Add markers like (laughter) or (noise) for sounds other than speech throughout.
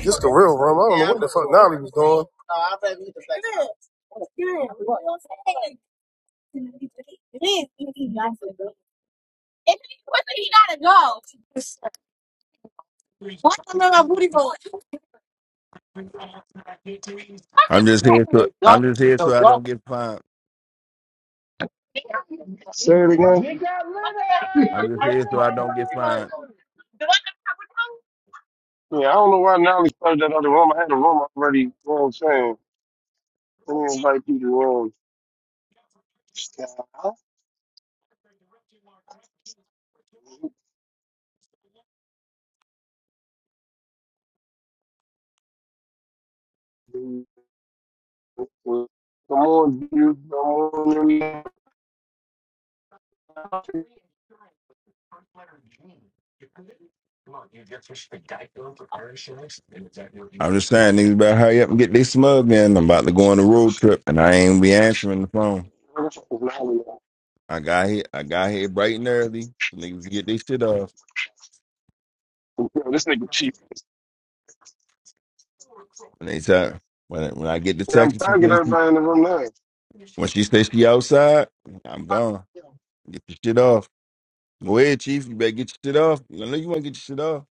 This the real room. I don't know what the fuck Nolly was doing. I'm just here so I'm just here so I don't get fined. Say it again. We got little, I'm just here so I don't get fined. Yeah, I don't know why Nolly started that other room. I had a room already. You know what I'm saying? I didn't invite people to the room. Come on, dude. Come on. dude. I'm just saying niggas better hurry up and get this smug in. I'm about to go on a road trip and I ain't be answering the phone. Where the fuck is Nolly at? I got here I got here bright and early. So niggas can get this shit off. Yo, this nigga cheap. And they tell when I- when I get the Yeah, text I'm and she trying to get says everybody in the room now. she- when she says she outside, I'm gone. Get your shit off. Go ahead, Chief. You better get your shit off. I know you wanna get your shit off.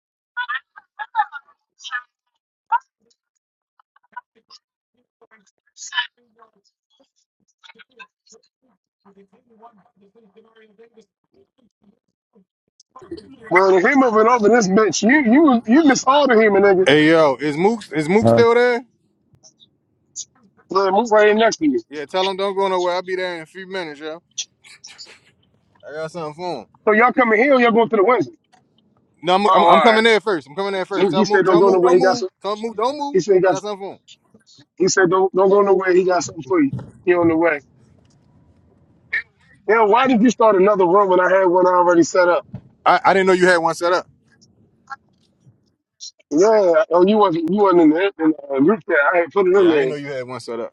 Bro, if he moving over this bitch, you you you misordering him, nigga. Hey yo, is Mook is Mook Huh? still there? Look, move right in next to you. Yeah, tell him don't go nowhere. I'll be there in a few minutes, yo. I got something for him. So y'all coming here or y'all going to the Wednesday? No, I'm, Oh, I'm, all I'm right. coming there first. I'm coming there first. he Tell said Mook, don't tell go Mook, nowhere. don't He got some. move. Tell Mook, don't move. He said he I got. got something for him. He said, don't, don't go nowhere. He got something for you. He on the way. Yeah, why did you start another room when I had one already set up? I, I didn't know you had one set up. Yeah, oh, you wasn't, you wasn't in the, in the uh, group chat. I had put it in Yeah, I didn't there. know you had one set up.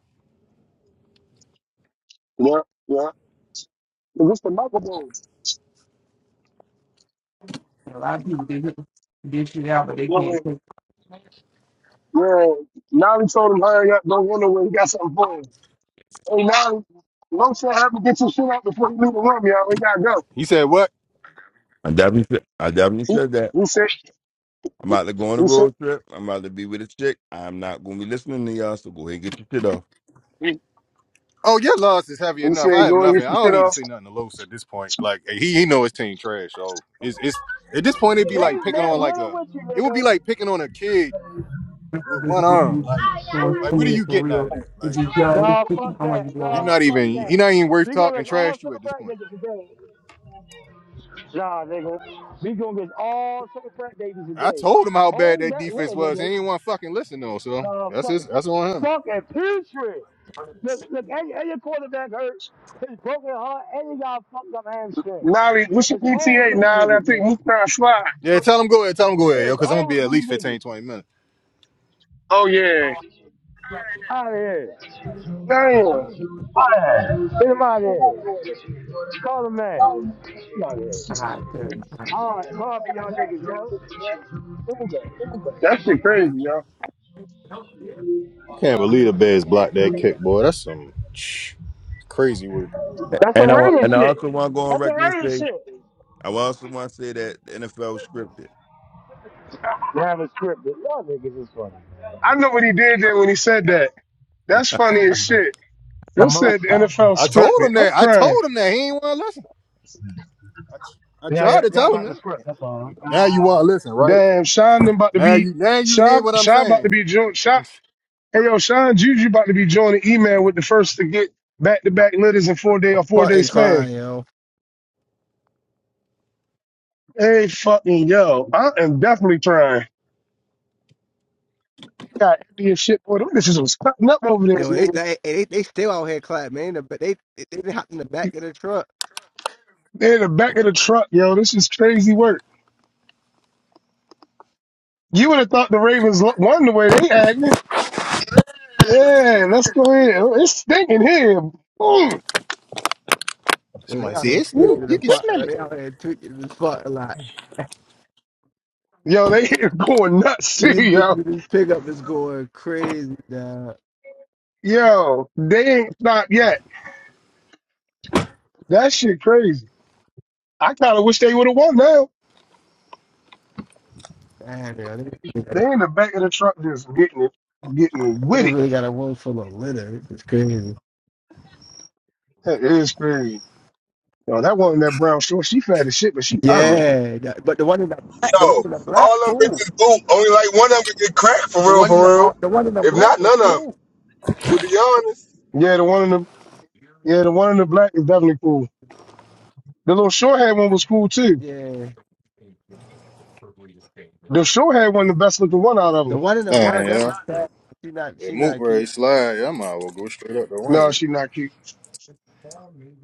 Yeah, yeah. What's the microphone? Yeah, yeah. Yeah. Now he told him, hurry up, don't go nowhere. He got something for him. Hey, now, Lo said, have to get your shit out before you leave the room, y'all. We gotta go. He said what? I definitely said I definitely He, said that. he said, I'm he, about to go on a he said, road trip. I'm about to be with a chick. I'm not gonna be listening to y'all, so go ahead and get your shit off. he, Oh, your loss is heavy he enough. I said, have go and get nothing. I your don't shit need to off. say nothing to Los at this point. Like hey, he he know his team trash. So little. it's it's at this point it'd be like Take picking that on like little a with you, it would be nigga. like picking on a kid with one arm. Like like what are you getting out of that? Like. Nah, fuck that. You're Nah, not fuck even that. he not even worth We gonna talking get all trash to seven at this black point. niggas today. Nah, nigga. We gonna get all seven black babies I today. told him how bad Hold that that defense little was. He nigga. ain't want to fucking listen though. So Nah, that's fuck. his that's on him. Fucking putrid. Look, look, and, and your quarterback hurt. His broken heart, and you got a fucked up hamstring. Nolly, what's your It's over PTA, for you Nolly? I niggas, man. think Mukhtar Sly. Yeah, tell him go ahead. Tell him go ahead, yo, It's because I'm gonna over be for at you least niggas. fifteen, twenty minutes. Oh, yeah. Out of here. Damn. Out of here. Get him out of here. Call the man. Get out of here. Alright, hard for y'all niggas, bro. Here we go. That's the crazy, yo. I can't believe the Bears blocked that kick, boy. That's some (sniffs) sh- crazy work. That's some And I want, Raiders and I shit. also want to go on That's some record and Raiders say, shit. I also want to say that the NFL was scripted. They have a script, but y'all niggas is funny. I know what he did there when he said that. That's funny as shit. For You most said the NFL I told scripted. him I'm that. I crying. told him that he ain't want to listen. I, t- I yeah, yeah, tried to yeah, tell him not the that. script, that's all. Huh? Now you want to listen, right? Damn, Sean them about to Now be you now you hear Sean, what I'm Sean about to saying. be joined. Sean, (laughs) hey yo, Sean Juju about to be joining email with the first to get back to back litters in four day or four day fucking span. crying, yo. Hey fucking yo, I am definitely trying. Got Indian shit, boy. Them bitches was cutting up over there, Yo, they niggas. they, they, they still out here clapping, man. But they they, they hopped in the back of the truck. They're in the back of the truck, yo. This is crazy work. You would have thought the Ravens won the way they acting. Yeah, let's go ahead. Oh, It's stinking here. Mm, Yo, they Somebody out say here it's you. tweaking woo. the You can fuck. Yo, smell it. they out here tweaking this fuck a lot. Yo, they (laughs) going nuts too, These bitches yo. with this pickup is going crazy, dog. Yo, they ain't stopped yet. That shit crazy. I kind of wish they would have won now. Man, yo, they, they They got- in the back of the truck just getting it, getting they with it. really got a room full of litter. It's crazy. That is crazy. Yo, that one in that brown short, she fat as shit, but she ugly. Yeah, that- but the one in the black, the one No, in the black, all them cool. bitches boot. Only like one of them get cracked for The real, one in for the uh, real. the one in the If black not, was none of cool. them. To be honest, Yeah, the one in the yeah, the one in the black is definitely cool. The little short hair one was cool too. Yeah, The short hair one, the best looking one out of the them. one in the Yeah, brown yeah. definitely. She not It she moved not where keep it slide. Yeah, I might as well go straight up to No, Wednesday. she not cute.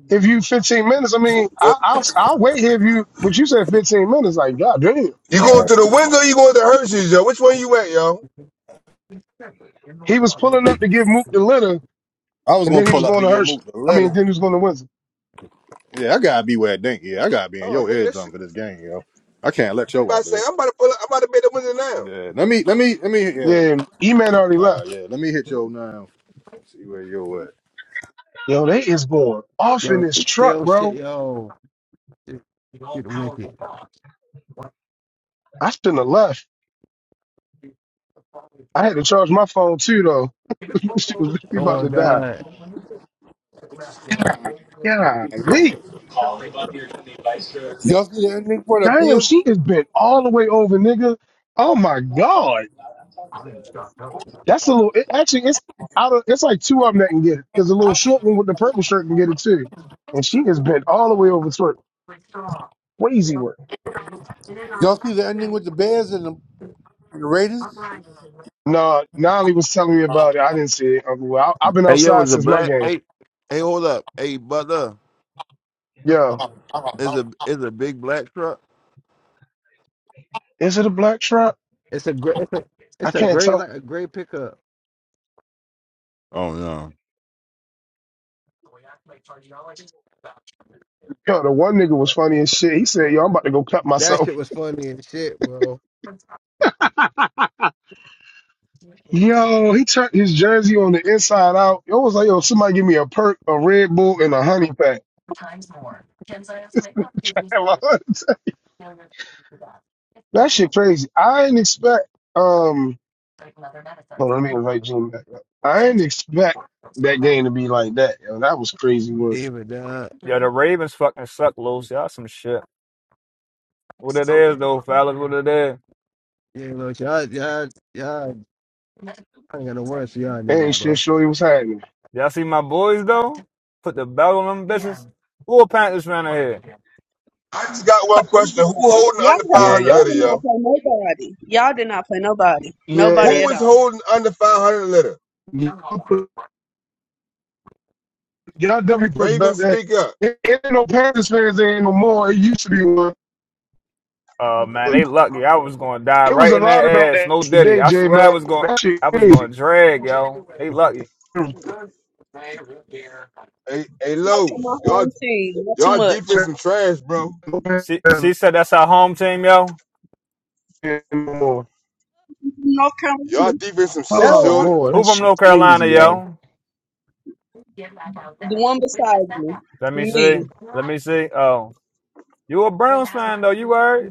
if you 15 minutes, I mean, Well, I, I'll, I'll wait here if you, but you said 15 minutes. Like, God damn. you Nah, going to the window? You going to Hershey's, yo? Which one you at, yo? He was pulling up to give Mook the litter, I was and gonna then he was pull up going to to get Hershey. moved the I mean, letter. then he was going to Windsor. Yeah, I gotta be where I think. Yeah, I gotta be in Oh, your nigga, that eardrum shit. for this game, yo. I can't let I'm your about all to say, do it. I'm about to pull up. I'm about to make the window now. Yeah, let me, let me, let me. Yeah, Then E-Man already uh, left. yeah, let me hit your now. See where you at. Yo, they is going off in yo. this It's truck, still shit, bro. yo. It's, it's wicked. I shouldn't have left. I had to charge my phone too, though. (laughs) she was literally about Oh my to die. god, Golly. Y'all see the ending for the Damn, Bears? she has been all the way over, nigga. Oh my God. That's a little. It, actually, it's out of. It's like two of them that can get it because the little short one with the purple shirt can get it too, and she is bent all the way over to it. Crazy work. Y'all see the ending with the Bears and the, and the Raiders? No, Nolly was telling me about it. I didn't see it. Uncle Will. I, I've been Hey, yo, outside is a since my black? game. Hey, hey, hold up. Hey, Butler, Yo, is a is a big black truck? is it a black truck? it's a great, it's a, I it's a can't great, tell. like a great pickup. Oh no. Yo, the one nigga was funny as shit. He said, "Yo, I'm about to go cut That shit myself." was funny and shit, bro. Yo, he turned his jersey on the inside out. It was like, "Yo, somebody give me a perk, a Red Bull, and a honey pack." (laughs) that shit crazy. I didn't expect. Um, Hold on, let me invite Jim back up. I didn't expect that game to be like that. Yo, that was crazy work. Even that, Yeah, the Ravens fucking suck, you Los. Y'all some shit. What it is though, fellas? What it is? know, y'all, y'all, y'all, I ain't got no words for y'all And niggas, shit, bro. sure it was happening. Y'all see my boys though? Put the belt on them bitches. Who a Panthers fan in here? I just got play one question. Who anybody. holding Y'all under have, Yeah, 500 y'all y'all, litter, did not yo? play nobody. Y'all did not play nobody. yeah, Nobody Who at is all. holding under 500 litter? y'all, put, y'all definitely put belt Ravens, that. speak up. It it ain't no Panthers fans there ain't no more. It used to be one. Uh man, but they lucky. I was gonna die It was right a in lot about their ass. that No diddy. today, I J swear I man. was going That shit I was crazy. gonna drag, yo. They lucky. It Hey, hey, Too much Lowe's, on my y'all, own team. Not too y'all much. defense was some trash, bro. no Panthers She fans she said that's our home team, yo. there ain't no more. North Y'all Carolina. defense some shit, Oh Duh. shorty. boy, that Who from shit North crazy, Carolina, y'all. yo? The one beside me. Let me see. Me. Let me see. Oh. You a Browns fan though, you heard?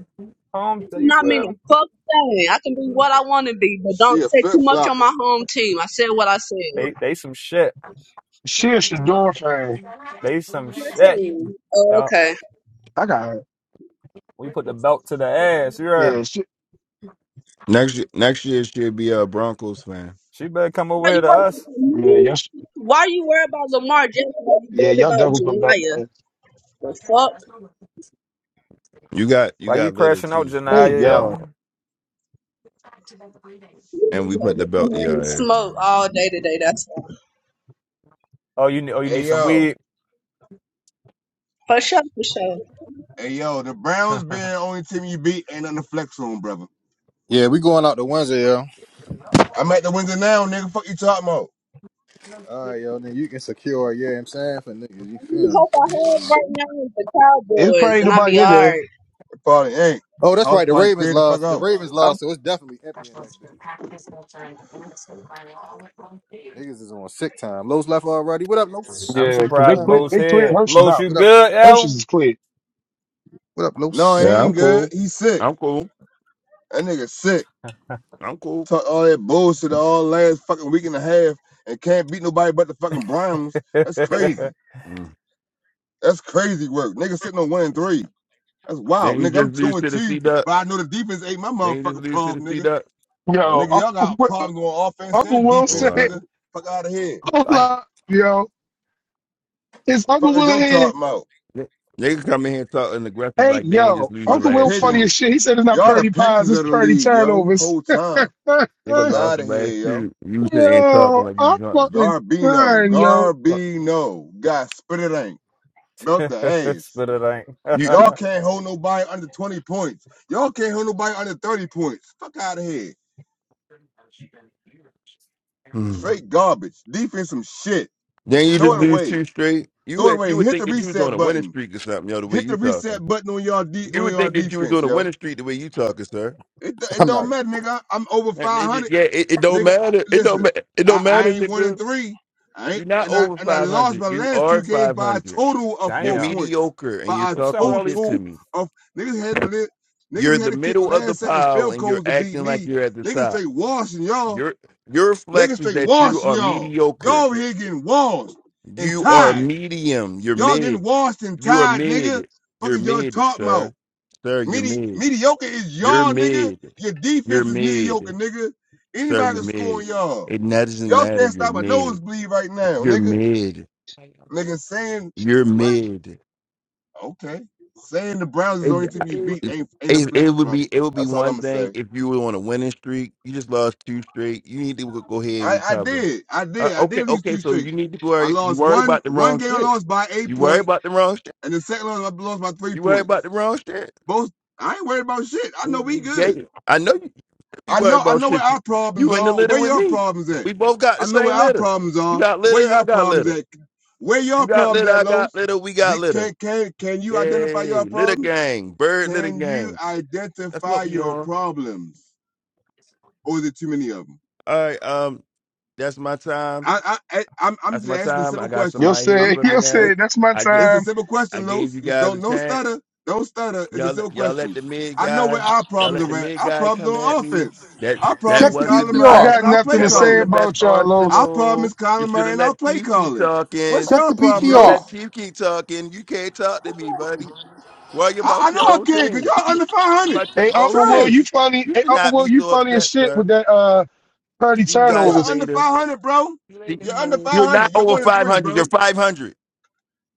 Home you Not feel meaning me? a fuck thing. I can be what I want to be, but She don't a say flip too much on flopper. my home team. I said what I said. They they some shit. Shit, Shador fan. They some Your shit, team. Oh, dog. okay. I got it. We put the belt to the ass. You heard yeah, me? shit. Next year, next year she'll be a Broncos fan. She better come over Are here you to working us. for Yeah, me? y'all, Why are you worried about Lamar Jackson? Are you yeah, worried y'all about definitely put belt Janiah? that. The fuck? You got you Why you got litter crashing out, too. So what Hey, you Janaya? talking yo, yo? about? And we put the belt to your ass. Smoke all day today. That's why. Oh, you ne- oh you need Hey, some yo. weed. For sure, for sure. I Hey yo, the (laughs) Browns being the I'm only team you beat ain't nothing to flex on, brother. Yeah, we going out to Wednesday, yo. I'm at the window now, nigga. Fuck you talking about? All right, yo. Then you can secure. Yeah, I'm saying for niggas, you really feeling? hope I have right now with the it's Cowboys, probably and I'll be nobody in there. alright. It probably ain't. Oh, that's House right. The party Ravens cleared the fuck lost. The out. Ravens I'm, lost, so it's definitely empty in that bitch. Niggas is on sick time. Los left already. What up, Los? yeah, What 'cause they surprised cleared, Lowe's they cleared here. Hershey's Lowe's, out. you up? good, Hershey's yo? is clear. What up, No, he Los? Yeah, I'm ain't good. cool. He sick. I'm cool. That nigga sick. I'm cool. Talk all that bullshit all last fucking week and a half and can't beat nobody but the fucking Browns. (laughs) That's crazy. Mm. That's crazy work. Nigga sitting on one and three. That's wild, Then you nigga. I'm just lose two and to the two, C Duck. but I know the defense ain't my They ain't just motherfucking leave to the problem, C nigga. dot. All Yo, Nigga, right. y'all Uncle got Will, problems on offense Uncle and Will Oh, All defense, said, right. nigga. Fuck out of here. hold Damn. up, yo, is Uncle Fuck is Will in your here? talking about? They they can come in here talking aggressive Hey, like they ain't just yo, lose the Uncle Fucking last Will funny two. as pigeons. shit. He said it's not Y'all the Purdy Pies, pigeons it's of the Purdy league, yo. Turnovers. Whole time. (laughs) (laughs) Nigga Fuck yo, lost out the of last here, yo. two. You sitting and talking like you I'm drunk. and shit. fucking Garbino. crying, yo. Fuck. Garbino. Got spit it ain't. Belt the (laughs) ass. Spit it ain't. You (laughs) Y'all can't hold nobody under 20 points. Y'all can't hold nobody under 30 points. Fuck out of here. Hmm. Straight garbage. Defense some shit. then you Throw just it lose away. two straight. You Throw it would you away. would Hit think the that you was on reset a winning button. streak or something, yo, the way Hit you the talking. reset button on y'all de- You on would y'all think that you was defense, on a yo. winning streak the way you talking, sir. It, do- (laughs) it I'm don't not. matter, nigga. I'm over And it- 500. it- yeah, it, it don't nigga. I, matter. It don't listen, ma- it I, don't I matter, ain't one and nigga. three. I You're ain't, not and I over and I five lost hundred. my You last are two games five by a hundred. total of You're four Damn. points. mediocre and you're By a What's up with talking all these? shit to total me. of niggas had to lit, You're niggas in the had to kick middle of the last second pile field and you're goals to beat acting like me. you're at the Niggas top. straight washing y'all. Your your Niggas flex is straight that you washing are y'all. mediocre. Y'all over here getting washed and You are tied. medium. You're Y'all getting mid. washed and You are tied, nigga. mid. Fuck You're is y'all mid, talking about? sir. Sir, you're Medi- mid. mediocre is You're y'all, nigga. mid. Your You're defense is mediocre, mid, nigga. sir. Anybody You're can score mid. on y'all. It doesn't Y'all matter. can't You're stop a mid. nosebleed right now, You're nigga. mid. Nigga saying You're what? mid. Okay. Saying the Browns is the only team you beat It, ain't ain't a flex, it would brother. be it would be That's all one I'ma thing say. if you were on a winning streak. You just lost two straight. You need to go ahead and I, I recover. did. I Uh, did. I okay, did lose okay. two So straight. you need to I worry. You lost worry one about the one wrong game I shit. lost by eight You worry point, about the wrong shit. and the second one I lost by three You worry about points. the wrong shit. Both I ain't worried about shit. I know You- we you- good. Yeah, I know you you be I worried know I about know where shit. You, our problems you in the are. litter Where with your me. problems at? We both got I the know where same our litter. problems You are. got Where litter. I your got problems litter. at? Where You your got problems litter. at, I got Los? litter. We got The- litter. Can can can you identify Yay, your litter problems? gang, bird litter Can you gang. That's what identify we your on. problems, or is it too many of them? All right. Um, that's my time. I I, I I'm I'm That's just my asking a time. I simple got question. Yo somebody here I'm said, (laughs) for me I, yo now. it, said, that's my I get it's a time. simple I question, gave Los. you You guys a don't no chance. stutter, don't stutter. It's a Y'all simple y'all let question. the mid I know guy, where our y'all problems let the are at. mid Our guy problems are come at on me. offense. That Our problem that Check is the wasn't Kyler the I Murray PTR. best. got and our nothing play to That wasn't say the calling. best about y'all, Our Los. problem arsenal. is You Colin should Murray have and our let play Chief keep calling. talking. What's Check the your You problem, should have let PTR. Los? Chief keep talking. You can't talk to me, buddy. Worry I, I about know your I own can, because thing. y'all under Worry 500. about your Hey, own Uncle Will, you thing. Trash. funny. You Hey, should Uncle not Will, be you so funny as upset, shit with sir. that. uh 30 See you You're guys turnovers. under later. 500, bro. See, you later, You're under man. you're not 500. You're over one and three, 500. You're bro. 500.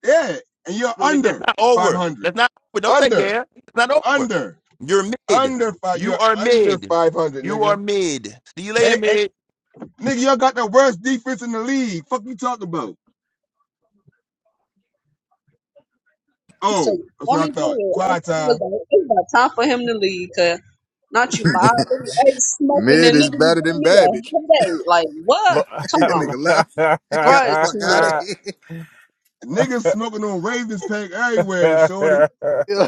Yeah. And you're Yeah, yeah, That's under not over. 500. That's not over. Don't say Under. yeah. It's not over. Under. You're mid. Under five. You You're are under mid. 500, You are nigga. mid. See you later, And, and mid. nigga, y'all got the worst defense in the league. Fuck you talking about? So, Oh, that's what I only good. thought. I, Quiet I was time. like, it's about time for him to leave, cause not (laughs) you, I already ain't smoking, and Mid is nigga, you better giving than me a Babbage. headache. Like, what? Lo- (laughs) (laughs) Come That on, nigga left. (laughs) He got bruh, the it's fuck too out of much. here. Niggas smoking on Ravens pack everywhere, shorty. (laughs) Yeah.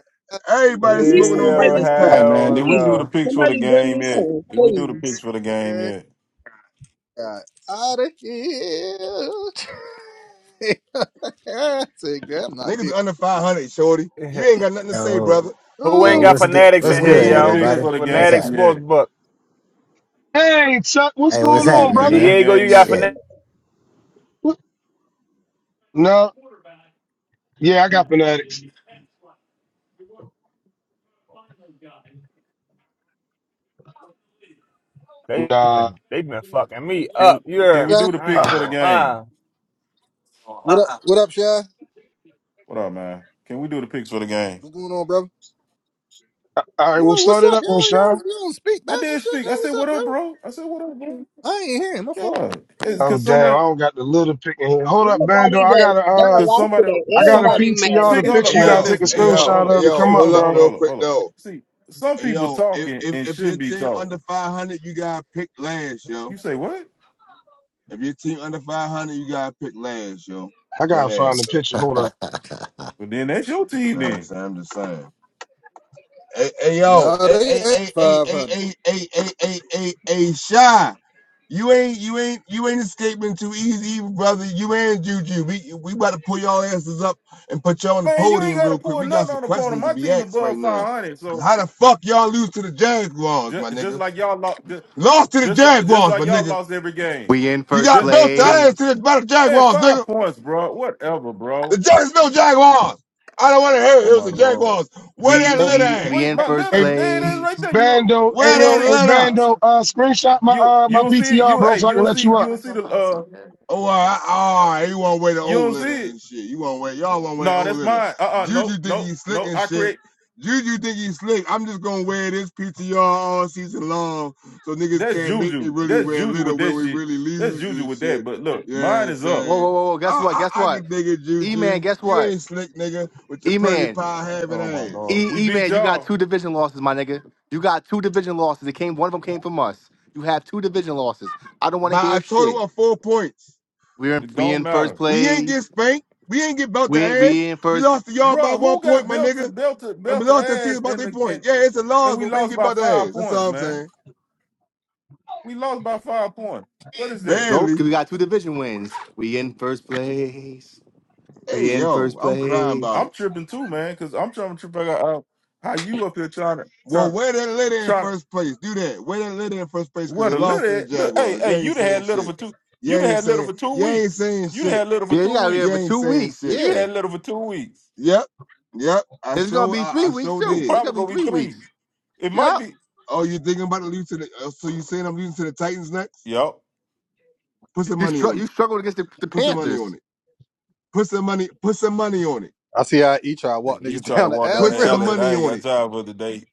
Yeah. Got Everybody Bring me smoking some hey, on yo, Raven Ravens pack. Hey Cup, man, did we do the please. hell no. picks for the Somebody bring game me yet? some, Did we do the please. picks for the game he yet? got out of here. (laughs) I said, girl, I'm not Niggas dealing. under 500, shorty. You ain't (laughs) got nothing to say, Yo, brother. Who yo, ain't got Oh, what's good? fanatics Did What's in I'm we gonna here, good, do leave the it at yo? picks everybody? that. for the What's game Fanatics happening? sports yet? book. Hey, Chuck, what's Hey, Did what's going we do on, the happening, picks brother? for the man? Diego, you game got yet? fanatics. Shit. What? No, yeah, I got fanatics. They've Nah. (laughs) been they've been fucking me Can we up. You can hear we yeah. me? do the I picks ain't for the Uh, gonna lie. game? What up? What up, Shy? What up, man? Can we do the picks for the game? What's going on, brother? all right, Yo, we'll start what's it up? up, Yo, yo, O'Shine. you don't speak back I and did shit. speak. Yo, I what's said, up, "What bro? up, bro?" I said, "What up, bro?" I ain't hearing my fault. Yeah, it's Hmm. Oh cause damn, I somebody, don't got the little pick in here. Hold up, Bando. Everybody I that got a done a uh, cause lot somebody, today, I got a somebody. everybody mad PTR at See, the this hold picture. Hey up, You point. man. gotta yo, take a Listen, hey listen, hold up, yo, hold screenshot up. hey of to yo, come Excuse me, up, hold hold up, up hold up, bro. real hold up, quick hold up. though. See, some Hey people yo, if, talking if, and if shouldn't your be team under talking. 500, you gotta pick last, yo. You say what? If your team under 500, you gotta pick last, yo. I That gotta find ass, the yo. You picture. Hold up. But then that's your team, know what I'm then. saying? I'm just saying. Hey, hey yo, No, hey, they hey, at hey, hey, hey, hey, 500. hey, hey, hey, hey, hey, Shy. You ain't you ain't you ain't escaping too easy, brother. You and Juju. We we about to pull y'all asses up and put y'all on the Man, you ain't podium got to real quick. pull We got nothing some on the opponent. questions to My be team asked right above five now. hundred, Cause so how the fuck y'all lose to the Jaguars, my just, just nigga? like y'all lost, just, You lost to the just like just Jaguars, like my y'all nigga. lost every game. We in You first got Just, built to just ass place. to the, by the man, Jaguars, nigga. five points, bro. Whatever, The bro. Jacksonville Jaguars. I don't want to hear it. Oh It was my the lord, Jaguars. Where we We that s- Hey, litter we at? we wait. in My first little, hey, there it is, right there. place. You Bando, you Where don't that ayo, see hey litter? Bando, uh, screenshot my you uh you my don't see PTR, you. bro, Hey, so I you can don't let see you you up. don't see the uh Oh, all right, all right. You want to wear the you old don't litter see it. and shit. You want to wear y'all want to wear No, old that's litter. mine. Uh uh Juju no think no he's slick no. and I shit. create. Juju think he's slick. I'm just gonna wear this PTR all season long, so niggas That's can't make me Juju. really That's wear Juju litter with when that we shit. really That's lose Juju and with that. shit. But look, You know what mine I'm is up. Whoa saying? whoa whoa! whoa. Guess what? I Guess I, I what? can dig it, E Juju. man, guess You what? ain't slick, nigga, with your E pretty man, pie having Oh my ass. god, we E E beat man, you got y'all. two division losses, my nigga. You got two division losses. It came one of them came from us. You have two division losses. I don't want to By hear a shit. total of four points, We're in, It we don't in first matter, we ain't get place. spanked. We ain't get belt the We we ass. in We first. lost to y'all by Bruh, one Who point, got my nigga. belted, belted, And we belted lost that season ass, about and their the point. and Yeah, it's a and loss, we but we didn't lost get by about the five ass. That's points, all I'm man. saying. We lost by five points. What is that? Nope, Barely. because we got two division wins. We in first place. Hey, We in yo, first I'm crying place. about I'm it. tripping too, man, because I'm trying to trip out out how you up here trying to Well, trying to wear that letter in trying to first place. Do that. Wear that letter in first place because what they a little lost to the at- look. Hey, Jaguars. hey, You you ain't done had saying little shit. for two. You You done ain't had little saying. for two You ain't weeks. saying You done shit. had little for Yeah, you two got to be here You for weeks. ain't two saying weeks. shit. You Yeah, had little for two weeks. Yep. Yep. I it's gonna sure. be I, three I weeks sure It's too. did. It's probably gonna be gonna three be weeks. three. It might Yeah, be. Oh, you thinking about to lose to the? Uh, so you saying I'm losing to the Titans next? Yup. Put some you money str- on you it. struggled against the, the Put some money on Panthers. it. Put some money. Put some money on it. I see how each I walk He niggas (laughs) tried to down the walk down alley Put the real some quick. alley, and money I ain't on got it. time for the day.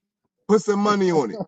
Put some money on it.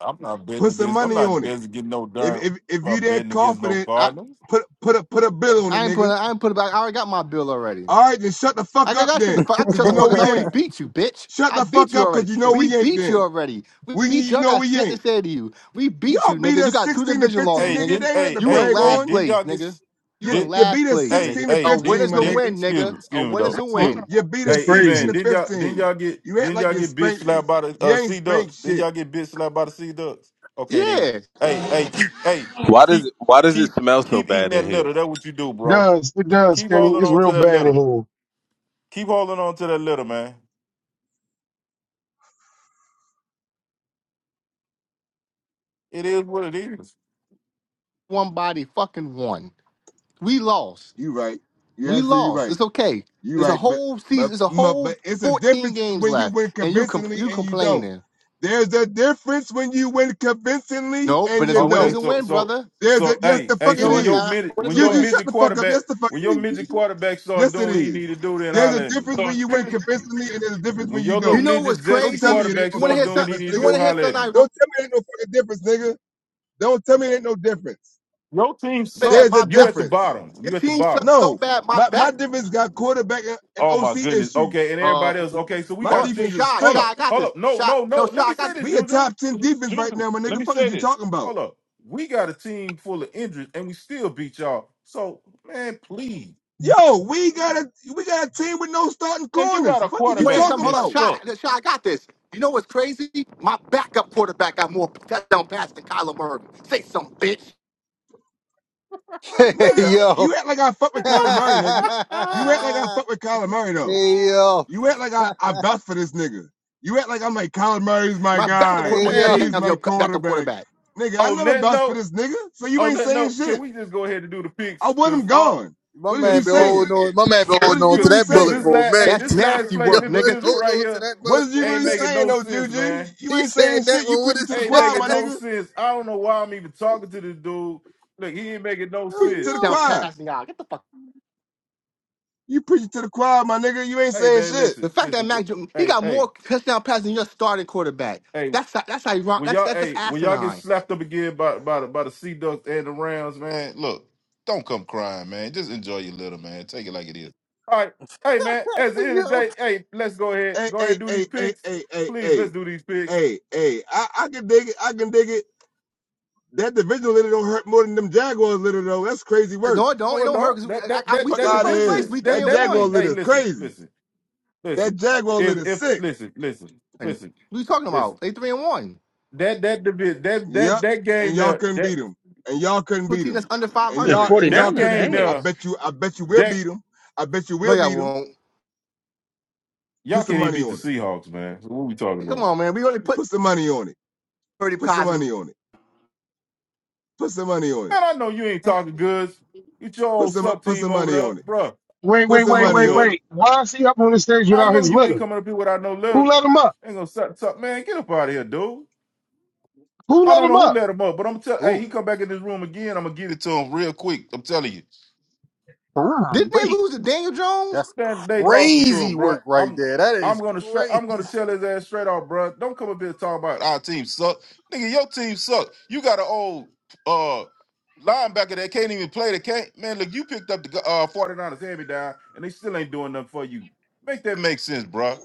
I'm not betting Put some against. I'm money not on it. betting against no If darn. if if I'm you not that betting against no confident, I Cardinals. put put a put a bill on it, I ain't put nigga. I ain't put it back. I already got my bill already. All right, then shut the I fuck got up I shut the then. fuck I Cause shut you the (laughs) Come know on. fuckers. I we already ain't. beat you, bitch. Shut I the beat fuck you up already. cause you know We we ain't beat you then. already. We We beat you. you I know got we shit to ain't. say to you. We beat Y'all you, beat nigga. You us got two 16 to division 15, losses, Hey, nigga. nigga. They didn't ain't nothing hey to You in hey brag hey last on. didn't place, y'all get nigga. s- You You in didn't you last beat us place, hey nigga. 16 to hey A win 15, is didn't my a did nigga. win, excuse me nigga. A excuse me win is though a excuse me. win. You beat It's Hey, us E 16 man, to crazy. didn't y'all didn't 15. y'all get You act didn't like y'all you get bitch spanked slapped us. by the You uh, ain't Sea spanked Ducks? Didn't shit. y'all get bitch slapped by the Sea Ducks? Okay then. Yeah, Hey hey keep hey Why does keep it, why does it keep smell so keep eating bad in that here? litter. That's what you do, It bro. does it does, Keep Kenny? holding It's on to real that bad in litter. here. Keep holding on to that little man. It is what it is. one body fucking won. We lost. You right. You We absolutely lost. right. It's okay. You It's a right, but whole but season. It's a no, whole but it's a 14 difference games when you left, win and you com- convincingly you and you don't. complaining. There's a difference when you win convincingly Nope, but and it's you a win. It's Okay, a don't. so win, so brother. There's a so yes, hey, the hey, fuck it so No, when it's your is. not. midget What is when a your Juju, win? shut midget the fuck up. quarterback Yes, the fuck when your it is. midget nigga. quarterback start Yes, it doing what he is. need to do, then There's a holler at me. difference when you win convincingly and there's a difference When when you your little You don't. know midget what's Don't zesty tell me crazy? it ain't quarterback You no want to start hear fucking doing what he something? difference, need to You nigga. want do, to hear holler at something? I me. Don't wrote tell me it ain't no fucking difference, nigga. Don't tell me it ain't no difference. Your team bad. There's suck. a My You back. at the difference. bottom. Your You at the team sucks bottom. so No, bad. My my my back. difference got quarterback and and Oh my OC goodness. Okay, issues. and Uh, everybody hold else. Okay, so we My got a up, defense team. is shy, Hold shy. straight. I up, got hold this. up. No, Shy. no, No, no. shy. Let I me got say this. this, We a Juju. top ten defense right Juju, now, my let nigga. me Fuck is say you this. talking about? Hold up. We got a team full of injuries, and we still beat y'all. So, man, please. Yo, we got a we got a team with no starting And you corners. got a Fuck is You you want to hear quarterback something? talking Hold that up, about, sucks. shy, shy. I got this. You know what's crazy? My backup quarterback got more touchdown passes than Kyler Murray. Say something, bitch. hey, nigga? yo. You act like I fuck with (laughs) Kyler Murray, nigga. You act like I fuck with Kyler Murray though. hey, yo. You act like I I vouch for this nigga. You act like I'm like Kyler Murray's my My backup guy. quarterback Hey, more yeah. touchdowns, He's hey, than my your backup quarterback, quarterback. nigga. I on never that vouched for note, this nigga, so you on ain't that saying note, can shit. we just go ahead and do the I picks? want Cause him uh, gone. My What is you man cause, been cause, saying? holding on. My man been What holding is you on cause, to really that cause bullet saying? this for a last, hey, minute. That's (laughs) this last nasty place Yo, work, let's nigga. individual hold right on to here that What bullet is you for a ain't really making minute. saying no though, sense, Juju? man. You He ain't saying said that shit. You one with preaching his to the ain't chest. choir, making my (laughs) no nigga. sense. I don't know why I'm even talking to this dude. Look, he ain't making no Preaching to sense. the Touchdown Oh, choir. passing out. Get the fuck. You preaching to the choir, my nigga. You ain't Hey saying man, shit. The listen, fact that listen. Mac wh- Jones, he Hey, got hey, more touchdown passes than your starting quarterback. hey. That's that's ironic. When That's y'all, that's just hey, when y'all get asinine. slapped up again by by the by the sea ducks and the rounds, man. Look, don't come crying, man. Just enjoy your little man. Take it like it is. All right, hey man. At yo, the hey, end of the day, yo. hey, let's go ahead, Hey, go hey, ahead, do hey, these hey, picks, hey, hey, please. hey, Let's do these picks. hey, hey. I, I can dig it. I can dig it. That divisional litter don't hurt more than them Jaguars litter though. That's crazy work. No, it don't. It No, it don't hurt don't. because we, That I- that I- we that Fuck still that in out of first division place. here. is We three that That and that it Jaguar is. one. Hey, litter is listen, crazy. listen. That listen. Jaguar If litter is if sick. listen, listen, And listen, what are you talking about? listen. They three and one. That that divi- that that Yep. that And game y'all there, couldn't beat that them. And y'all couldn't To a beat team them. that's under five And And y'all hundred. and y'all that 49ers couldn't beat game them. I ass. there, bet you. I bet you will that beat them. I bet you No, will beat y'all them. won't. Put y'all some can't even money beat the on it. Seahawks, man. So what we talking Come about? on, man. We only put Put some money on it. thirty Put some Cosman. money on it. Put some money on it. Man, I know you ain't talking Didn't goods. It's your Put old some suck put team some over money there, on it. bruh. Wait, Put wait, some All wait, up money wait, on good. it. wait. Why is he up on the stage I without know his you ain't litter? coming up here without no Who letter. let him up? Ain't gonna suck, suck, man. Get up out of here, dude. Who I let don't him know who up? let him up, but I'm tell. Hey, Ooh, he come back in this room again. I'm gonna get it to him real quick. I'm telling you. Ah, they wait. lose to Daniel Jones? that's That they lost it to crazy him, bro. work right I'm there. That I'm is gonna straight crazy. I'm gonna tell his ass straight off, bro. Don't come up here talking about our team suck, nigga. Your team suck. You got an old uh linebacker that can't even play. That can't man. Look, you picked up the uh 49ers hand me down, and they still ain't doing nothing for you. Make that make sense, bro.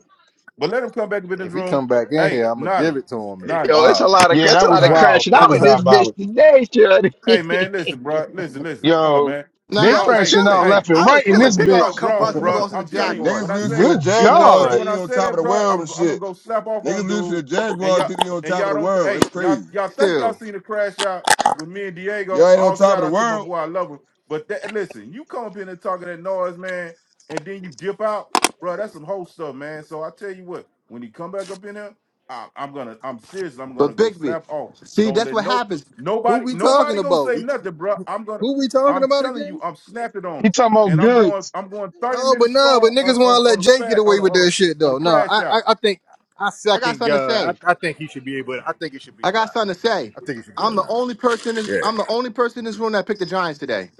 But let him come back up in this If he room. come back in Hey, here, I'm gonna Nolly, give it to him. Nolly, Yo, it's Wow. a lot of Yeah, it's a that lot was of Nolly. wild. crashing That out was in this bitch diabolical. today, Shorty. Hey man, listen, bro. Listen, listen. Hold up, Yo, man. No, We they I all was hey, crashing out chilling. hey. left and I was right in Hold chilling. up. this We Bippy gonna all bitch. come for us grown, because we bro. lost to the I'm Yeah, telling you. When niggas Jaguars. I lose to say the Good when I Jaguars say God. think when they I on say top of that, the bro, world and I'm I'm gonna shit. go slap off Niggas on lose to dude. the And Jaguars y'all think they on and top of y'all the don't. Th- world. That's hey, y'all crazy. y'all think y'all Still. seen the crash out with me and Y'all Diego? ain't on All top of shout the out to my world. boy. I love him. But that listen, you come up in there talking that noise, man, and then you dip out, bro. That's some whole stuff, man. So I tell you what, when he come back up in here, I, I'm gonna I'm serious. I'm gonna But go Bigby, slap off. see, Don't that's let what no happens. Who Nobody, we talking nobody gonna about? say We, nothing, bro. I'm gonna, who we talking I'm about telling you, again? I'm snapping on He them, talking about and I'm going, goods. I'm going 30 Oh, but minutes no, but strong on niggas want on to let on a Jay get fat away on a, with on that shit a, on a though. No, crash I, I, out. I think I I got second something to God. say. I, I think he should be able. I think it should be I got allowed. something to say. I think it should be I'm the allowed. only person. In this, Yeah. I'm the only person in this room that picked the Giants today.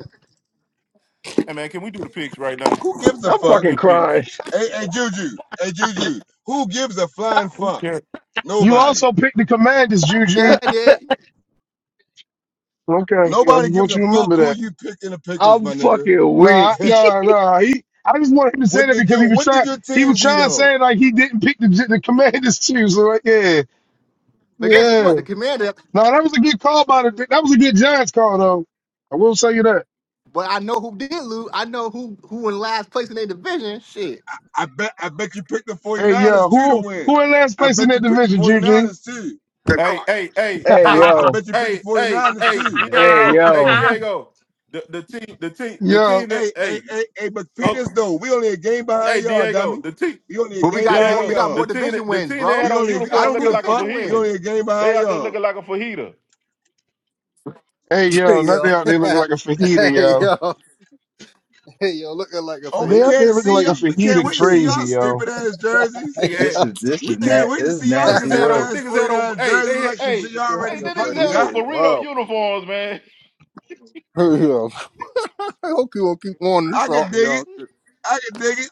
Hey man, can we do the picks right now? Who gives (laughs) a I'm Can fuck? we fucking do the picks? crying. Hey, hey Juju. Hey Juju. Who gives a flying Who fuck? cares? You Nobody. also picked the commanders, Yeah, Juju. I did. Okay, I Nobody just gives want a you to fuck remember who that. you pick in the pickers, I'm my nigga. fucking weak. Nah, (laughs) nah, nah. He, I just wanted him to say What that did because he your was What did trying. your He team was do trying to though? say like he didn't pick the the commanders too. So like, yeah, But guess yeah. what? The Commander. No, that was a good call by the. That was a good Giants call, though. I will say you that. But I know who did lose. I know who who in last place in their division. Shit. I bet I bet you picked the Hey, 49ers yo, too to who win. who in last I place in bet you that picked the division, Juju? 49ers too. The Hey, Cardinals. hey, hey, Hey I, hey, I yo, bet you picked the hey, hey, 49ers hey, too. hey Diego, hey yo, Diego, the the team, the team, the Yo, team that, Hey, hey, hey, hey, hey, but pick oh, this though. We only a game hey behind y'all, Diego, dummy. the team, We only a But we game got more. behind We Diego, got the y'all. more team, division that, the wins, team that had We bro. on only We I got uniform don't two looking give a like a fuck. division We fajita. only wins. a game They behind out there y'all. looking like a fajita. hey, (laughs) yo, not they out there looking like a yo. (laughs) fajita, hey, yo. yo. Hey, yo. Looking like a Oh, we They fajita. out can't there looking see like a y'all. is We can't fajita, wait to Crazy. see (laughs) y'all crazy, yo. stupid ass jerseys. Nigga, Yo. this had- is this We is na- can't wait to this is see (laughs) y'all Niggas nasty looking had stupid work. old ass niggas had old 49 hey, jerseys they had like some hey, shit y'all like already hey, the a niggas fucking had got. old fajita. burrito Wow. uniforms, man. Yo. (laughs) I hope you will keep on this I can song, dig it. y'all. I can dig it.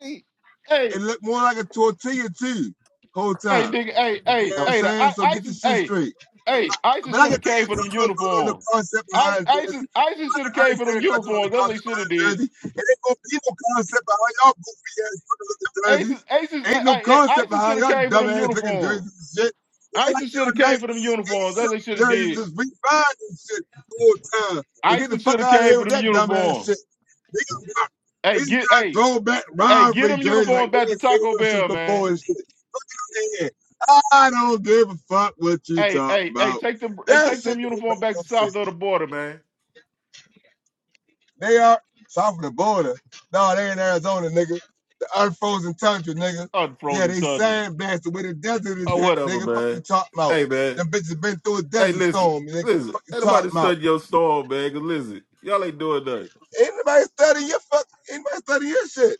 (laughs) Hey, It looked more like a tortilla too. Whole time. hey, nigga, hey, You know hey, what I'm No, hey, the saying? I So get ISIS, your shit hey, straight. hey, ISIS But I should got have things came for them on the uniforms. concept I behind ISIS Jersey. ISIS should have I came for them understand I got on the uniforms. That's what they concept should have behind did. Jersey. And ain't gonna be no concept behind y'all goofy ass fucking looking ISIS jerseys. ISIS hey, Ain't no hey, hey, concept ISIS should behind have y'all came for dumb them ass looking uniforms. jerseys and shit. It's like ISIS should have y'all came for them uniforms. That's what they 1987 should have jerseys did. just refined and shit all the whole time. So get the ISIS should fuck have out of came here for with them that dumb ass uniforms. shit. They just got, they Hey, just get got hey, throwback hey, get rivalry them jerseys like uniforms we back to ain't seen Taco those shits Bell, man. before and shit saying. I don't give a fuck what you Hey, talking hey, hey, about. take them hey, That take shit them don't uniform make back to no south sense. of the border, man. They are south of the border. No, they in Arizona, nigga. The unfrozen tundra, nigga. Yeah, Unfrozen they suddenly. sand blasted where the desert is Oh, at, whatever, nigga. Fuck you man. talking about. Hey man. Them bitches been through a Hey, desert listen. storm, nigga. Listen. Fuck you Ain't talking nobody about. studying your storm, man. Cause listen, y'all ain't doing nothing. Ain't nobody study your fuck. Ain't nobody study your shit.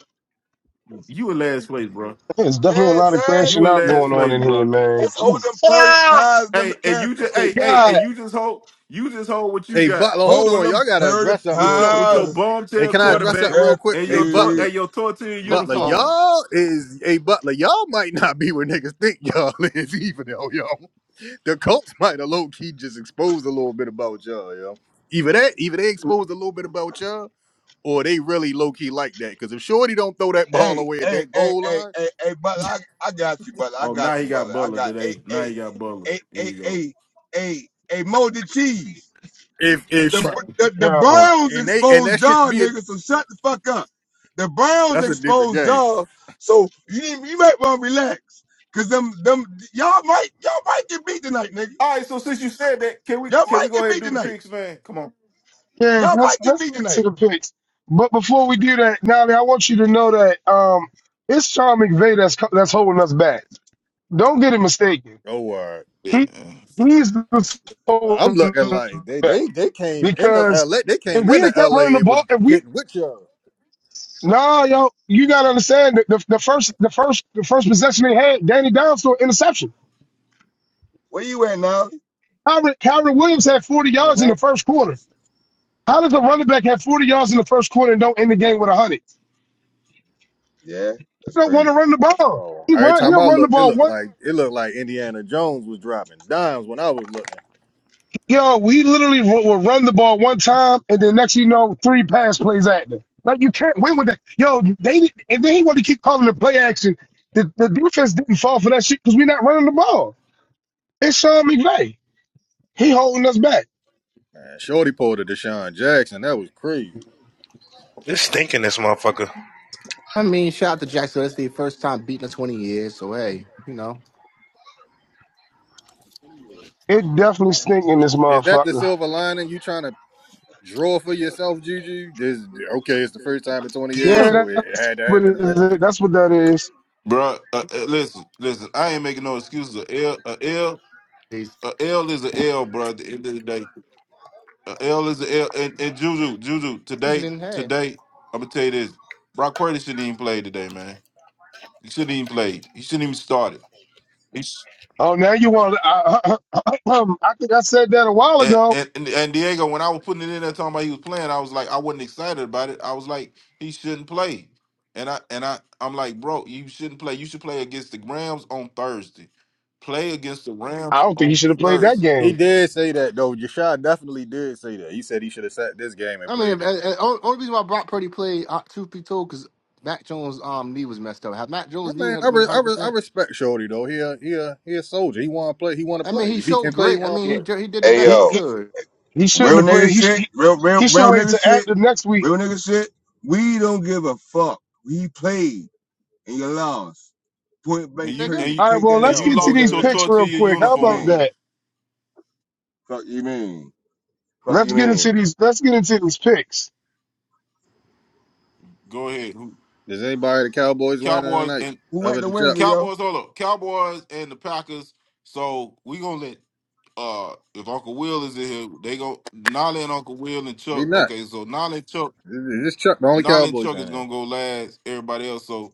You in last place, bro. There's You know definitely a what I'm lot of saying? You crashing in out last going on place, in here, bro. man. Just hold them Jesus, purdy Ah, pies and them Hey, and you McCaffrey just oh my cakes. hey, hey, and God, you just hold you just hold what you Hey, got Butler, hold Hold on. them Y'all got to purdy address something with real your quick, with your fellas. pies Hey, bombshell can and I them address quarterback something real McCaffrey quick? and Hey, your tor- cakes. Butler. and your tortilla not Butler, at all. uniforms. y'all is, hey, Butler, y'all might not be where niggas think y'all (laughs) is, even though y'all the Colts (laughs) might have low key just exposed a little bit about y'all, yo. Either that, either they exposed a little bit about y'all, or they really low key like that. Because if Shorty don't throw that ball Hey, away at hey, that hey, goal hey, line, hey, hey, but I, I got you, brother. I Oh, now got you, he brother. got I Butler got hey, today. Now hey, he got Butler. hey, Here hey, you go. hey, hey, hey, molded cheese. if if Sh- The the the yo, Browns and they and that exposed should y'all, be a nigga. So shut the fuck up. The Browns that's a different exposed game. y'all, so you need, you might want to relax, cause them them y'all might y'all might get beat tonight, nigga. All right, so since you said that, can we Y'all can might we go get ahead and beat do the tonight. picks, man? Come on. yeah. Y'all Let's might get let's beat get into tonight. the picks. But before we do that, Nolly, I want you to know that um, it's Sean McVay that's co- that's holding us back. Don't get it mistaken Oh, uh, Yeah. He he's the I'm looking like they quarterback they they came in the because LA, they if came we into had kept running LA the and ball, was if we getting with y'all. nah, yo, you gotta understand that the, the first the first the first possession they had, Danny Downs threw an interception. Where you at now? Kyron, Kyron Williams had 40 And yards in the route. first quarter. How does a running back have 40 yards in the first quarter and don't end the game with 100? He Yeah, that's don't want crazy. to run the I do ball. He Every run. time He'll I run the looked, it looked ball like it looked like Indiana Jones was dropping dimes when I was looking. Yo, we literally will, will run the ball one time, and then next you know, three pass plays at them. Like you can't win with that. Yo, they and then he want to keep calling the play action. The, the defense didn't fall for that shit because we're not running the ball. It's Sean McVay. He holding us back. Man, Shorty pulled a Deshaun Jackson. That was crazy. It's stinking this motherfucker. I mean, shout out to Jackson. It's the first time beating in 20 years. So hey, you know, It definitely stink in this Is that the motherfucker. silver lining you trying to draw for yourself, Juju? This okay, it's the first time in 20 years, Yeah. Yeah, so it, it that's had to what happen it is. eventually. That's what that is. Bro, uh, uh, listen, listen. I ain't making no excuses. A L, a L, he's a L is a L, bro. At the end of the day, a L is a L. And, and Juju, Juju, today, losing. Hey. today, I'm gonna tell you this. Brock Purdy shouldn't even play today, man. He shouldn't even play. He shouldn't even start it. Oh, now you want? I, I, (clears throat) I think I said that a while And, ago. and and and Diego, when I was putting it in there talking about he was playing, I was like, I wasn't excited about it. I was like, he shouldn't play. And I and I I'm like, bro, you shouldn't play. You should play against the Rams on Thursday. Play against the I Rams don't think he on should have played that Thursday. He game. did say that though. Jashad definitely did say that. He said he should have sat this game and I played mean, the uh, game. uh, only only reason why Brock Purdy played, uh, truth be told, because Mac Jones' um, knee was messed up. Had Mac I Jones' knee mean, I, had been re- I, re- I 100%, respect Shorty though. He a, he a, he a soldier. He want to play. He want to I mean, play. he If he showed can play, he great. I want to mean, He he play. did- he did the Hey best he, he yo. could. he shouldn't Real have played. nigga He, sh- shit, he real, real, he should real wait to nigga act shit, the next week real nigga shit. We don't give a fuck. We played and you lost. Point And blank you Nigga. and period. you All right, Take well, that and let's you out. get to lost Hold that with these your letter. picks real tortilla quick. Fuck How you about uniform. mean? that? Fuck you mean? Fuck Let's you get into mean? these. Let's get into these picks. Go ahead. Who- Does anybody the Cowboys winning Cowboys tonight and Who at other the than Chuck? Wednesday, yo? Cowboys, hold up. Cowboys and the Packers. So we gonna let uh if Uncle Will is in here, they go Nolly and Uncle Will and He Chuck. not. Okay, so Nolly and Chuck This Chuck the only Nolly and Cowboys Chuck is winning. gonna go last. Everybody else, so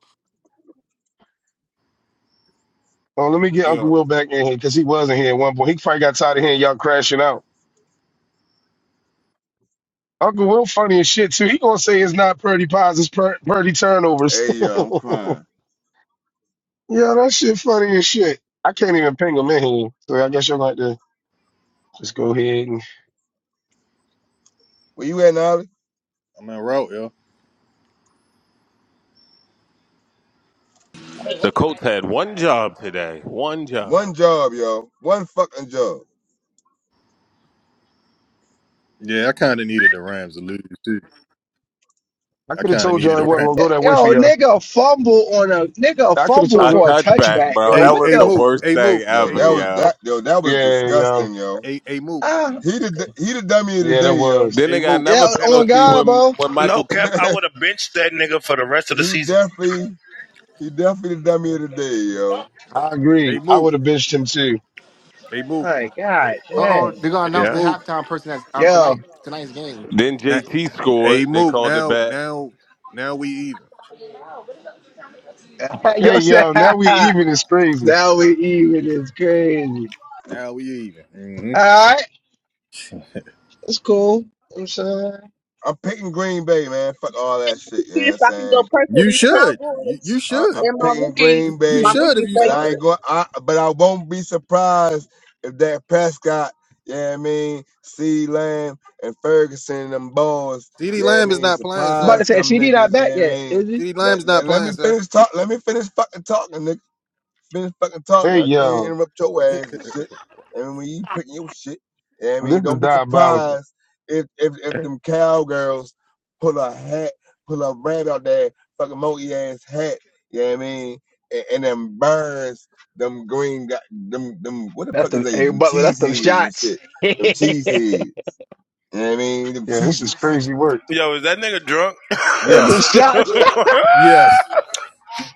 Oh, let me get Uncle yeah. Will back in here because he wasn't here at one point. He probably got tired of hearing y'all crashing out. Uncle Will funny as shit too. He gonna say it's not Purdy pies, it's Pur- Purdy turnovers. Hey, (laughs) yo, I'm yeah, crying. that shit funny as shit. I can't even ping him in here, so I guess y'all like to just go ahead and. Where you at, Nolly? I'm in route, yo. The Colts had one job today, one One job. job, yo. One fucking job. Yeah, I kind of needed the Rams to lose too. I I could have kind of told y'all needed it the wasn't Rams. gonna go that way for yo, y'all. nigga fumble on a nigga I could have fumble told A you. for a touchback, touchback, bro. yo. Hey, That What was hey, the the Mook. worst Hey, thing Mook. Yo, Hey, ever, that Mook. was yo. that. Yo, that was Yeah, yeah, disgusting, yo. Hey, hey, Mook. Ah, He the he the dummy of the yeah. That day, yo. Then was. Hey, they got Mook. yeah, another on penalty God, when bro. when Michael No (laughs) cap, Pittman. I would have benched that nigga for the rest of the he season. definitely he definitely the dummy of the day, yo. I Hey, agree. I Mook. would have bitched him too. Hey, Mook. My God, Uh oh, dang. they're going to Hey, announce the Yeah. Mook. halftime person that's um, Yo, tonight tonight's game. Then Na- JT Hey, scored. They Mook. called it Now, back. now, now we even. (laughs) Hey yo said, yo, now we (laughs) even is crazy. now we even is crazy. Now we even. hmm All right, it's cool. I'm saying. I'm picking Green Bay, man. Fuck all that shit. You know what kids I'm so I can go saying? pray for You these should. You, Cowboys you I, I'm should. and my picking rookie, You, Green you my Bay, should if rookie you but I smart. ain't favorite. going. I but I won't be surprised if that Prescott, yeah, I mean, C. Lamb and Ferguson and them boys, CD yeah, I Lamb is mean, not playing, I'm about to sir. surprise say, them CD niggas, not back yeah, I yet, mean. is he? CD Let, Lamb's let, not let me playing, sir. finish talk. Let me finish fucking talking, finish fucking talking. Hey I can't yo, interrupt your ass and (laughs) shit. And when you picking your shit, you know what I this mean, is don't be diabolical. surprised if if, if them cowgirls pull a hat, pull a rabbit out there, fucking monkey ass hat. You know what I mean? And, and them birds, them green, got them them what the That's fuck is the they? hey Them Butler. That's cheese them heads and shots. shit. (laughs) Them that's cheese heads. You know what I mean? Them Yeah, this is cheeses. crazy work. Yo, is that nigga drunk? (laughs) them yes. shots. that Yes.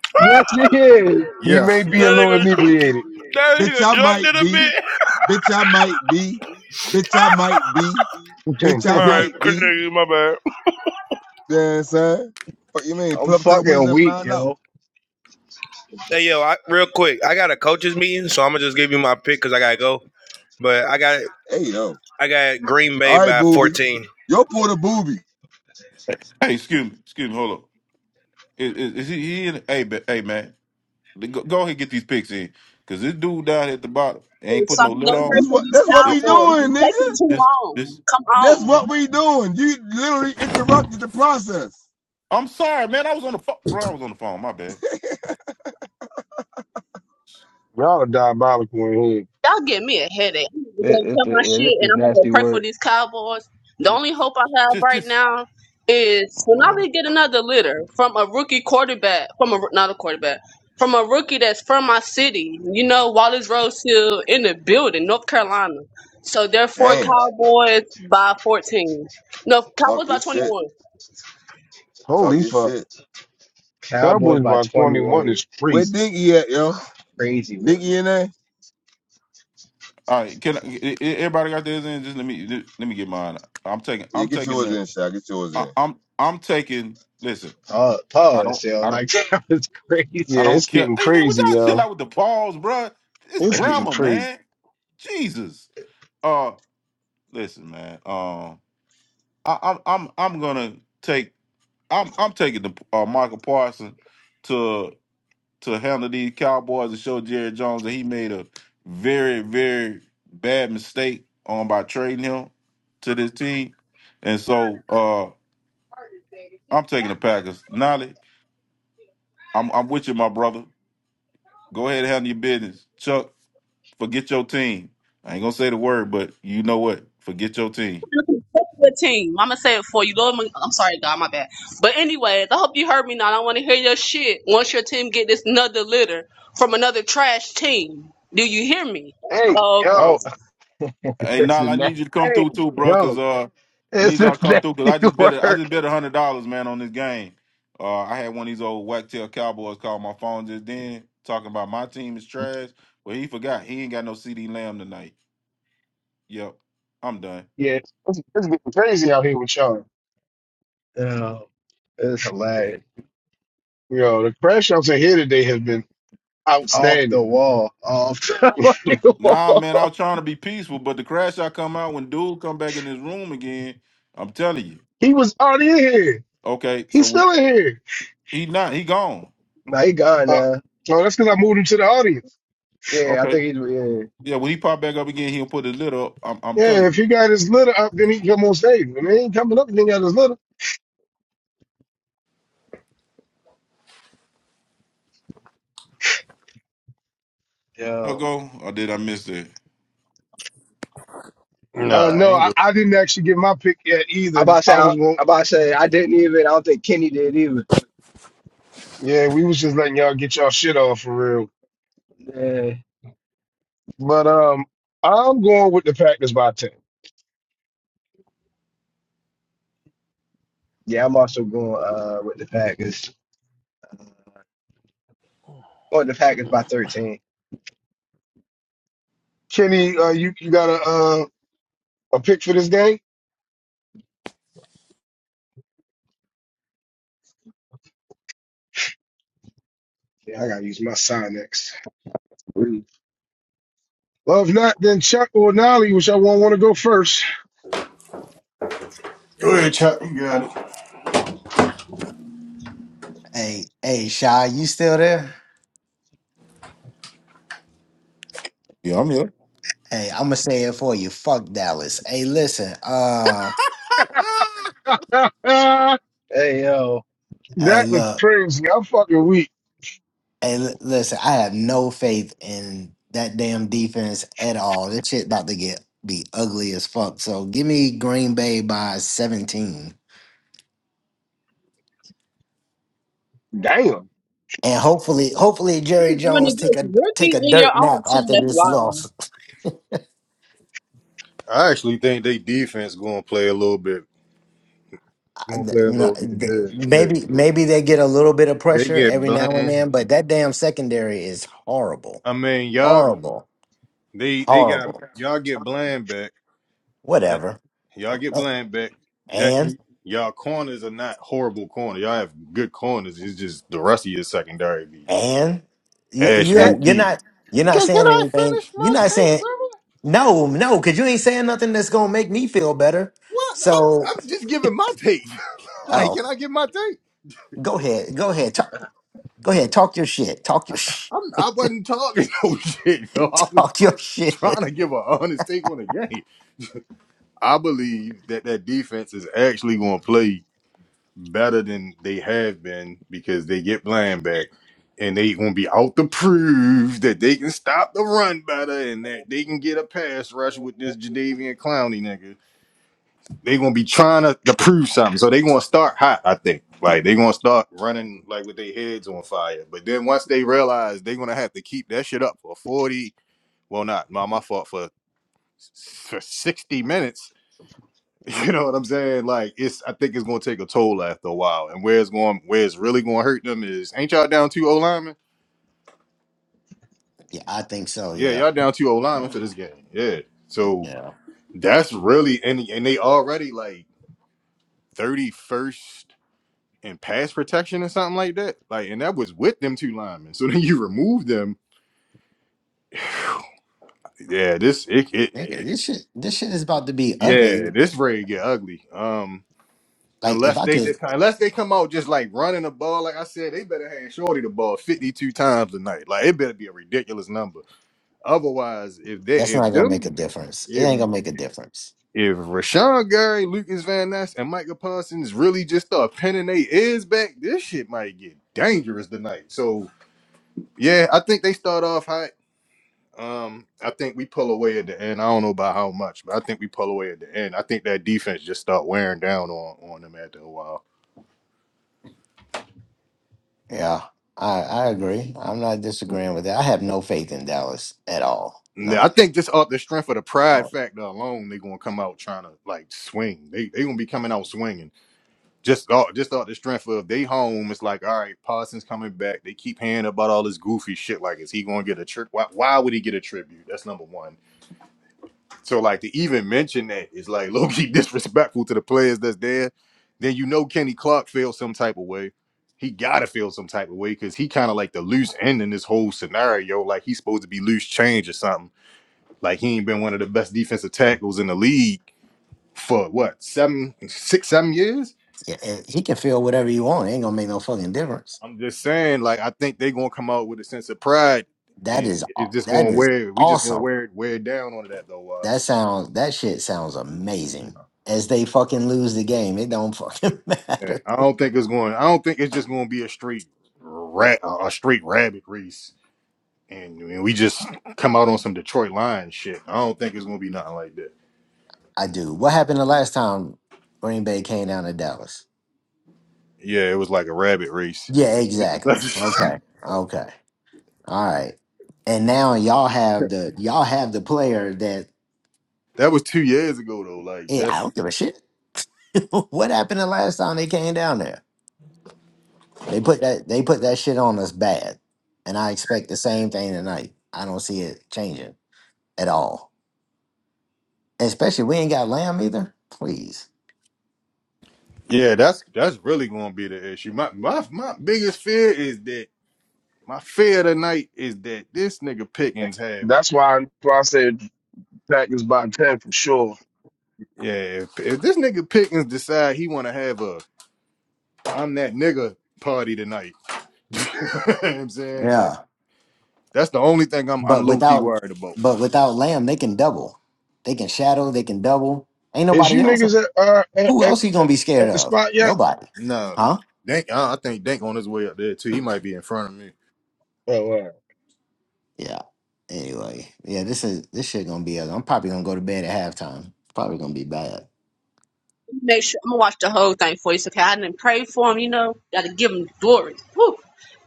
(laughs) yes, it is. He may Yes. be a little nigga, inebriated. that Bitch, nigga I drunk to might the be. bit. Bitch, I might be. Bitch, I might be. (laughs) Y'all Bitch, I All right, might good be. nigga, My bad. You know what I'm saying? What you mean? I'm Pull up to the windows fucking and weak, find out. yo. Hey yo, I, real quick, I got a coaches meeting, so I'm gonna just give you my pick because I gotta go. But I got Hey, yo. I got Green Bay All right, by booby. 14. Yo, pull the booby. Hey, excuse me, excuse me. Hold up. Is, is, is he, he in? it? Hey, ba- hey, man. Go, go ahead and get these picks in, cause this dude down at the bottom ain't So putting I no can lid go That, on. pray that's for what these that's what This, we Cowboys. You doing, take nigga. it too this, long. this. Come That's on. what we doing. You literally interrupted the process. I'm sorry, man. I was on the phone, bro. I was on the phone. My bad. are diabolical in here. Y'all give me a headache. I'm gonna go It, tell it, my yeah, this shit and is I'm gonna go nasty pray for word. these cowboys. The only hope I have Just, right just. now is Oh when Lord. I get another litter from a rookie quarterback, from a not a quarterback, from a rookie that's from my city. You know, Wallace Rose Hill in the building, North Carolina. So therefore, Damn. Cowboys by 14. No, Talk Cowboys your by shit. 21. Talk Holy your fuck. shit. Cowboys Cowboys by by 21 21 is is Where crazy. Dinky at, yo? crazy work. Dinky in there? All right. Can I, e- e- everybody got theirs in? Just let me let me get mine. I'm taking. Yeah, I'm get taking yours the. in, shot. Get yours I, in. I'm I'm taking. Listen. Pause, I don't. pause yo. I don't. Like (laughs) that was I Yeah, crazy. don't it's care. getting Hey man, would crazy, y'all chill yo. out with the pause, bro? It's It's getting grammar, crazy. man. Jesus. Uh, listen, man. Um, I, I'm I'm I'm gonna take I'm I'm taking the uh, Michael Parsons to to handle these Cowboys and show Jerry Jones that he made a very very bad mistake on by trading him to this team, and so uh, I'm taking the Packers. Nolly, I'm I'm with you, my brother. Go ahead and handle your business, Chuck. Forget your team. I ain't gonna say the word, but you know what? Forget your team. Good team. to say it for you. Lord, I'm I'm sorry, God, my bad. But anyways, I hope you heard me now. I don't want to hear your shit once your team get this another litter from another trash team. Do you hear me? Hey Oh, okay. Oh, yo. (laughs) Hey, it's a Nile, I na- need you to come Hey through too, bro, cause yo. uh, I it's need a y'all to come through, cause I nasty just (laughs) bet a- I just work. bet a hundred dollars, man, on this game. Uh, I had one of these old whacktail cowboys call my phone just then, talking about my team is trash. Well, he forgot he ain't got no CD Lamb tonight. Yep, I'm done. Yeah, it's, it's getting crazy out here with y'all. Oh, it's hilarious. Yo, the crash outs in here today has been Off the outstanding. wall, off the (laughs) (laughs) fucking Nah, wall. man, I was trying to be peaceful, but the crash I come out when dude come back in his room again. I'm telling you. He was already in here. Okay, so He's we, still in here. he not he gone. Nah, he gone Uh, now. oh, that's because I moved him to the audience. Yeah, I Okay. think he's yeah. Yeah, when he pop back up again, he'll put the lid up. I'm, I'm Yeah, telling if you. he got his litter up, then he can come on stage. When he ain't coming up, then he got his litter. Yo, go, or did I miss that? Uh, Nah, I no, ain't I, good. I didn't actually get my pick yet I either. about to say I I, I was going, about to say I didn't even. I don't think Kenny did either. yeah, we was just letting y'all get y'all shit off for real. Yeah, But um, I'm going with the Packers by ten. yeah. I'm also going uh with the Packers. Uh, Going the Packers by 13. Kenny, uh, you you got a uh, a pick for this game? Yeah, I gotta use my sign next. Well, if not, then Chuck or Nolly, which I won't want to go first. Go ahead, Chuck. You got it. Hey, hey, Shy, you still there? Yeah, I'm here. Hey, I'm gonna say it for you. Fuck Dallas. Hey, listen. Uh, (laughs) that Hey yo, hey, is look. crazy. I'm fucking weak. Hey, li- listen. I have no faith in that damn defense at all. This shit about to get be ugly as fuck. So give me Green Bay by 17, Damn. and hopefully, hopefully Jerry You're doing Jones take it a take Working a in your dirt own nap team, after that's this wild. loss. I actually think they defense gonna play a little bit. Gonna play a no, little bit. Good. maybe Good. maybe they get a little bit of They pressure get every now and blamed. then, but that damn secondary is horrible, I mean, y'all horrible, they they got horrible. y'all get bland back. Just- Whatever. Y'all get Uh, bland back. That And y'all corners are not horrible corners. Y'all have good corners. It's just the rest of your secondary be and you Ash you (laughs) you're Mookie. not you're not Can, can saying I anything. finish You're my not take, saying brother? no, no, because you ain't saying nothing that's gonna make me feel better. What? I'm, So I'm just giving my take. (laughs) like, oh, can I give my take? go ahead, go ahead, talk, go ahead, talk your shit, talk your (laughs) sh- I'm, I wasn't talking (laughs) no shit. yo. I was talk your shit. trying (laughs) to give an honest take on the game. I believe that that defense is actually going to play. better than they have been because they get blind back and they gonna be out to prove that they can stop the run better and that they can get a pass rush with this Jadavian Clowney nigga. They gonna be trying to, to prove something. So they gonna start hot, I think. Like they gonna start running like with their heads on fire. But then once they realize they gonna have to keep that shit up for 40, well not my my fault for for 60 minutes (laughs) You know what I'm saying? Like it's I think it's gonna take a toll after a while. And where it's going where it's really gonna hurt them is ain't y'all down two O linemen? yeah, I think so. Yeah, Yeah, y'all down two O linemen for this game. Yeah. So yeah. that's really and and they already like thirty first in pass protection or something like that. Like and that was with them two linemen. (laughs) So then you remove them. Yeah, this it, it, Nigga, it this shit, this shit is about to be yeah, ugly. this raid get ugly. Um Like if Unless I they could, just kind unless they come out just like running the ball, like I said, they better hand Shorty the ball 52 times a night. Like it better be a ridiculous number. Otherwise, if they that's not if gonna make a them difference. It if ain't gonna make a difference. if Rashawn Gary, Lucas Van Ness, and Micah Parsons really just start pinning their ears back, this shit might get dangerous tonight. So yeah, I think they start off hot. Um, I think we pull away at the end. I don't know by how much, but I think we pull away at the end. I think that defense just start wearing down on on them after a while. Yeah, I I agree. I'm not disagreeing with that. I have no faith in Dallas at all. Nah, I None. think just off the strength of the pride Uh, factor alone, they gonna come out trying to like swing. They they gonna be coming out swinging. Just off just off the strength of they home. It's like all right, Parsons coming back. They keep hearing about all this goofy shit. Like, is he gonna get a trip? Why, why would he get a tribute? That's number one. So like to even mention that is like low key (laughs) disrespectful to the players that's there. Then you know Kenny Clark feels some type of way. He gotta feel some type of way because he kind of like the loose end in this whole scenario. Like he's supposed to be loose change or something like he ain't been one of the best defensive tackles in the league for what seven, six, seven years. yeah, and he can feel whatever you want. It ain't gonna make no fucking difference. I'm just saying, like I think they are gonna come out with a sense of pride, That and is aw- it's just that gonna is wear. We just gonna awesome. wear it wear it down on that though. Uh, That sounds that shit sounds amazing. As they fucking lose the game, it don't fucking (laughs) yeah, matter. I don't think it's going. I don't think it's just gonna be a straight rat, a a straight rabbit race, and, and we just come out on some Detroit Lions shit. I don't think it's gonna be nothing like that. I do. What happened the last time Green Bay came down to Dallas? Yeah, it was like a rabbit race. Yeah, (laughs) exactly. Okay. that Okay. All right. And now y'all have the y'all have the player that was two years ago though. Like hey, I that's don't give a shit. (laughs) what happened the last time they came down there? They put that they put that shit on us bad. And I expect the same thing tonight. I don't see it changing at all. Especially we ain't got Lamb either. Please. Yeah, that's that's really gonna be the issue. My my my biggest fear is that my fear tonight is that this nigga Pickens have That's why, that's why I said pack is by 10 for sure. yeah, if, if this nigga Pickens decide he wanna have a I'm that nigga party tonight. (laughs) you know what I'm saying? Like Yeah. that's the only thing I'm But I'm low key without worried about. but without Lamb, they can double. They can shadow, they can double. Ain't Is nobody you else. niggas at, uh, at, Who at, else you gonna at be scared at the of? spot yet? Nobody. No. Huh? Dink I, I think Dink on his way up there too. He might be in front of me. Oh, wow. Yeah. Anyway, yeah, this is this shit gonna be. I'm probably gonna go to bed at halftime. It's Probably gonna be bad. make sure I'm gonna watch the whole thing for you. So, okay, I didn't pray for him. You know, gotta give him glory. Whew.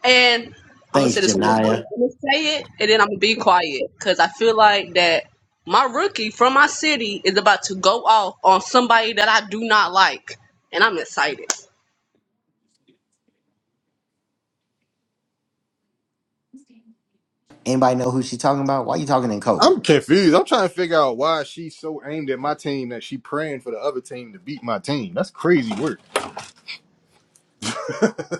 And I'm gonna Thanks, say this one more time. Janaya. I'm gonna say it, and then I'm gonna be quiet because I feel like that my rookie from my city is about to go off on somebody that I do not like, and I'm excited. Anybody know who she talking about? Why you talking in code? I'm confused. I'm trying to figure out why she's so aimed at my team that she praying for the other team to beat my team. That's crazy work.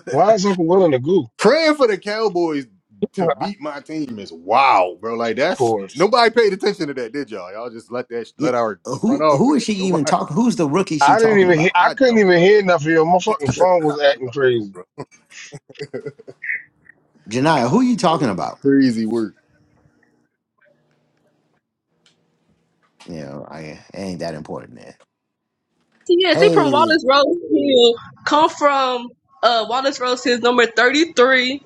(laughs) Why is Uncle Will in the goo? Praying for the Cowboys to beat my team is wow, bro. Like Of that's course. nobody paid attention to that, did y'all? Y'all just let that Yeah. let our run Who off who with is that. she even Nobody. talking? Who's the rookie she I didn't talking even hear, about? I I couldn't don't even know. hear enough of you. My fucking phone I was acting crazy. Janaya, who you talking don't. about? Crazy work. Yeah, I it ain't that important then. Yes, he from Hey, Wallace Rose Hill. Come from uh Wallace Rose Hill, number 33.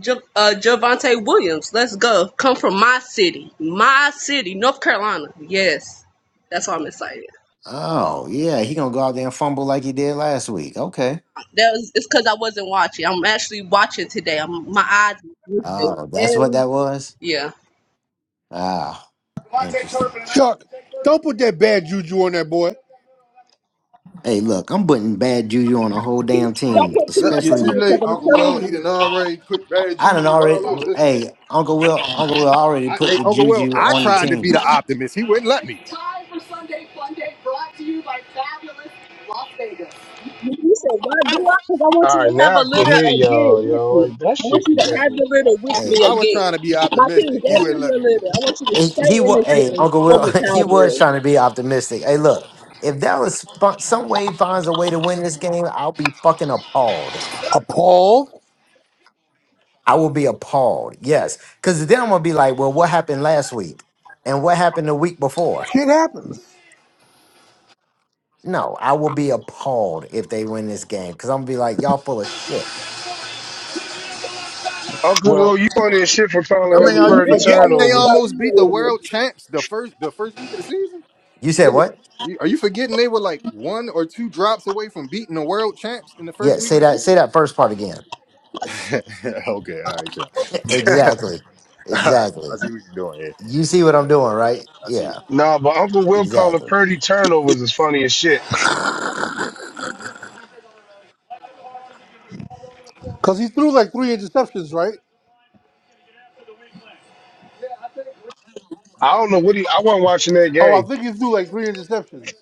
Jav- uh, Javante Williams. Let's go. Come from my city, my city, North Carolina. Yes, that's why I'm excited. oh yeah, he gonna go out there and fumble like he did last week. Okay. That was it's because I wasn't watching. I'm actually watching today. I'm my eyes is moving. Oh, that's what and that was. yeah. Ah, interesting. Chuck, don't put that bad juju on that boy. Hey, look, I'm putting bad juju on a whole damn Don't team, put too Yep, much you're on too especially here because late, I'm Uncle telling Will. He you. done already put bad I done juju all already. over this Hey, game. Uncle Will, Uncle Will already I, put hey, the Uncle Will, juju I on the tried to be the team. optimist. He wouldn't let me. You you said why do I? Because I want All you to right, have now a I can litter hear again y'all, with y'all. me. Like, that I want shit you was to have acting. the litter with Hey, me I was again. trying to be My team optimistic. He gave hey, you wouldn't let your me do litter. I want you to he, stay he in was. this Hey, litter Uncle for Will, the (laughs) he was Cowboys. trying to be optimistic. Hey, look, if Dallas fin- some way finds a way to win this game, I'll be fucking appalled. Appalled? I will be appalled. Yes, because then I'm gonna be like, well, what happened last week, and what happened the week before? Shit happens. No, I will be appalled if they win this game because I'm gonna be like, y'all full of shit. Uncle Will, Well, you on this shit for If it. calling I mean, him are you Purdy y'all forgetting they turnovers. almost win, beat the y'all win. world champs the first the first week of the season? You said They were. what? you- Are you forgetting they were like one or two drops away from beating the world champs in the Yeah, first week say of the that. Say that first part again. season? (laughs) okay, all right, John. (laughs) (laughs) all Exactly. right, Exactly. I see what you're doing here. You see what I'm doing, right? I see. It. Yeah. Nah, but Uncle Will calling Exactly. Purdy turnovers is funny as shit. because he threw like three interceptions, right? I don't know what he. I wasn't watching that Oh, I game. think he threw like three interceptions.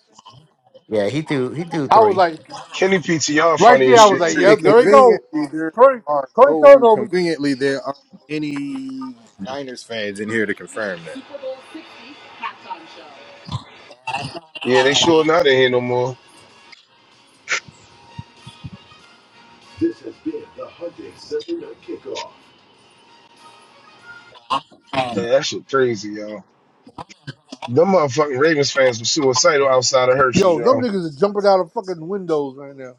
Yeah, he threw he threw I was three. like, Kenny PTR right funny there, as I was shit like, too. And yep, there we go. conveniently, there Curry, are Curry no. turnovers. Conveniently, there aren't any Niners fans in here to confirm Yeah, they sure not in here no more. Yeah, that shit crazy, y'all. Them motherfucking Ravens fans were suicidal outside of Hershey's, Yo, them y'all. niggas are jumping out of fucking windows right now.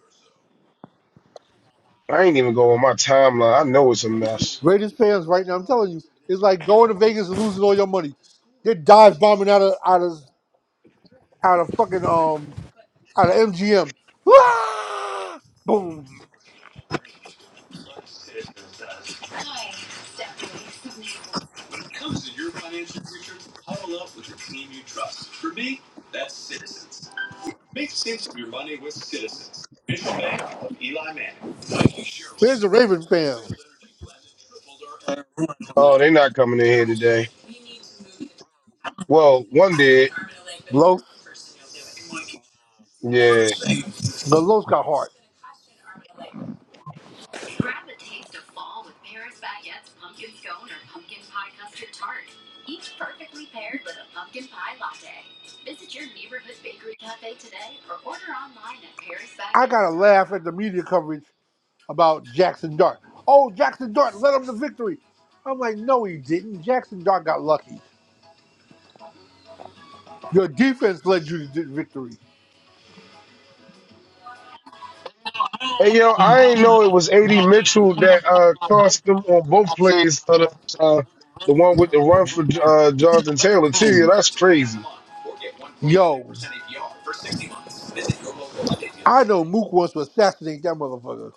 I ain't even go on my timeline. I know it's a mess. Raiders fans right now. I'm telling you, it's like going to Vegas and losing all your money. They're dive bombing out of out of out of fucking um out of MGM. Ah! Boom. Where's the Ravens fans? Oh, they not coming in here today. Well, one did. Low, Yeah, the low's got heart. I gotta laugh at the media coverage about Jackson Dart. Oh, Jackson Dart led them to victory. I'm like, no, he didn't. Jackson Dart got lucky. Your defense led you to victory. Hey yo, I ain't know it was AD Mitchell that uh cost them on both plays of the uh, the one with the run for uh Jonathan Taylor too. Yeah, that's crazy. Yo, I know Mook wants to assassinate that motherfucker.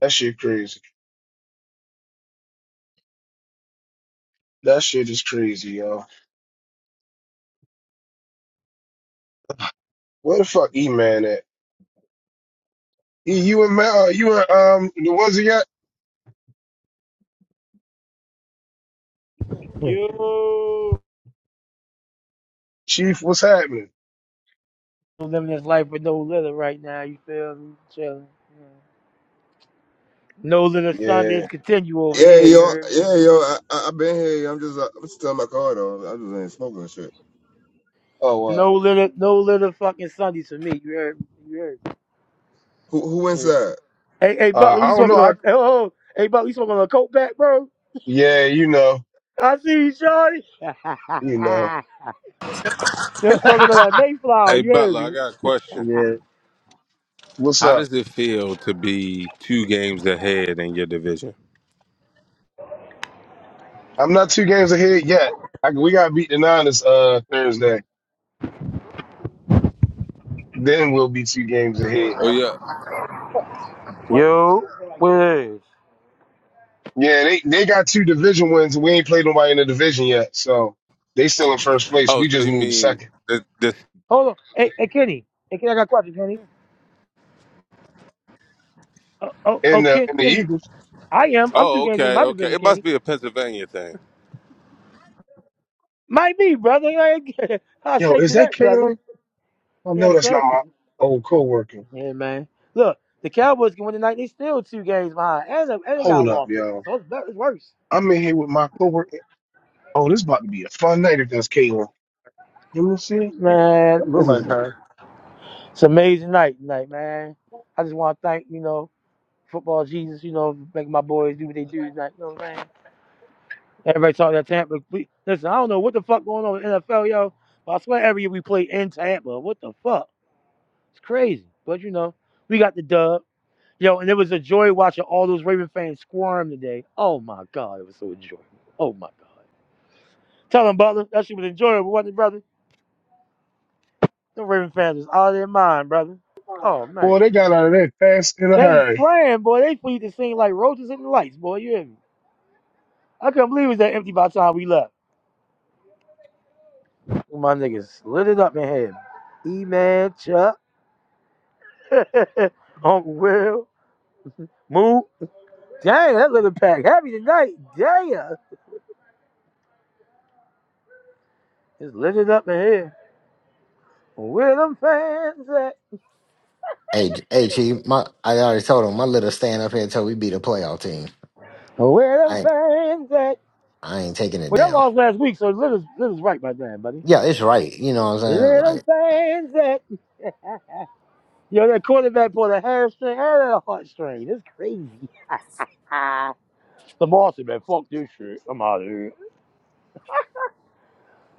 That shit crazy. That shit is crazy, yo. Where the fuck E Man at? E, you and Ma- uh, you and um the ones he got? You Chief, what's happening? living this life with no litter right now. You feel me? Chilling. yeah. No litter Yeah. Sundays continue over Yeah, here. You yo. heard me? Yeah, yo. I, I, I been here. yo. I'm just, uh, I'm still in my car, though. I just ain't smoking and shit. No Oh litter, no litter fucking Sundays for me. You heard me? You heard me? Who, who Yeah. inside? Hey, hey, uh, uh Butler, I we don't know. smoking I on. Hey, oh, oh, oh. hey, Butler, you smoking on a coke back, bro? yeah, you know. I see you, Shorty. (laughs) You know, You're smoking on that Mayflower. Hey You hear Butler, I me? got a question. yeah. What's How up? does it feel to be two games ahead in your division? I'm not two games ahead yet. I, we got to beat the Niners uh, Thursday. Then we'll be two games ahead. Oh yeah. Yeah, they they got two division wins. We ain't played nobody in the division yet, so they still in first place. Oh, We so just you moved to mean second. this? this Hold on. Hey, hey, Kenny. Hey, Kenny, I got a question, Kenny. Oh, oh, oh And the Ken, and the Kenny. Eagles. I am. I'm two oh, games in okay, my okay. division, It must Kenny. be a Pennsylvania thing. Might be, brother. I ain't- (laughs) I'll Yo, shake is it that up, brother. Kalen? Oh no, Yes, that's sir. not my old coworker. Yeah, man. Look, the Cowboys can win tonight. They still two games behind, and they- and they got a Hold up, loss difference, yo. so it's, better, it's worse. I'm in here with my coworker. Oh, this about to be a fun night if that's Kalen. Let me see. Man, That look this is like her. it's an amazing night tonight, man. I just want to thank you know. football Jesus, you know, make my boys do what they do tonight. You know what I'm saying? Everybody talk that Tampa. We, listen, I don't know what the fuck going on with NFL, yo. But I swear every year we play in Tampa. What the fuck? It's crazy. But you know, we got the dub. Yo, and it was a joy watching all those Raven fans squirm today. Oh my God, it was so enjoyable. Oh my God. Tell him, Butler, that shit was enjoyable, wasn't it, brother? The Raven fans is out of their mind, brother. Oh Boy, man. they got out of there fast in a They hurry. spraying, boy. They need to sing like roaches in the lights, boy. You hear me? I couldn't believe it was that empty by the time we left. My niggas lit it up in here. E Man Chuck. (laughs) Uncle Will. Moo. Dang, that little pack. Happy tonight. Damn. It's lit it up in here. Where them fans at? Hey, J- hey, Chief, my I already told him my little stand up here until we beat a playoff team. Where them I ain't fans at? I ain't taking it Well, that down. lost last week, so lit is, lit is right by then, buddy. Yeah, it's right. You know what I'm saying? Like, Little fans at. Yo, that quarterback pulled a hamstring and a heartstring. It's crazy. The Boston, man. Fuck this shit. I'm out of here.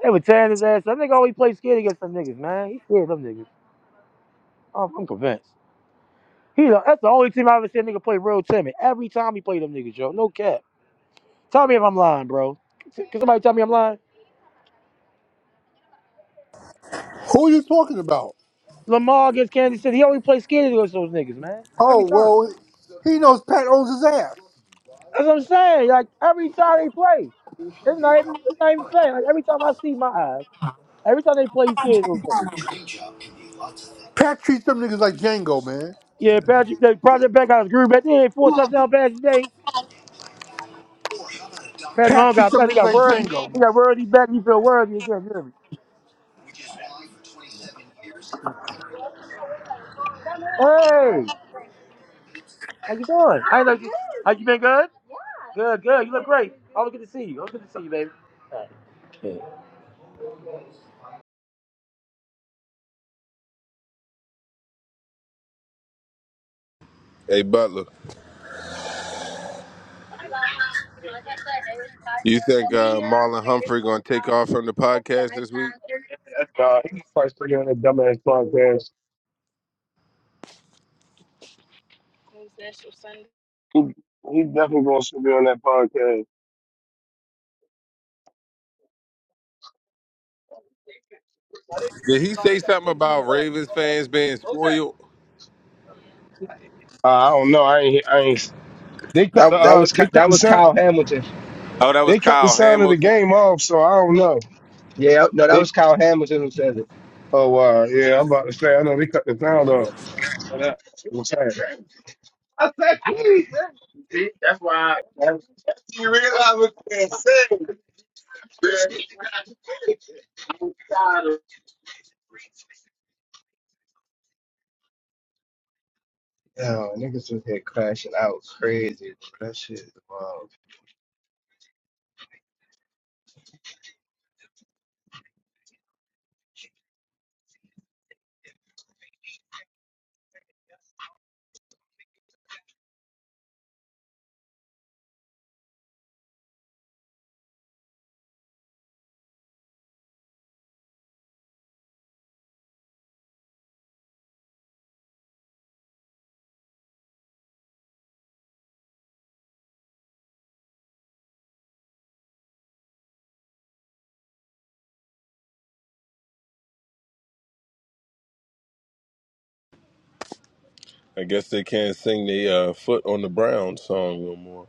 They were tearing his ass. That nigga always play scared against them niggas, man. He scared of them niggas. I'm, I'm convinced. He the, that's the only team I ever seen a nigga play real timid. Every time he played them niggas, yo, no cap. Tell me if I'm lying, bro. Can somebody tell me I'm lying? Who are you talking about? Lamar against Kansas City, he only plays scared against those niggas, man. Every Oh, time. well, he knows Pat owns his ass. That's what I'm saying. Like every time they play, it's not even it's not even fair. Like every time I see my eyes, every time they play, he's scared of those niggas. Pat treats them niggas like Django, man. Yeah, Patrick, they, Project Beck got his groove back. They had four touchdown passes today. Patrick Pat Mahomes treats got them back. He niggas got like worthy. He Django. got worthy back. He feel worthy again. you hear me? Hey, how you doing? I ain't know you. like, How you been good? Good, good. You look great. Always good to see you. Always good to see you, baby. All right. Hey Butler. You think uh, Marlon Humphrey gonna take off from the podcast this week? Nah, he probably still be on that dumbass podcast. He he definitely gonna still be on that podcast. Did he say something about Ravens fans being spoiled? Uh, I don't know. I ain't. I ain't. They cut that the. that Uh, was Ky- they cut that the was sound. Kyle Hamilton. Oh, that was They cut the Kyle sound of the Hamilton. game off. So I don't know. Yeah, no, that They. was Kyle Hamilton who said it. Oh wow. yeah, I'm about to say. I know they cut the sound off. But that- it was sad. You realize what they said, man? Yo, niggas was here crashing out crazy. Bro. That shit is wild. I guess they can't sing the uh, "Foot on the Brown" song no more.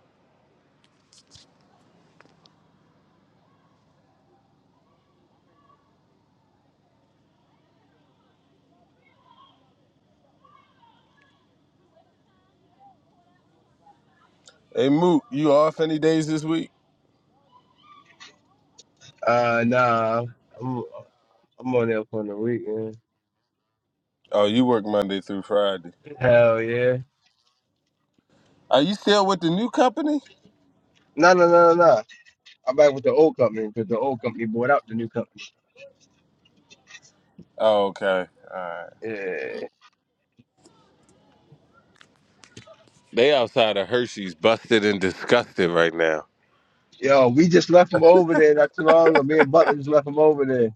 Hey, Moot, you off any days this week? Uh, nah, I'm I'm on there for the weekend. Oh, you work Monday through Friday. Hell yeah. Are you still with the new company? No, no, no, no, no. I'm back with the old company because the old company bought out the new company. Oh, okay. All right. Yeah. They outside of Hershey's, busted and disgusted right now. Yo, we just left them over there not too long ago. Me and Butler just left them over there.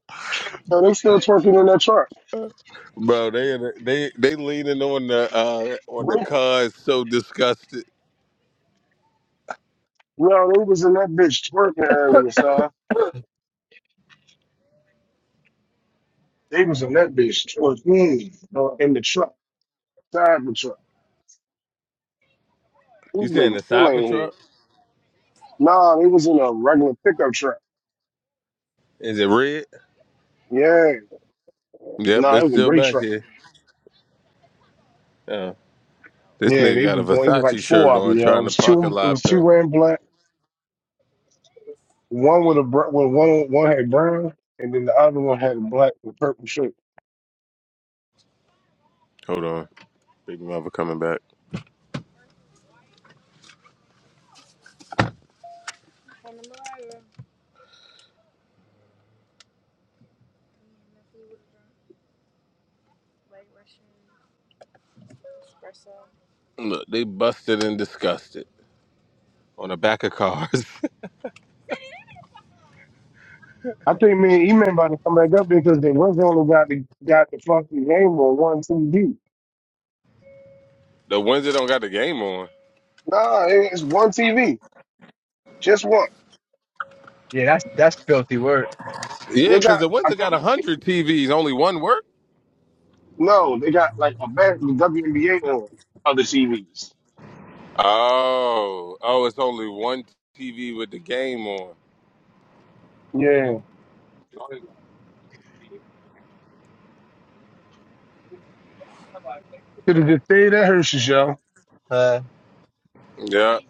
Yo, they still twerking in that truck. Bro, they they they leaning on the uh, on Yo, the cars, so disgusted. they was in that bitch twerking earlier, son. They was in that bitch twerking uh, in the truck, side of the truck. These You saying niggas the still ain't here. Cybertruck? Nah, they was in a regular pickup truck. Is it red? Yeah. Yep, Nah, it it's was a still great back truck. here. Oh. This Yeah, nigga they got a was doing. It was like Versace shirt four of on them. Yo, it trying to was pocket two. It lot was pet. two wearing black. One with a br- with one one had brown, and then the other one had a black with purple shirt. Hold on. Big mother coming back. Look, they busted and disgusted on the back of cars. I think me and E-Man about to come back up because they was the only guy that got the fucking game on one TV. (laughs) the Windsor don't got the game on. Nah, it- it's one TV, just one. Yeah, that's that's filthy work. Yeah, They because got. the I Windsor got think 100 TVs. Only one work? no, they got like a bad the WNBA on other TVs. Oh. Oh, it's only one TV with the game on. Yeah. Could have just stayed at Hershey's, yo. Huh? Yeah.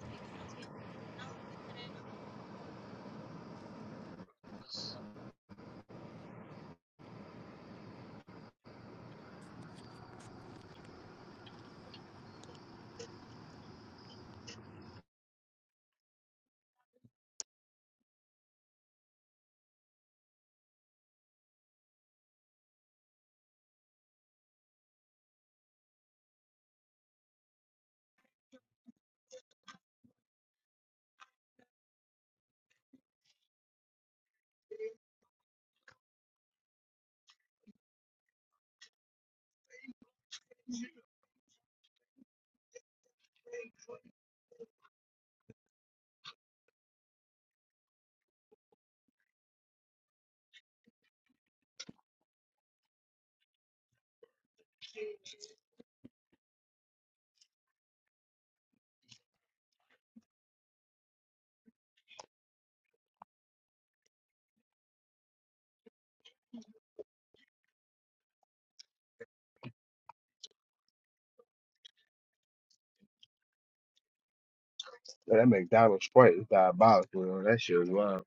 Yo, that McDonald's Sprite is diabolical. Yo. That shit was wild.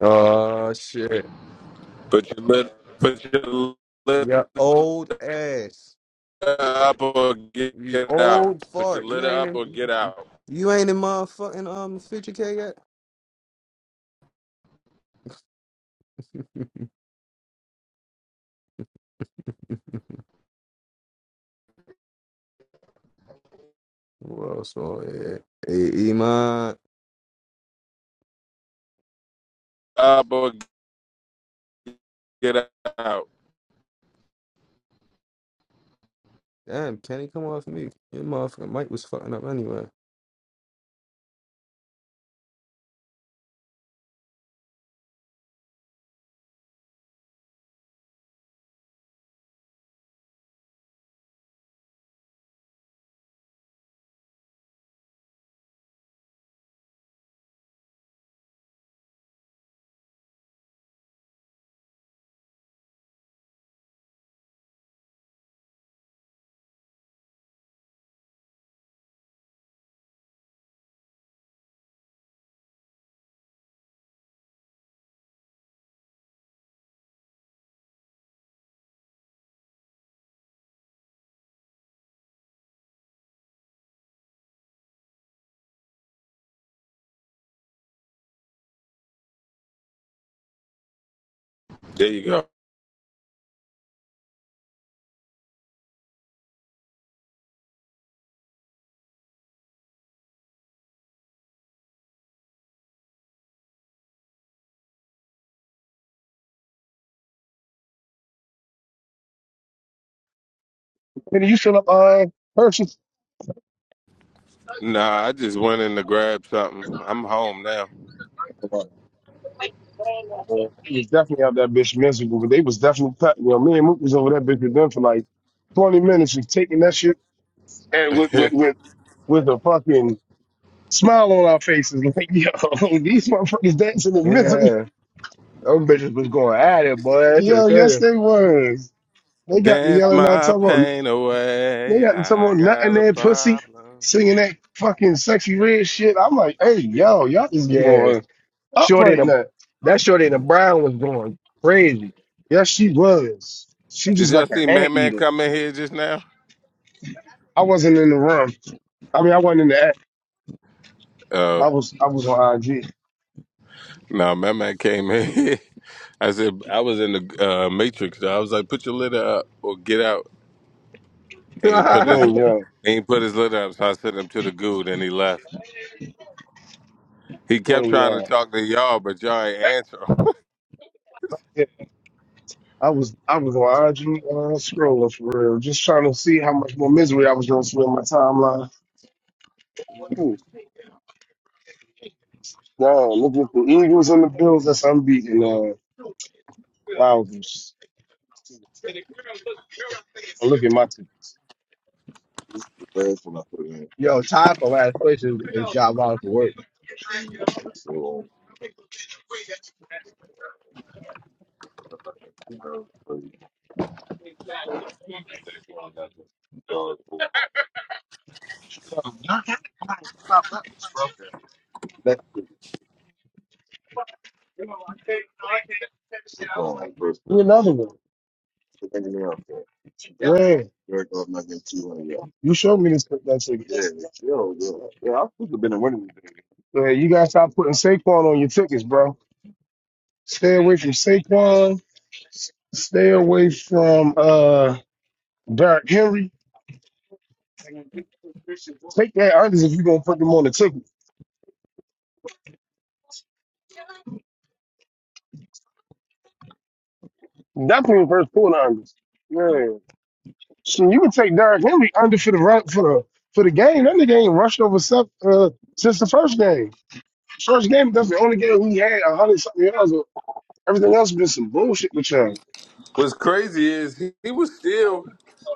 Oh shit. Put your lid, put your lid Your old ass. up or You get out. old Put your fart. lid You ain't up or in get out. you ain't in motherfucking um fifty K yet? (laughs) Who else on here? Hey Iman. Up or get out. Damn, Kenny come off me. Your motherfucking mic was fucking up anyway. There you go. Nigga, you should have uh purchased. Nah, I just went in to grab something. I'm home now. Man, He was definitely out that bitch miserable, but they was definitely cut. You know, me and Mook was over that bitch with them for like twenty minutes, just taking that shit and with (laughs) with with with a fucking smile on our faces, like yo, (laughs) these motherfuckers dancing in misery. Yeah. Them bitches was going at it, boy. That's Yo, yes okay. they was. They got me Dance yelling out my talking about pain they away. got to talking I about nothing got a there, pussy, problem. singing that fucking sexy red shit. I'm like, hey, yo, y'all is Yeah. going up Shorty and right a, now. that Shorty and the Brown was going crazy. Yeah, she was. She Did just y'all like an see Man Man anteater. come in here just now? I wasn't in the room. I mean, I wasn't in the act. Oh, I was I was on IG. no, Man Man came in. here. (laughs) I said, I was in the uh, Matrix. though. I was like, put your litter up or get out. (laughs) And he put his, Playing young. he ain't put his litter up, so I sent him to the goo, then he left. He kept Playing trying to young. talk to y'all, but y'all ain't answer him. Yeah, I was I was on IG uh, scrolling for real, just trying to see how much more misery I was gonna spend my timeline. Ooh, Damn, look at the Eagles and the Bills. That's unbeaten. Uh, Wowzers. Look at my tickets. Yeah, Yo, Ty for last place is, is job out for work. it's broken. Another one. yeah. You showed me this that ticket. Yeah, yo, yo. Yeah, I could have been a winning today. So, hey, you gotta stop putting Saquon on your tickets, bro. Stay away from Saquon. S- Stay away from uh Derrick Henry. Take that unders if you gonna put them on the ticket. Definitely first quarter unders. Yeah. So you can take Derrick Henry under for the run for the for the game. That nigga ain't rushed over sep- uh, since the first game. First game, that's the only game we had a hundred something yards. Everything else been some bullshit with y'all. (laughs) What's crazy is he, he was still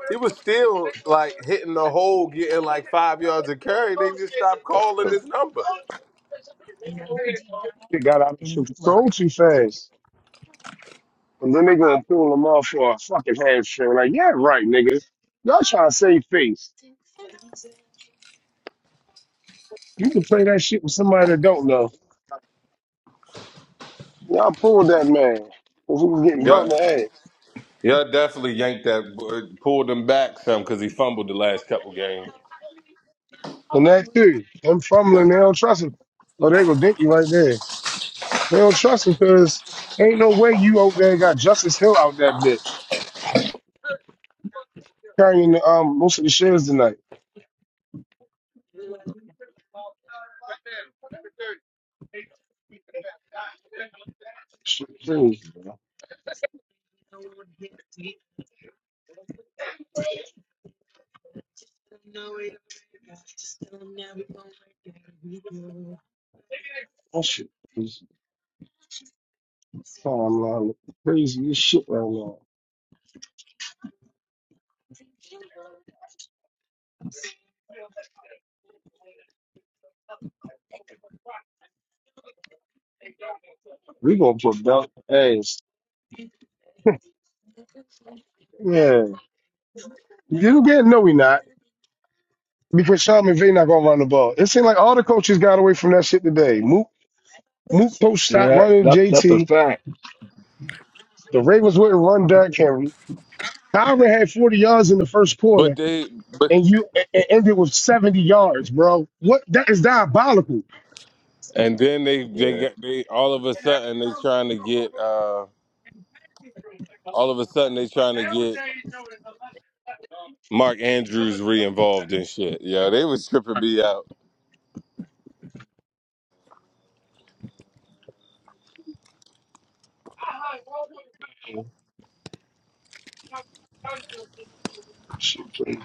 He was still like hitting the hole, getting like five yards of carry. They just stopped calling his number. It got out of control too fast. And then they gonna pull them off for a fucking hamstring. Like, yeah, right, nigga. Y'all trying to save face. You can play that shit with somebody that don't know. Y'all pulled that man. Cause he was getting Yeah, bumped in the head. yeah, definitely yanked that, uh, pulled him back some because he fumbled the last couple games. And that too. Them fumbling, they don't trust him. Oh, they go dinky right there. They don't trust him because ain't no way you over there got Justice Hill out that bitch. Carrying the, um most of the shares tonight. Shit crazy, man. That shit is oh, I'm lying. crazy as shit right now. We gonna put belt ass. Yeah. You get no we not. Because Sean McVay not gonna run the ball. It seemed like all the coaches got away from that shit today. Mook Mook coach stopped Yeah, running that that's a JT. fact. The Ravens wouldn't run Derrick Henry. Kyron had 40 yards in the first But quarter they, but and you and it ended with 70 yards, bro. What that is diabolical. and then they, they, Yeah. got- they, all of a sudden they trying to get, uh, all of a sudden they trying to get Mark Andrews re-involved in shit. Yeah, they was tripping me out. Shit, man.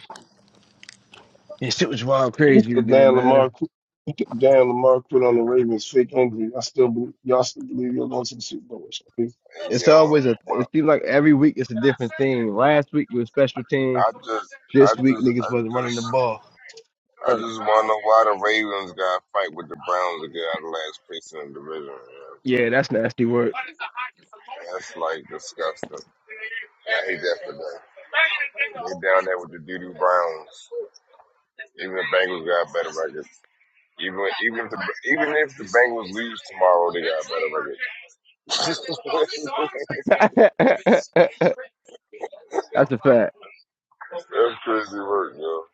And shit was wild It's crazy the today, Dan man. Lamar qu- He said Dan Lamar quit on the Ravens fake injury. I still believe y'all still believe you're going to the Super Bowl. All And It's yo, always a. well, It seems like every week it's a different thing. Last week it was special team. I just, I This week just, niggas I wasn't running the just ball. I right. just want to know why the Ravens got to fight with the Browns to get out of last place in the division. You know what I'm Yeah, saying? that's nasty work. That's like disgusting. I hate that for them. They down there with the doo-doo Browns. Even the Bengals got better record. Even even if the even if the Bengals lose tomorrow, they got. (laughs) That's (laughs) that's a fact. crazy work, yo.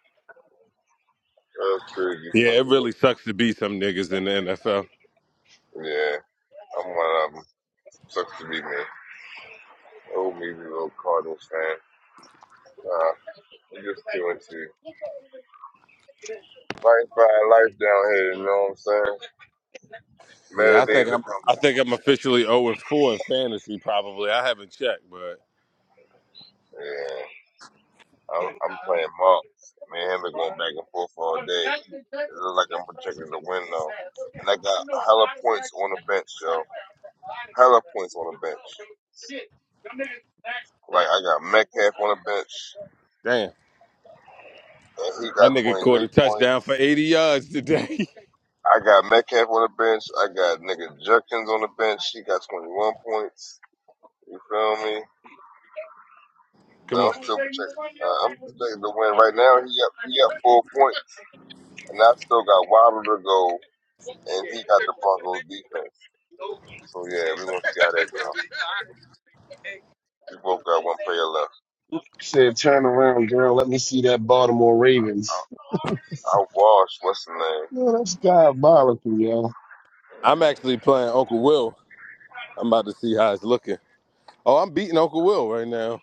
That's crazy Yeah, it fucking really work. sucks to be some niggas in the NFL. Yeah, I'm one of them. Sucks to be me. Oh, me, little Cardinals fan. Nah, I'm just two and two. Lifestyle life down here, you know what I'm saying? Yeah, Better I think days I'm. are I coming. think I'm officially 0 and 4 in fantasy. Probably. I haven't checked, but Yeah. I'm, I'm playing marks. Me and him been going back and forth all day. It looks like I'm protecting the window. And I got hella points on the bench, yo. Hella points on the bench. Like, I got Metcalf on the bench, damn, and he that got nigga caught 23 a touchdown for points. 80 yards today. I got Metcalf on the bench. I got nigga Jerkins on the bench. He got 21 points. You feel me? (laughs) But Come on. I'm still protecting. Uh, I'm protecting the win right now. He up. He up four points. And I still got Waddle to go, and he got the Broncos defense. So yeah, we gonna see how that go. We both got one player left. Said, turn around, girl. Let me see that Baltimore Ravens. I washed. What's the name? Well, that's diabolical, yo. I'm actually playing Uncle Will. I'm about to see how it's looking. Oh, I'm beating Uncle Will right now.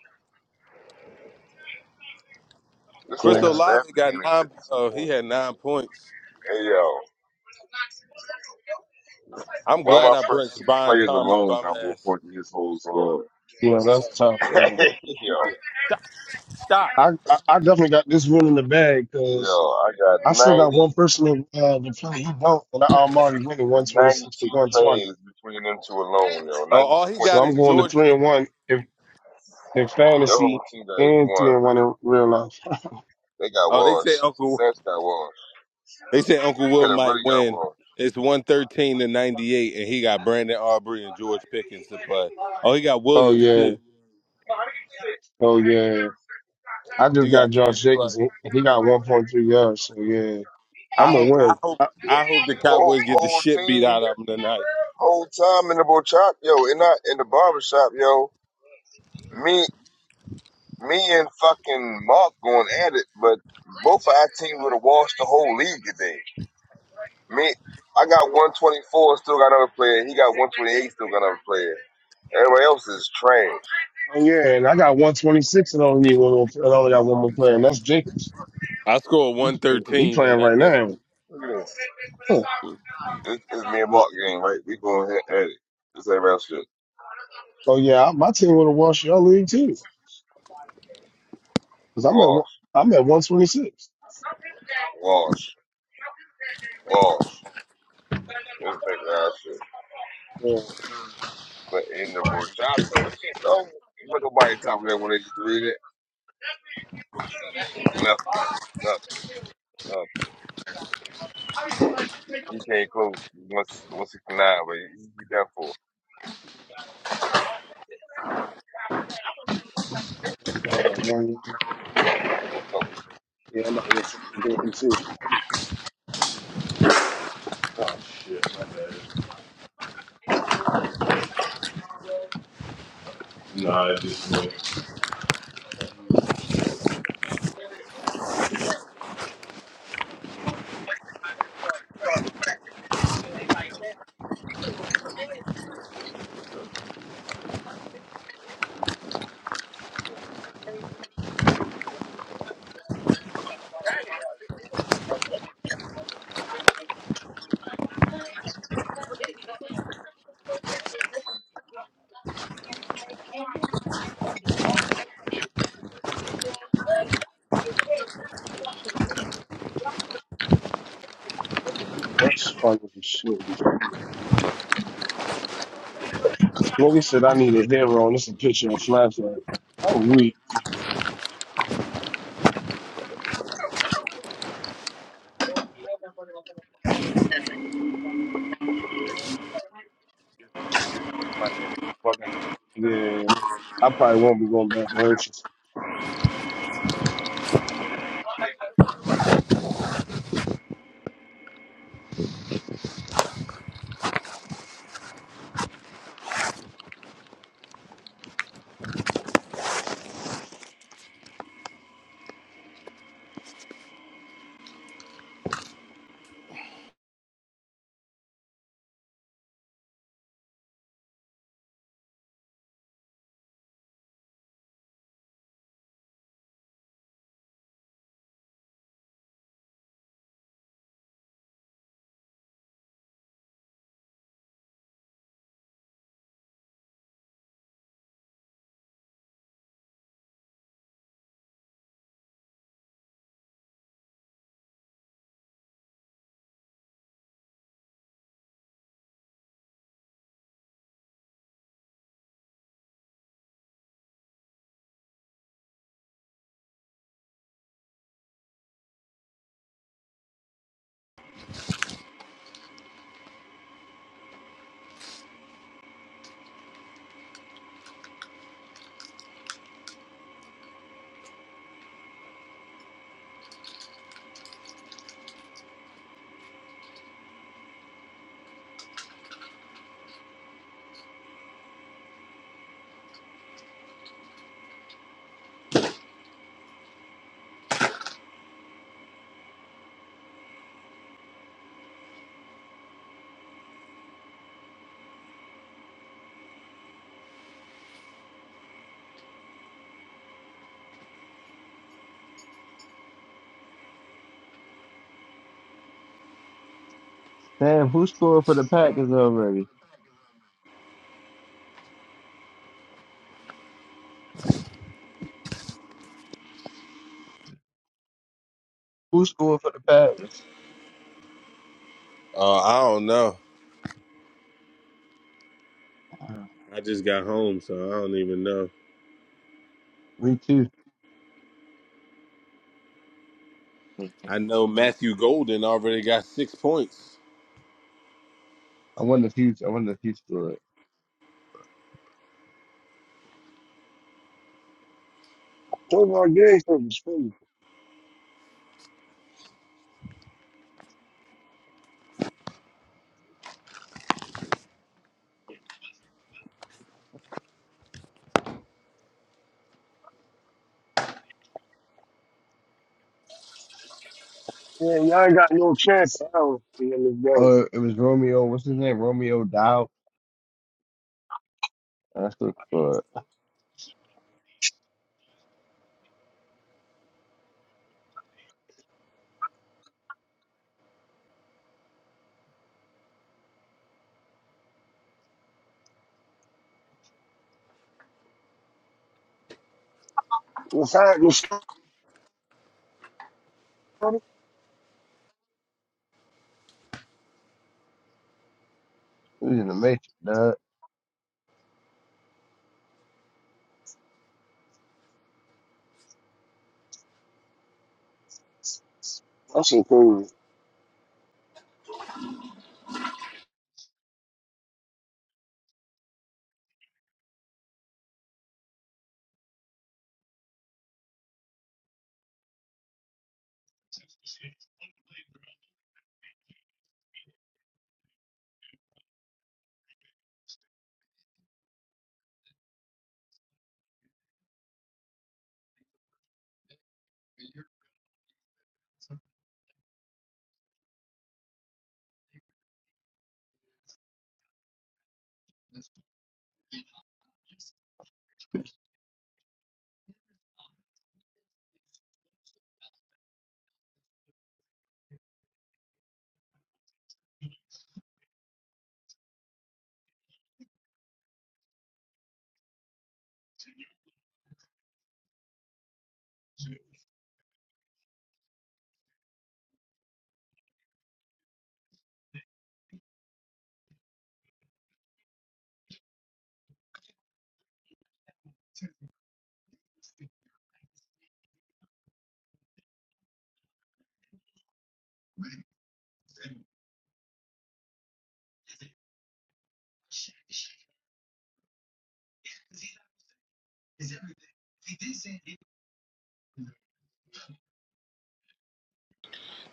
This Chris nigga Yeah, Olave Stafford got getting nine. 52 Oh, he points. had nine points. Hey yo, I'm one of glad my I first benched two Brian players Thomas alone bum got more ass. points than his whole squad. yeah, that's tough. (laughs) Yeah. yo, Stop. I, I, I definitely got this one in the bag yo, because I got I still got one 90 person to, uh, to play. You don't, and I already went at one twenty six to 92 one plays twenty. between them two alone. Yo, Oh, 92 all he points So got I'm is between them going to George. two. three and one if in Your whole fantasy team got and 81. three and one in real life. (laughs) They got Oh, they say washed. Uncle. Sash got washed. They said Uncle Will Could have might really got win. washed. It's 113 to 98, and he got Brandon Aubrey and George Pickens to play. Oh, he got Oh Williams yeah, too. oh yeah. I just He got got three Josh to play. Jacobs. and He got one point three yards. So yeah, I I'm a hope I win. hope I hope the Whole, Cowboys get the whole shit beat team out of them tonight. whole time in the barbershop, yo, and not in the barbershop, yo. Me, me and fucking Mark going at it, but both of our team would have washed the whole league today. Me, I got 124, still got another player. He got player. Everybody else is trash. Oh yeah, and I got 126 and only need one more. And only got one more player, and that's Jacobs. I scored He 113 playing and I right think now. Look at Huh. this Mark game, right? We going at it. Cause everybody else just Oh yeah, my team would have watched your league too, cause I'm at one- I'm at wash, 126. wash. Yeah, But in the barbershop, yo, you put nobody top of that when they just doing it. Nothing, nothing. He came close. He must 169, but he, he done for. I got one. What's up with you? Yeah, I'm about to go fucking do it too. Oh shit, my bad. Nah, I just went. That's fucking shit. Logan said I need a hero, and this a picture of Snapchat. I'm weak. Yeah, I probably won't be going back to hurt you. Damn, who scored for the Packers already? Who scored for the Packers? Uh, I don't know. I just got home, so I don't even know. Me too. I know Matthew Golden already got six points. I wonder if he's I wonder if he still it. Those are games for the spring. Yeah, y'all ain't got no chance. I don't see in this Oh, it was Romeo. What's his name? Romeo Dow. That's the scored. game. That He was in the Matrix. The shit crazy.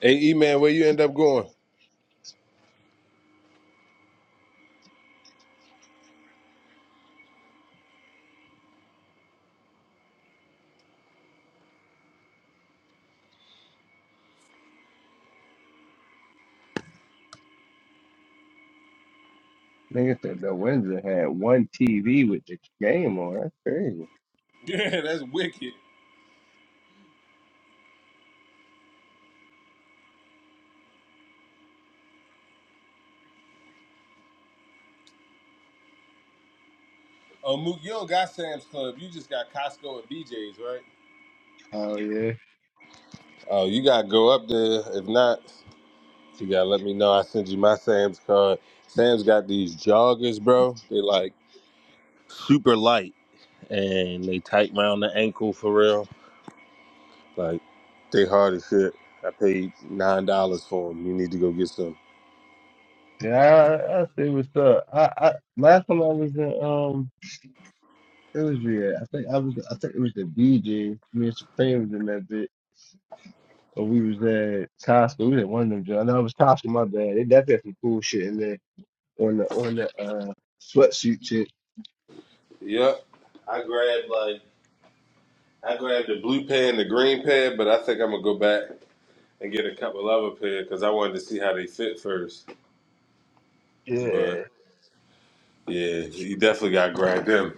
Hey E man, where you end up going? (laughs) nigga said the Windsor had one TV with the game on. That's crazy. Yeah, that's wicked. Oh, Mook, you don't got Sam's Club. You just got Costco and BJ's, right? Oh yeah. Oh, you gotta go up there. If not, you gotta let me know. I send you my Sam's card. Sam's got these joggers, bro. They like super light and they tight round the ankle for real. Like they hard as shit. I paid nine dollars for them. You need to go get some. Yeah, I, I see what's up. I, I last time I was in um it was yeah, I think I was I think it was the BJ. Me and Supreme was in that bit. Or we was at Costco. We was at one of them joints. I know it was Costco, my bad. They definitely had some cool shit in there on the on the uh sweatsuit shit. Yep. I grabbed like I grabbed the blue pair and the green pair, but I think I'm gonna go back and get a couple other pair because I wanted to see how they fit first. Yeah. But Yeah, he definitely got grabbed him.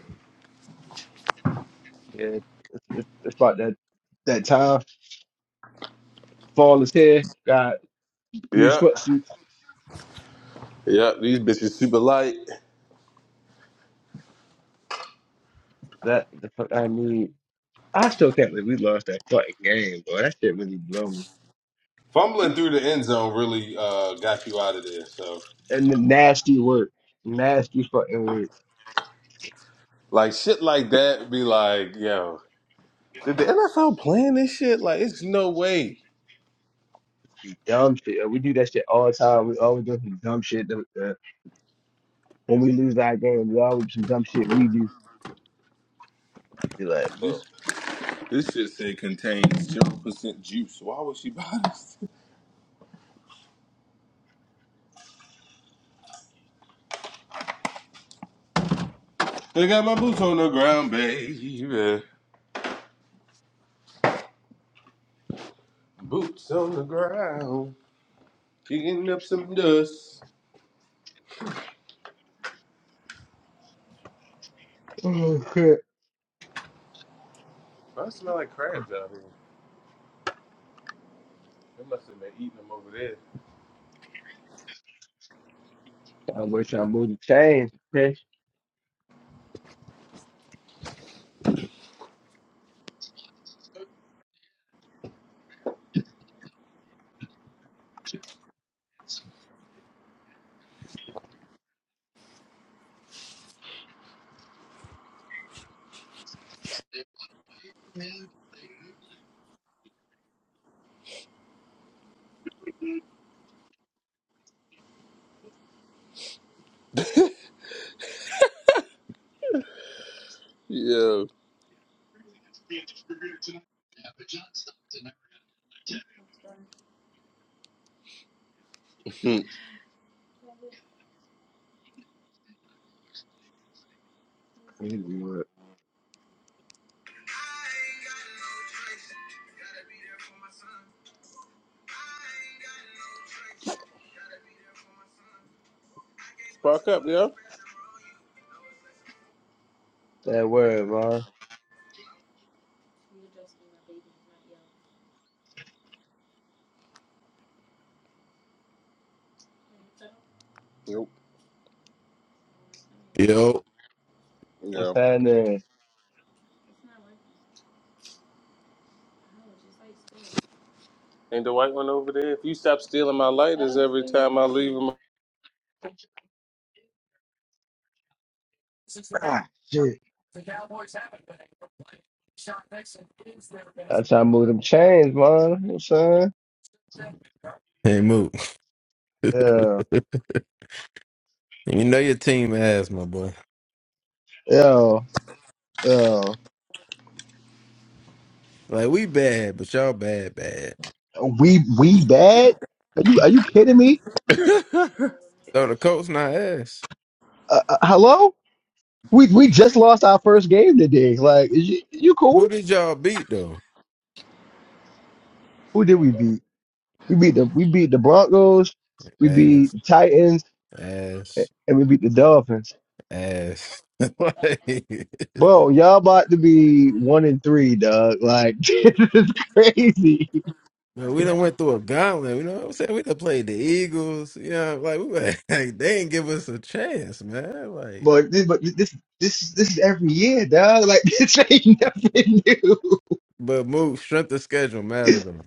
Yeah, it's, it's, it's about that that time. Fall is here. Got new Yep. sweatsuits. Yep. These bitches super light. That the fuck I need. I still can't believe we lost that fucking game, bro. That shit really blew me. Fumbling through the end zone really uh, got you out of there. So, And the nasty work, nasty fucking work, like, shit like that be like, yo, did the NFL plan this shit? Like, it's no way. dumb shit. We do that shit all the time. We always do some dumb shit. that- that- When we lose our game, we always do some dumb shit. We do. Be like, This bro. this shit said contains zero percent juice. Why was she buy this? They got my boots on the ground, baby. Boots on the ground. She getting up some dust. Oh shit. I smell like crabs out here. They must have been eating them over there. I wish I moved the chains. Okay. Yeah. Hmm. Easy work. Fuck up, yo. That word, man. Nope. Yo, What's Yeah. happening? Ain't the white one over there? If you stop stealing my lighters every time I leave leave I try to move them chains, man. You know what I'm saying? hey Moot, Yeah. you know your team ass, my boy. Yeah. Yeah. Like we bad, but y'all bad, bad. We we bad? Are you are you kidding me? So the Colts not ass. Uh, uh, hello? We we just lost our first game today. Like, is you, you Who cool? did y'all beat though? Who did we beat? We beat the we beat the Broncos, we beat Ass, the Titans, a- ass, and we beat the Dolphins. ass. (laughs) like, man, Bro, y'all about to be one and three, dog. Like (laughs) this is crazy. we done went through a gauntlet. You know what I'm saying? We done played the Eagles. You know, like we were, (laughs) like, they didn't give us a chance, man. Like, But this but this this this is every year, dog. Like (laughs) this ain't nothing new. but Moot, strength of schedule matter though.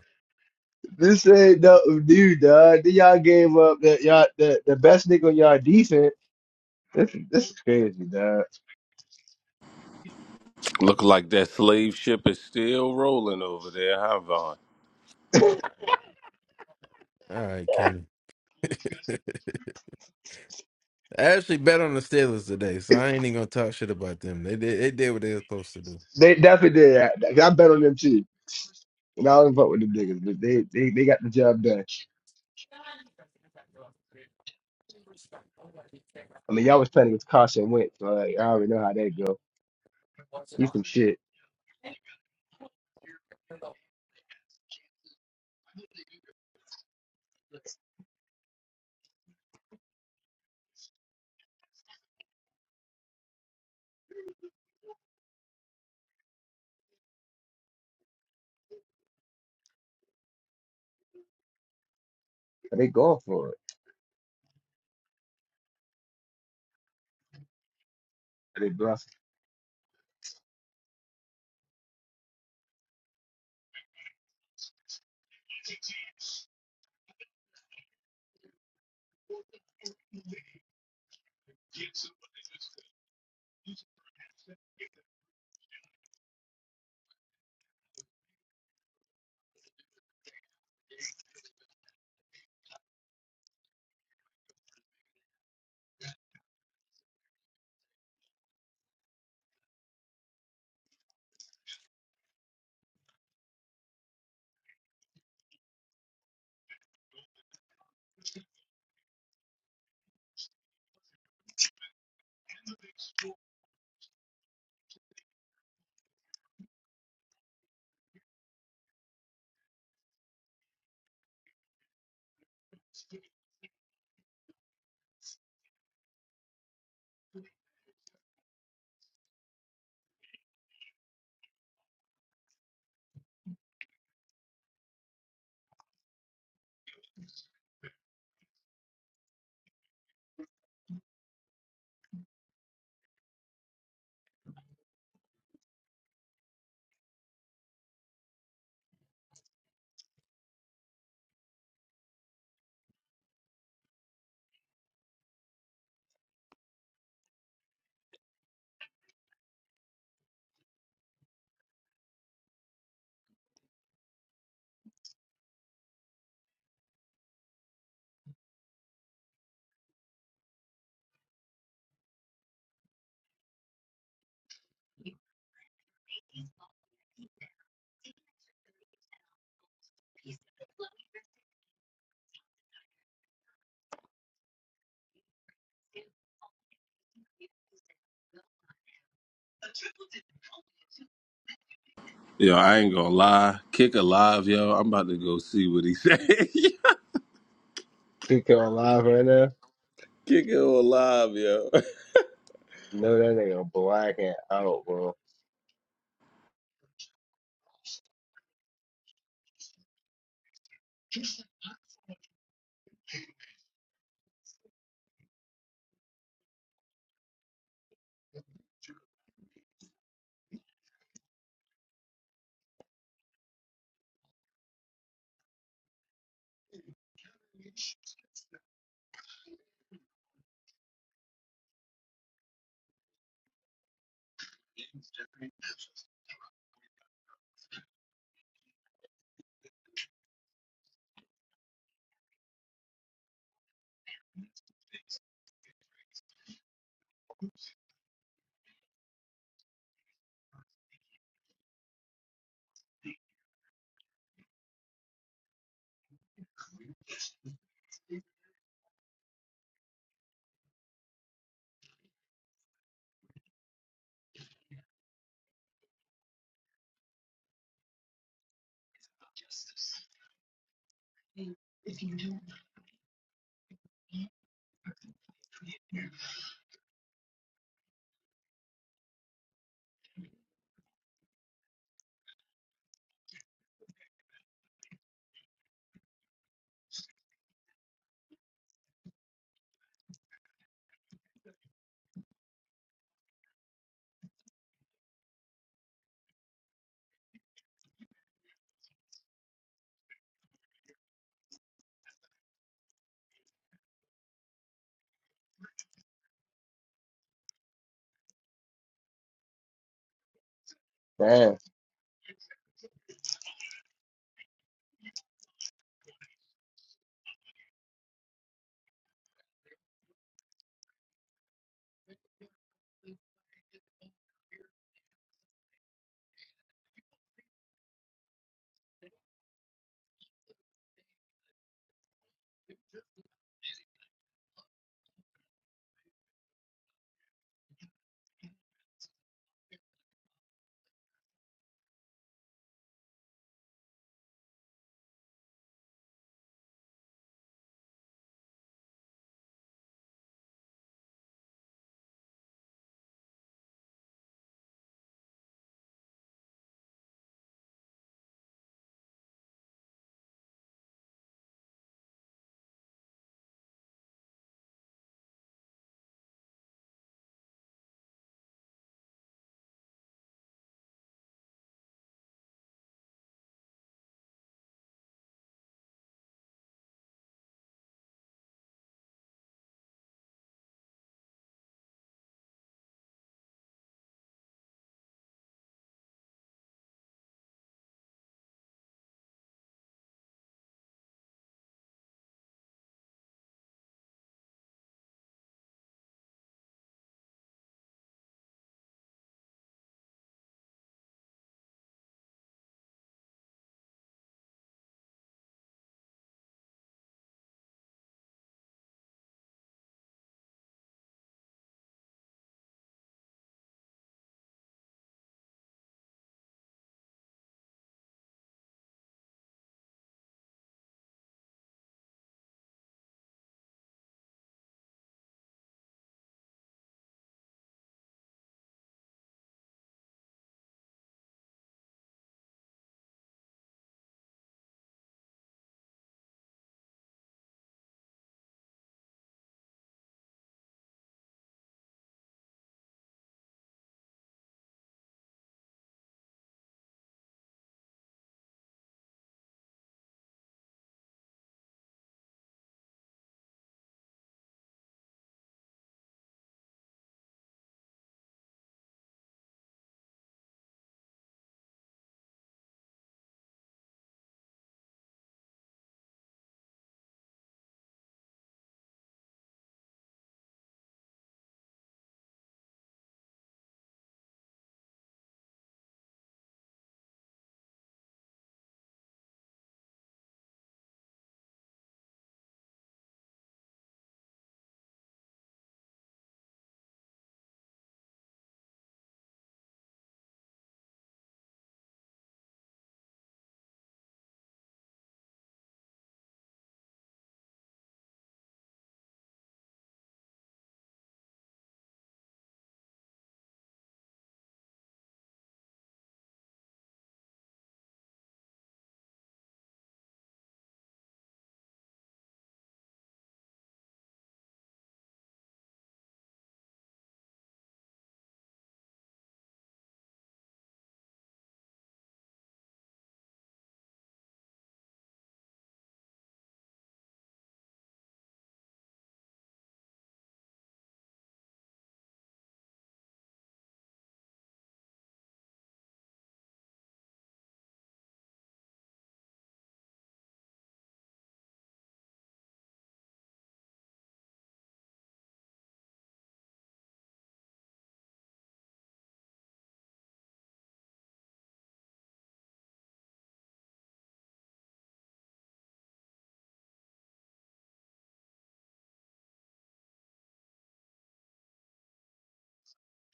This ain't nothing new, dog. Then y'all gave up that y'all the, the best nigga on y'all defense. This this is crazy, dog. 'em- Look like that slave ship is still rolling over there, huh, Vaughn? All right, Kenny. (laughs) I actually bet on the Steelers today, so I ain't even gonna talk shit about them. They did, they did what they were supposed to do. They definitely did that. I bet on them too. And I don't fuck with them niggas, but they, they they got the job done. I mean, y'all was playing against Carson Wentz, so like, I already know how that go. He's some shit. But they going for it. And They lost Yo, I ain't gonna lie. Kick alive, yo. I'm about to go see what he said. (laughs) Kick Pico on live right now. it alive, yo. (laughs) No, that nigga blacking out, bro. Damn.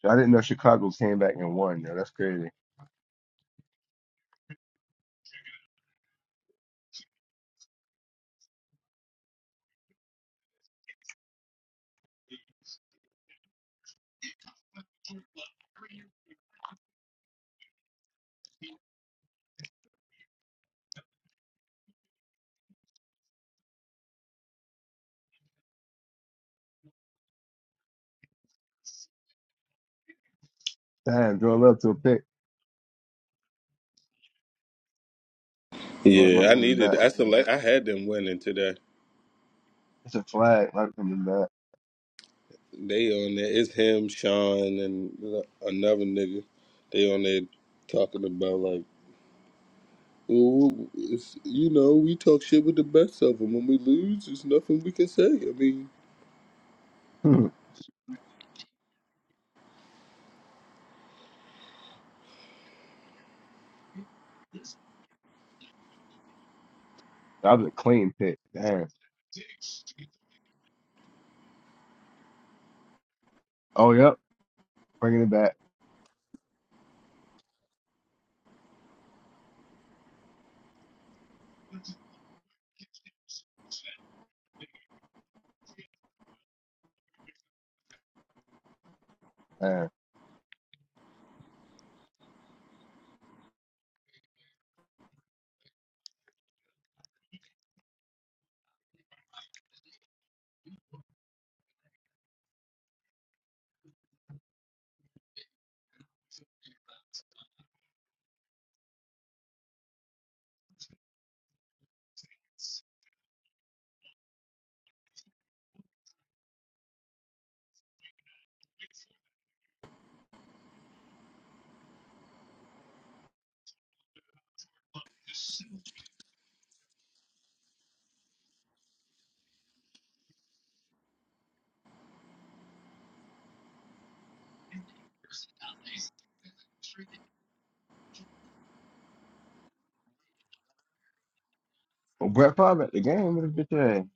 I didn't know Chicago came back and won, though. That's crazy. Damn, Joe Love to a pick. Oh, it's not Yeah, I coming needed. back. I select. I had them winning today. It's a flag, not coming back. They on there. It's him, Sean, and another nigga. They on there talking about like. Well, it's, you know, we talk shit with the best of them. When we lose, there's nothing we can say. I mean, (laughs) that was a clean pick. Damn. Oh, yep. Bringing it back. Damn. Well, Brett Favre at the game with his bitch ass.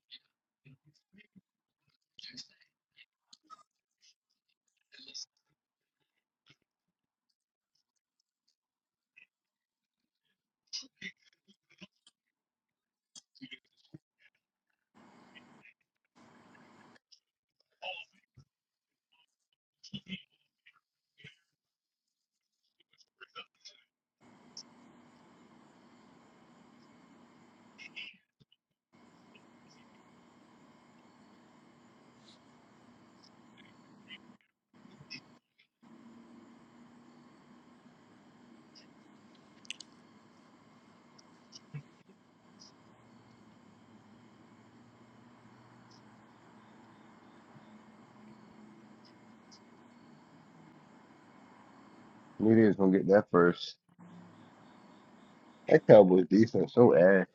Knew going to get that first. That Cowboys defense So ass.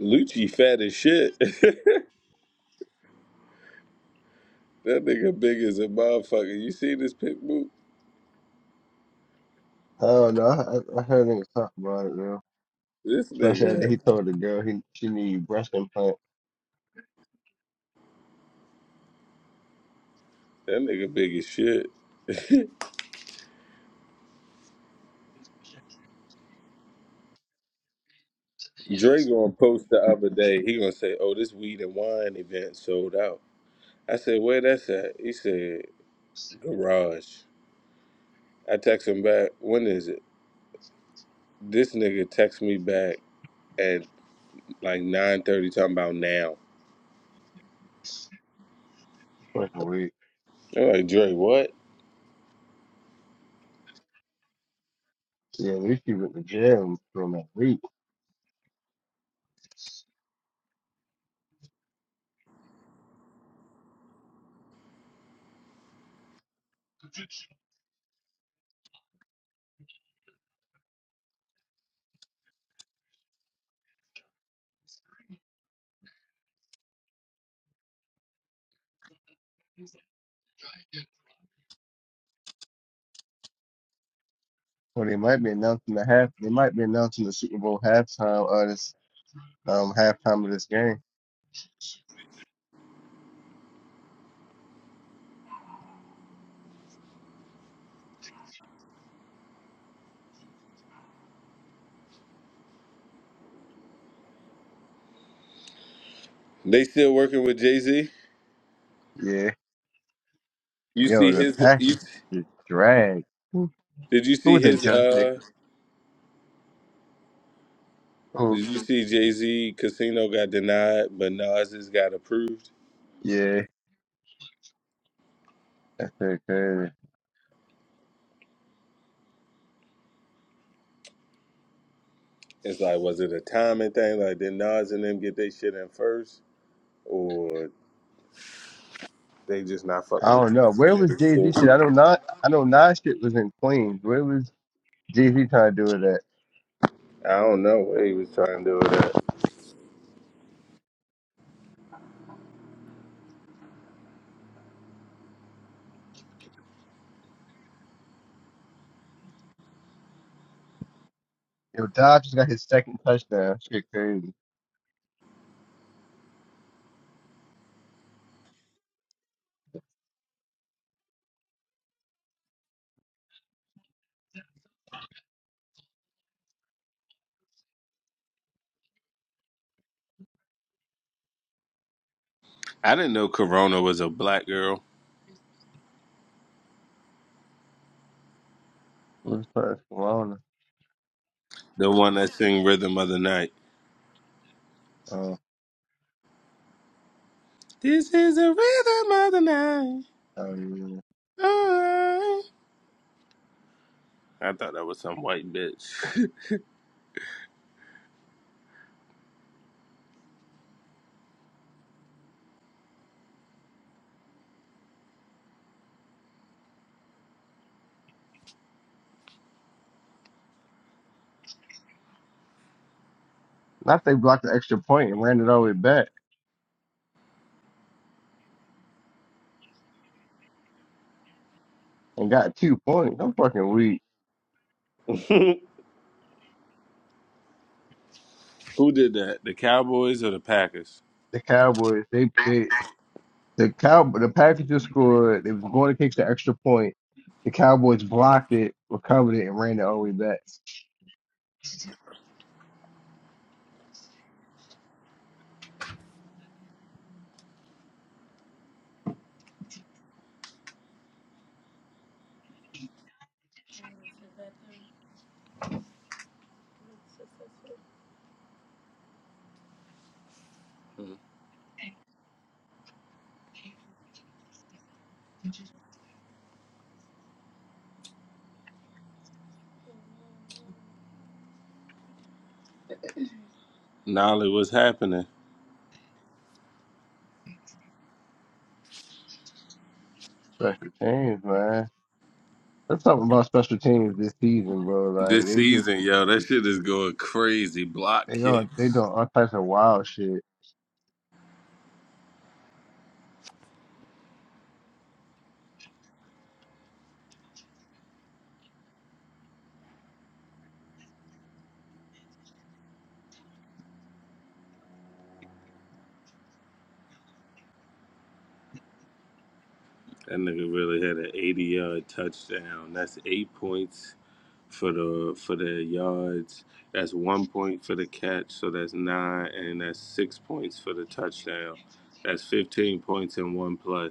Lucci fat as shit. (laughs) that nigga big as a motherfucker. You see this pic boot? Hell no. I, don't know. I I heard niggas talk about it, man. This Especially after nigga, he told the girl he she need breast implant. that nigga big as shit. Dre gonna post the other day. He gonna say, "Oh, this weed and wine event sold out." I said, "Where that's at?" He said, "Garage." I text him back. When is it? This nigga text me back at like nine thirty, talking about now. Fucking weird. I'm like, Dre, what? Yeah, at least he went to jail from that week. Well, they might be announcing the half. They might be announcing the Super Bowl halftime of this um halftime of this game. They still working with Jay Z. Yeah, You see yo, the his? You Packers just drag. did you Who see was that his? Josh Uh, Jacob? Oh, did you see Jay Z Casino got denied, but Nas just got approved? yeah, that's that crazy. It's like, was it a timing thing? Like, did Nas and them get their shit in first, or they just not I fucking with don't know. Where Jay was Jay Z? Z shit? I don't know. I know Nas shit was in Queens. Where was Jay Z trying to do it at? I don't know what he was trying to do with that. Yo, Dobbs just got his second touchdown. Shit crazy. I didn't know Corona was a black girl, What was first? Corona. the one that sing Rhythm of the Night. Oh, This is the rhythm of the night. oh yeah. All right. I thought that was some white bitch. Not they blocked the extra point and ran it all the way back and got two points. I'm fucking weak. (laughs) Who did that? The Cowboys or the Packers? The Cowboys, they they the cow the Packers just scored. They was going to kick the extra point. The Cowboys blocked it, recovered it, and ran it all the way back. Nolly, what's happening? Special teams, man. There's something about special teams this season, bro. Like This they just season, yo, that shit is going crazy. Block they are they kicks. doing all types of wild shit. That nigga really had an 80 yard touchdown. That's eight points for the for the yards. That's one point for the catch, so that's nine, and that's six points for the touchdown. That's 15 points in one play.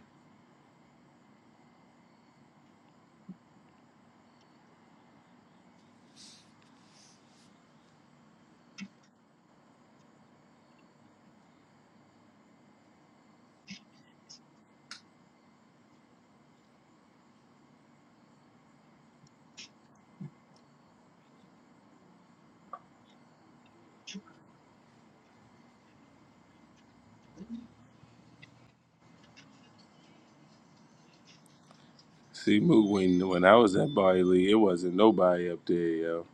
See, Moot, when when I was at Barley, it wasn't nobody up there, yo.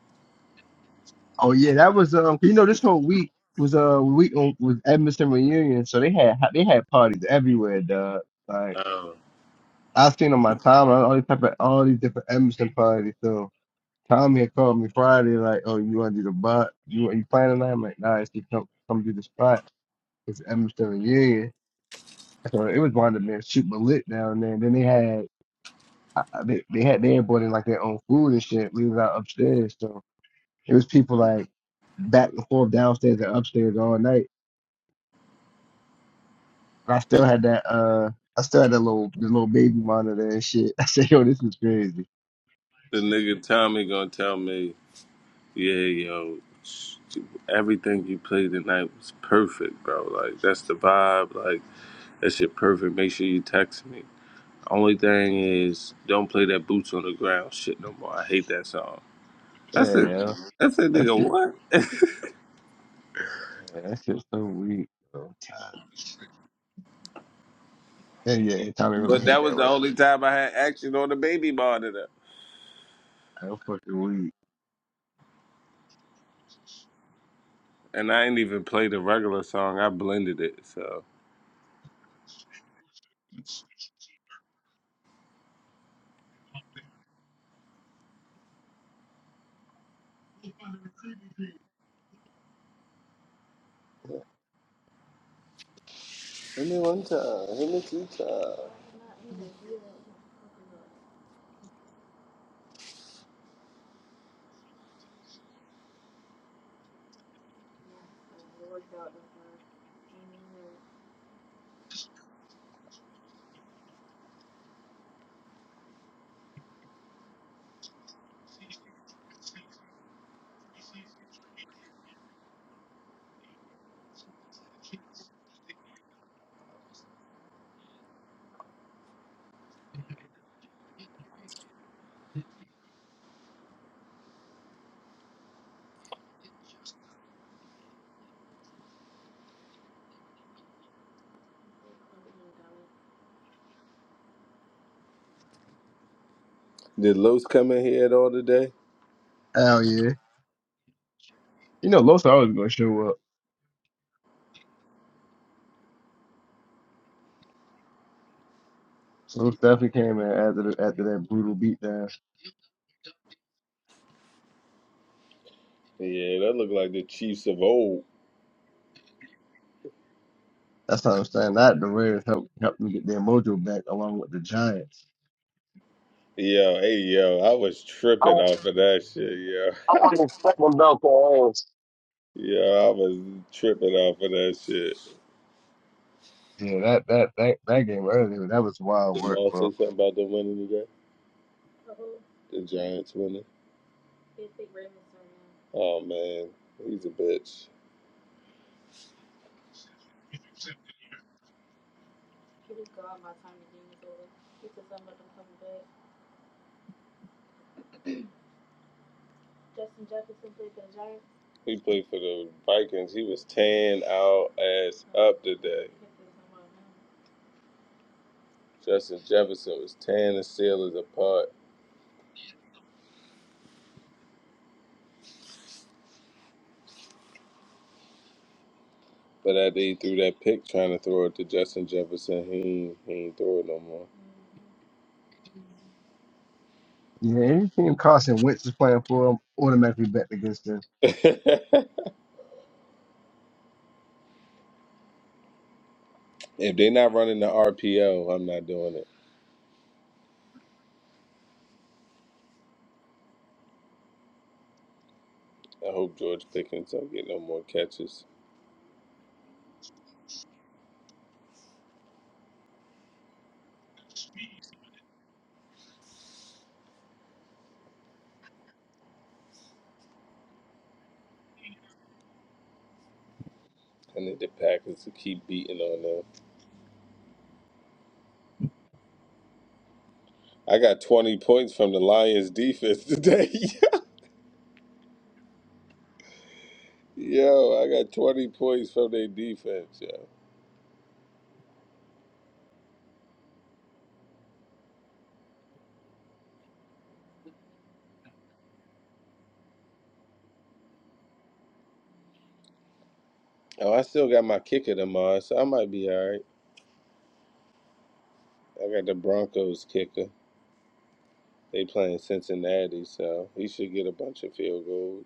Oh yeah, that was um. You know, this whole week was uh week on- was Edmonton reunion, so they had they had parties everywhere, dog. Like Oh, I've seen on my timeline all these type of all these different Edmonton parties. So Tommy had called me Friday, like, "Oh, you want to do the bot? You you playing tonight?" I'm like, "Nah, it's just come come do the spot. It's Edmonton reunion." So it was one of them shoot my lit down there. And then they had I, I- they, they had they had brought in like their own food and shit. We was out upstairs, so it was people like back and forth downstairs and upstairs all night. And I still had that uh, I still had that little the little baby monitor and shit. (laughs) I said, yo, this is crazy. the nigga Tommy gonna tell me Yeah, yo, everything you played tonight was perfect, bro. Like that's the vibe. Like that shit perfect. Make sure you text me. Only thing is, don't play that boots on the ground shit no more. I hate that song. Yeah, That's a yo, that's a that nigga shit, what? (laughs) yeah, that shit's so weak. Bro. And yeah, and Tommy really but hate that was that the record. only time I had action on the baby monitor, I don't fucking weak. and I ain't even play the regular song. I blended it. So Did Los come in here at all today? Hell yeah. You know, Los always gonna show up. So Los came in after the, after that brutal beatdown. Yeah, that looked like the Chiefs of old. That's how I'm saying. That the Raiders helped helped them get their mojo back along with the Giants. Yo, hey, yo, I was I, tripping w- off of that shit, yo. I wanted to step my belt for ass. (laughs) Yo, I was tripping off of that shit. Yeah, that that that, that game earlier, that was wild Did work, Maul say bro. something about the winning today? The Giants winning? Oh, man, he's a bitch. He played for the Vikings. He was tan our ass up today. Justin Jefferson was tearing the Steelers apart. But that day he threw that pick trying to throw it to Justin Jefferson. He ain't, he ain't throw it no more. Yeah, any team Carson Wentz is playing for, I'm automatically bet against them. (laughs) if they not running the RPO, I'm not doing it. I hope George Pickens don't get no more catches. I need the Packers to keep beating on them. I got 20 points from the Lions defense today. (laughs) yo, I got 20 points from their defense, yo. Oh, I still got my kicker tomorrow, so I might be all right. I got the Broncos kicker. They playing Cincinnati, so he should get a bunch of field goals.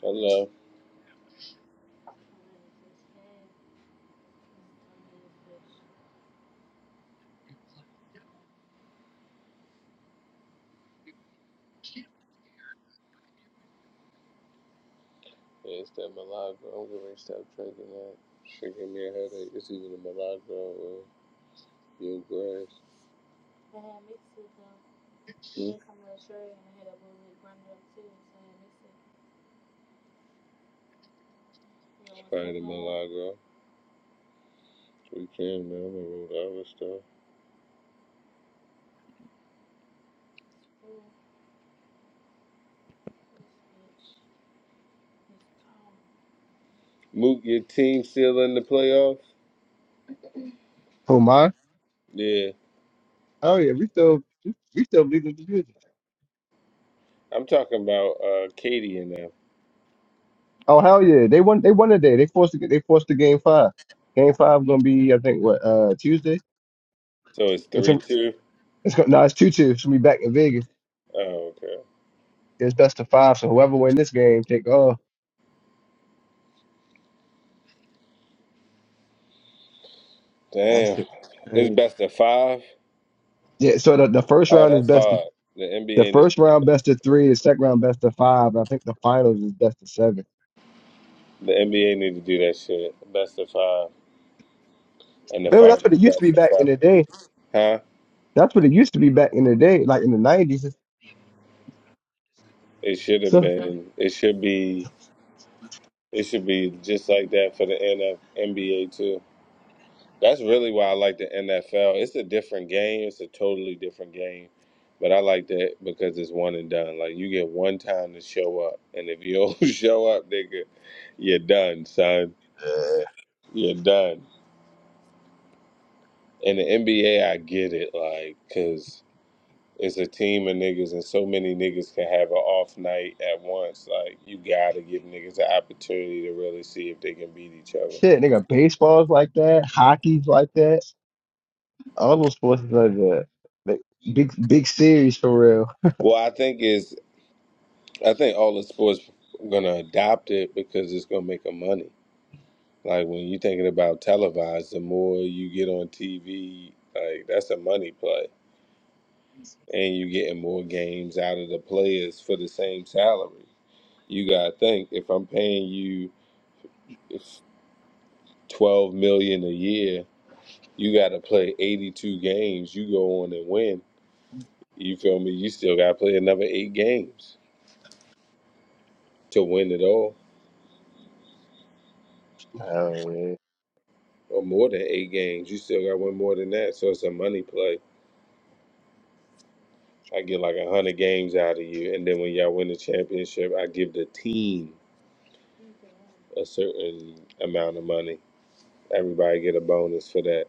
Hello. Yeah, it's that Milagro. I'm going to stop drinking that. Should give me a headache. It's either the Milagro or your grass. Spider on? Malaga, we can man, and all that stuff. Mook, your team still in the playoffs? Who mine? Yeah, Oh yeah, we still we still lead the division. I'm talking about uh, Katie and them. Oh hell yeah, they won they won today. They forced the, they forced the game five. Game five gonna be I think what uh Tuesday. So it's It's, three gonna- two. it's gonna, no, it's two two. It's gonna be back in Vegas. Oh, okay. It's best of five. So whoever win this game, take oh that Damn, shit. it's Crazy. best of five. Yeah, so the, the first Oh, round is that's best of hard. The the NBA needs first to do round that. best of three, the second round best of five. I think the finals is best of seven. The NBA need to do that shit. Best of five, and the Remember, finals that's what it used to be best of back in seven. the day. Huh? That's what it used to be back in the day, like in the nineties. It should have So been. It should be. It should be just like that for the NF, NBA too. That's really why I like the NFL. It's a different game. It's a totally different game, but I like that because it's one and done. Like you get one time to show up, and if you don't (laughs) show up, nigga, you're done, son. You're done. In the NBA, I get it, like, cause it's a team of niggas, and so many niggas can have an off night at once. Like you gotta give niggas an opportunity to really see if they can beat each other. shit, nigga, baseball's like that, hockey's like that, all those sports is like that. Like, big, big series for real. Well, I think is I think all the sports gonna adopt it because it's gonna make them money. Like when you're thinking about televised, the more you get on TV, like that's a money play, and you are getting more games out of the players for the same salary. You gotta think if I'm paying you if twelve million a year, you gotta play 82 games. You go on and win. You feel me? You still gotta play another eight games to win it all, Oh yeah. or more than eight games. You still gotta win more than that. So it's a money play I get like a hundred games out of you, and then when y'all win the championship, I give the team a certain amount of money. Everybody get a bonus for that.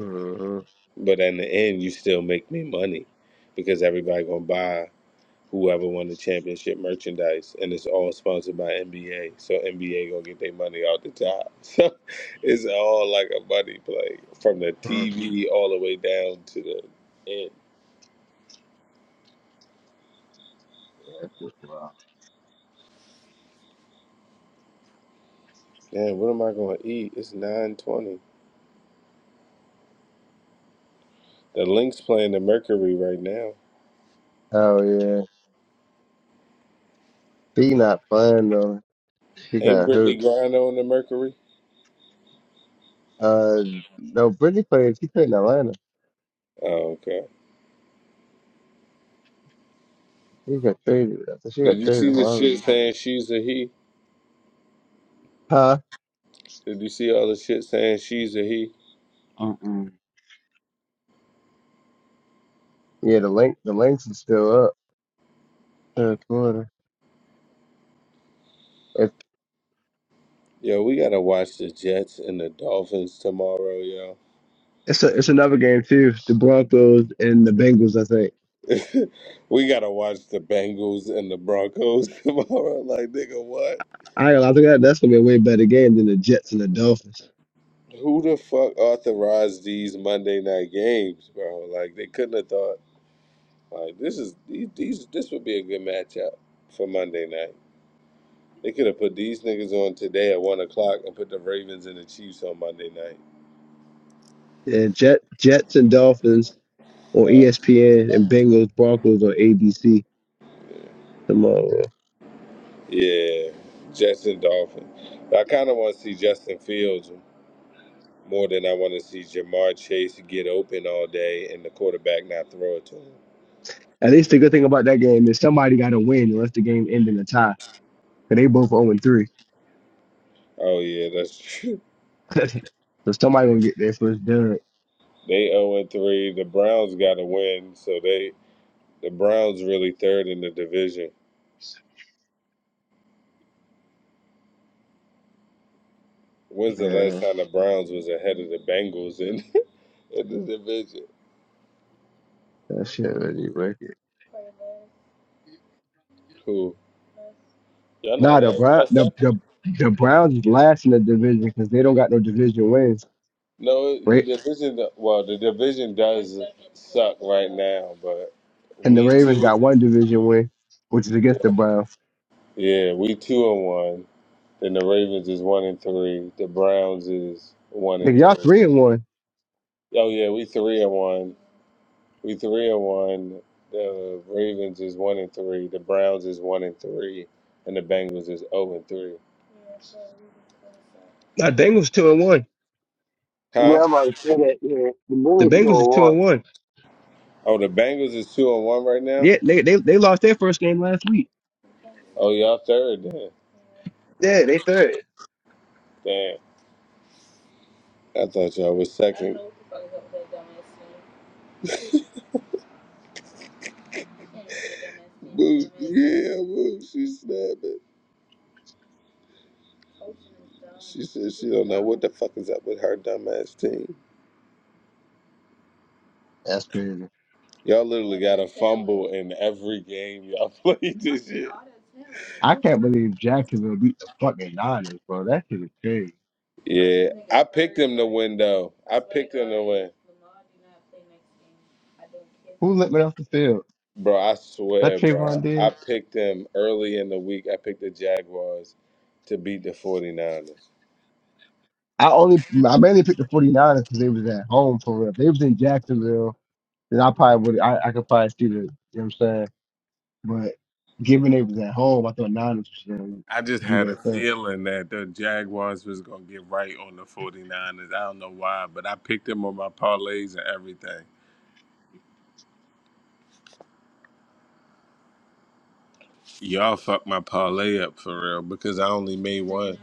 Mm-hmm. But in the end, you still make me money because everybody gonna buy whoever won the championship merchandise, and it's all sponsored by NBA. So NBA gonna get their money out the top. (laughs) So it's all like a money play from the TV all the way down to the end. Man, what am I gonna eat? It's nine twenty. The Lynx playing the Mercury right now. Hell yeah. B not fun though. She Ain't got Brittany hurt. Griner on the Mercury? Uh, no, Brittany played. She played in Atlanta. Oh, okay. She got traded. I think she Did got you traded. see the Why was shit it? saying she's a he? Huh? Did you see all the shit saying she's a he? Mm-mm. Yeah, the link, the links is still up. Third quarter. Yo, we gotta watch the Jets and the Dolphins tomorrow, yo. It's a, it's another game too. The Broncos and the Bengals. I think. (laughs) we gotta watch the Bengals and the Broncos (laughs) tomorrow. Like, nigga, what? I I think that that's gonna be a way better game than the Jets and the Dolphins. Who the fuck authorized these Monday night games, bro? Like, they couldn't have thought, like, this is, these, these this would be a good matchup for Monday night. They could have put these niggas on today at one o'clock and put the Ravens and the Chiefs on Monday night. Yeah, Jet Jets and Dolphins on Huh? ESPN and Bengals Broncos on ABC tomorrow. Yeah, Jets and Dolphins. But I kind of want to see Justin Fields more than I want to see Jamar Chase get open all day and the quarterback not throw it to him. At least the good thing about that game is somebody got to win, unless the game end in a tie. Cause they both zero and three, Oh yeah, that's true. (laughs) (laughs) so somebody gonna get their first dub. They zero and three. The Browns got to win, so they the Browns really third in the division. When's the last Yeah, time the Browns was ahead of the Bengals in, (laughs) in the division? that shit really wicked. Who? Y'all not Nah, the last. Brown Y'all the second. the, the Browns is last in the division because they don't got no division wins. No, the Ra- division. Well, the division does suck right now, but and the we Ravens two. got one division win, which is against the Browns. Yeah, we two and one. Then the Ravens is one and three. The Browns is one and Nigga, y'all three. three and one. Oh yeah, we three and one. We three and one. The Ravens is one and three. The Browns is one and three, and the Bengals is zero and three. Nah, Bengals two and one. Huh? Wherever said that, yeah, the The moon still Bengals is two and warm. one. Oh, the Bengals is two and one right now. Yeah, they, they they lost their first game last week. Oh, y'all third. Then. Yeah, they third. Damn. I thought y'all was second. Boo, yeah, boo, she snapping. She said she don't know what the fuck is up with her dumbass team. That's crazy. Y'all literally got a fumble in every game y'all (laughs) played this year. I can't believe Jacksonville beat the fucking Niners, bro. That shit is crazy. Yeah, I picked them to win though. I picked them to win. Hell, Bro, I swear, bro. I picked them early in the week. I picked the Jaguars to beat the 49ers. I only I mainly picked the 49ers because they was at home for real. If they was in Jacksonville, then I probably would I, I could probably see the you know what I'm saying? But given they was at home, I thought Niners should I just do had their a thing. feeling that the Jaguars was gonna get right on the 49ers. I don't know why, but I picked them on my parlays and everything. Y'all fucked my parlay up for real because I only made one.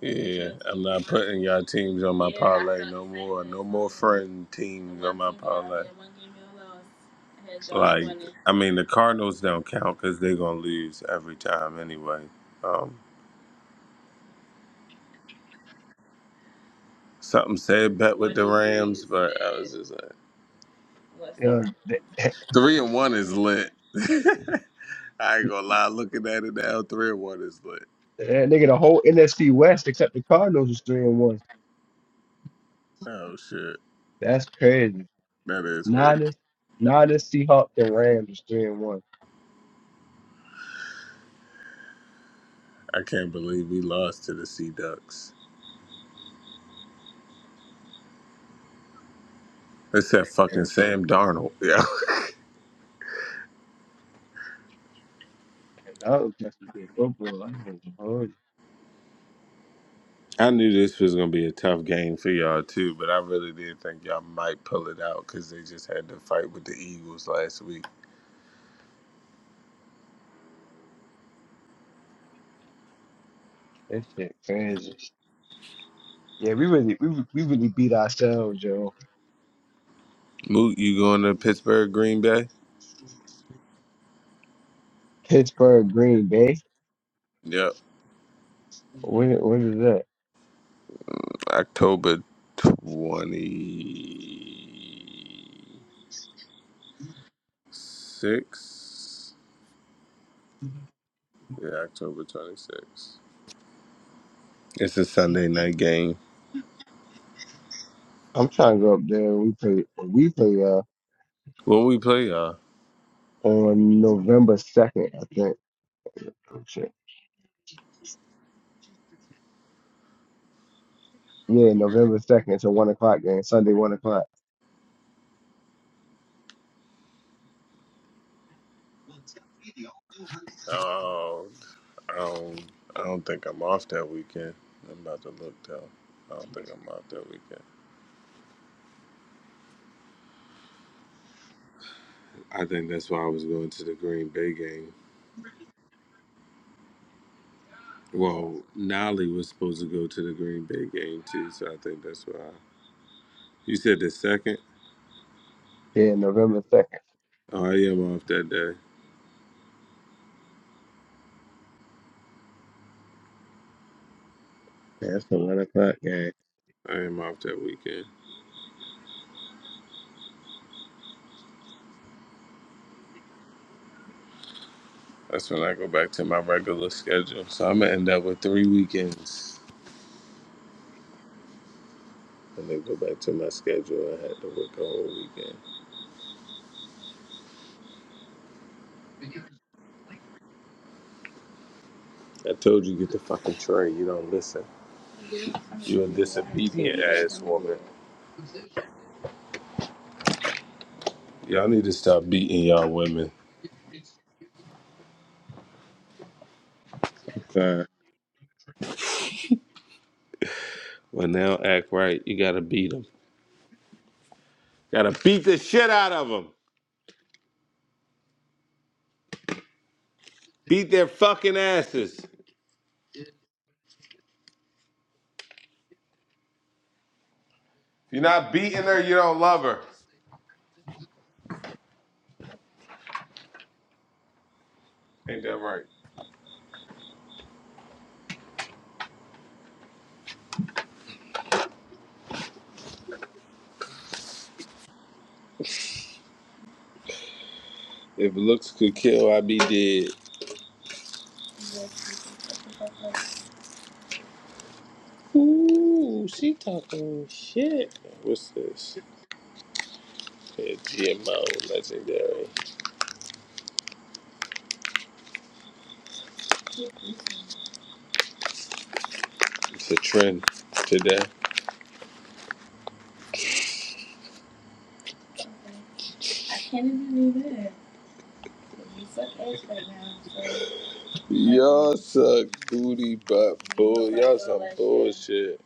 Yeah, I'm not putting y'all teams on my parlay no more. No more friend teams on my parlay. Like, I mean, the Cardinals don't count because they're gonna lose every time anyway. Um, something said bet with the Rams, but I was just like. Yeah, Three and one is lit. (laughs) I ain't gonna lie, looking at it now, three and one is lit. That nigga, the whole NFC West except the Cardinals is three and one. Oh shit. That's crazy. That is crazy. Niners, Niners, Seahawks, and Rams is three and one. I can't believe we lost to the Sea Ducks. It's that fucking And, Sam Darnold. Yeah. (laughs) and that was just a good football. I ain't gonna hold you. I knew this was gonna be a tough game for y'all too, but I really did think y'all might pull it out because they just had to fight with the Eagles last week. That shit crazy. Yeah, we really, we re- we really beat ourselves, yo. Moot, you going to Pittsburgh, Green Bay? Pittsburgh, Green Bay. Yep. When when is that? October twenty six. Yeah, October 26th. It's a Sunday night game. I'm trying to go up there. and We play, we play uh What we play, y'all? on November second, I think. Oh shit. Yeah, November second. It's a one o'clock game. Sunday, one o'clock. Oh, I don't, I don't think I'm off that weekend. I'm about to look though. I don't think I'm off that weekend. I think that's why I was going to the Green Bay game. Well, Nolly was supposed to go to the Green Bay game too, so I think that's why. You said the second. Yeah, November second. Oh, I am off that day. Yeah, that's a one o'clock game. I am off that weekend. That's when I go back to my regular schedule. So I'm gonna end up with three weekends. And then go back to my schedule and had to work a whole weekend. I told you get the fucking tray. You don't listen. You're a disobedient ass woman. Y'all need to stop beating y'all women. Uh, When they don't act right, you gotta beat them. Gotta beat the shit out of them. Beat their fucking asses. If you're not beating her, you don't love her. Ain't that right? If looks could kill, I'd be dead. Ooh, she talking shit. What's this? Yeah, GMO legendary. It's a trend today. Y'all suck booty butt bull. Y'all some bullshit.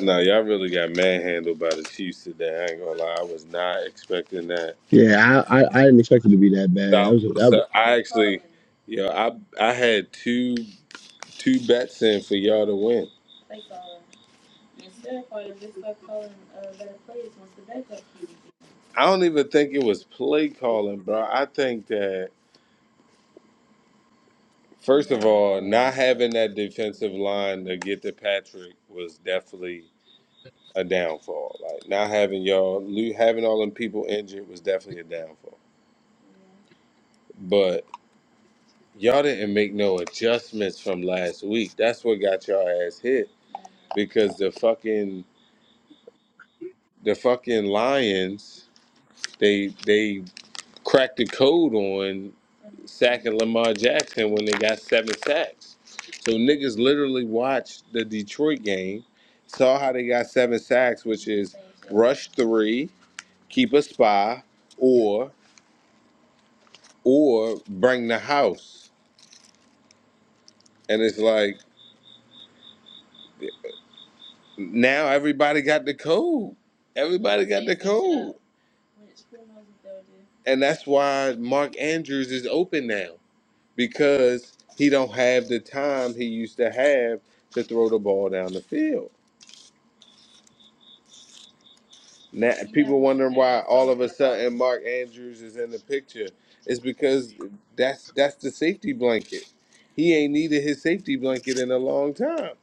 No, y'all really got manhandled by the Chiefs today. I ain't gonna lie, I was not expecting that. yeah, I, I, I didn't expect it to be that bad. That Dolly, was what's that up? I actually, yo, I I had two two bets in for y'all to win. I don't even think it was play calling, bro. I think that first of all, not having that defensive line to get to Patrick was definitely a downfall. Like not having y'all, lo- having all them people injured was definitely a downfall. But y'all didn't make no adjustments from last week. That's what got y'all ass hit because the fucking the fucking Lions they they cracked the code on sacking Lamar Jackson when they got seven sacks. So niggas literally watched the Detroit game, saw how they got seven sacks, which is rush three, keep a spy, or or bring the house. And it's like now everybody got the code. Everybody got the code. And that's why Mark Andrews is open now because he don't have the time he used to have to throw the ball down the field. Now people wondering why all of a sudden Mark Andrews is in the picture. It's because that's that's the safety blanket. He ain't needed his safety blanket in a long time.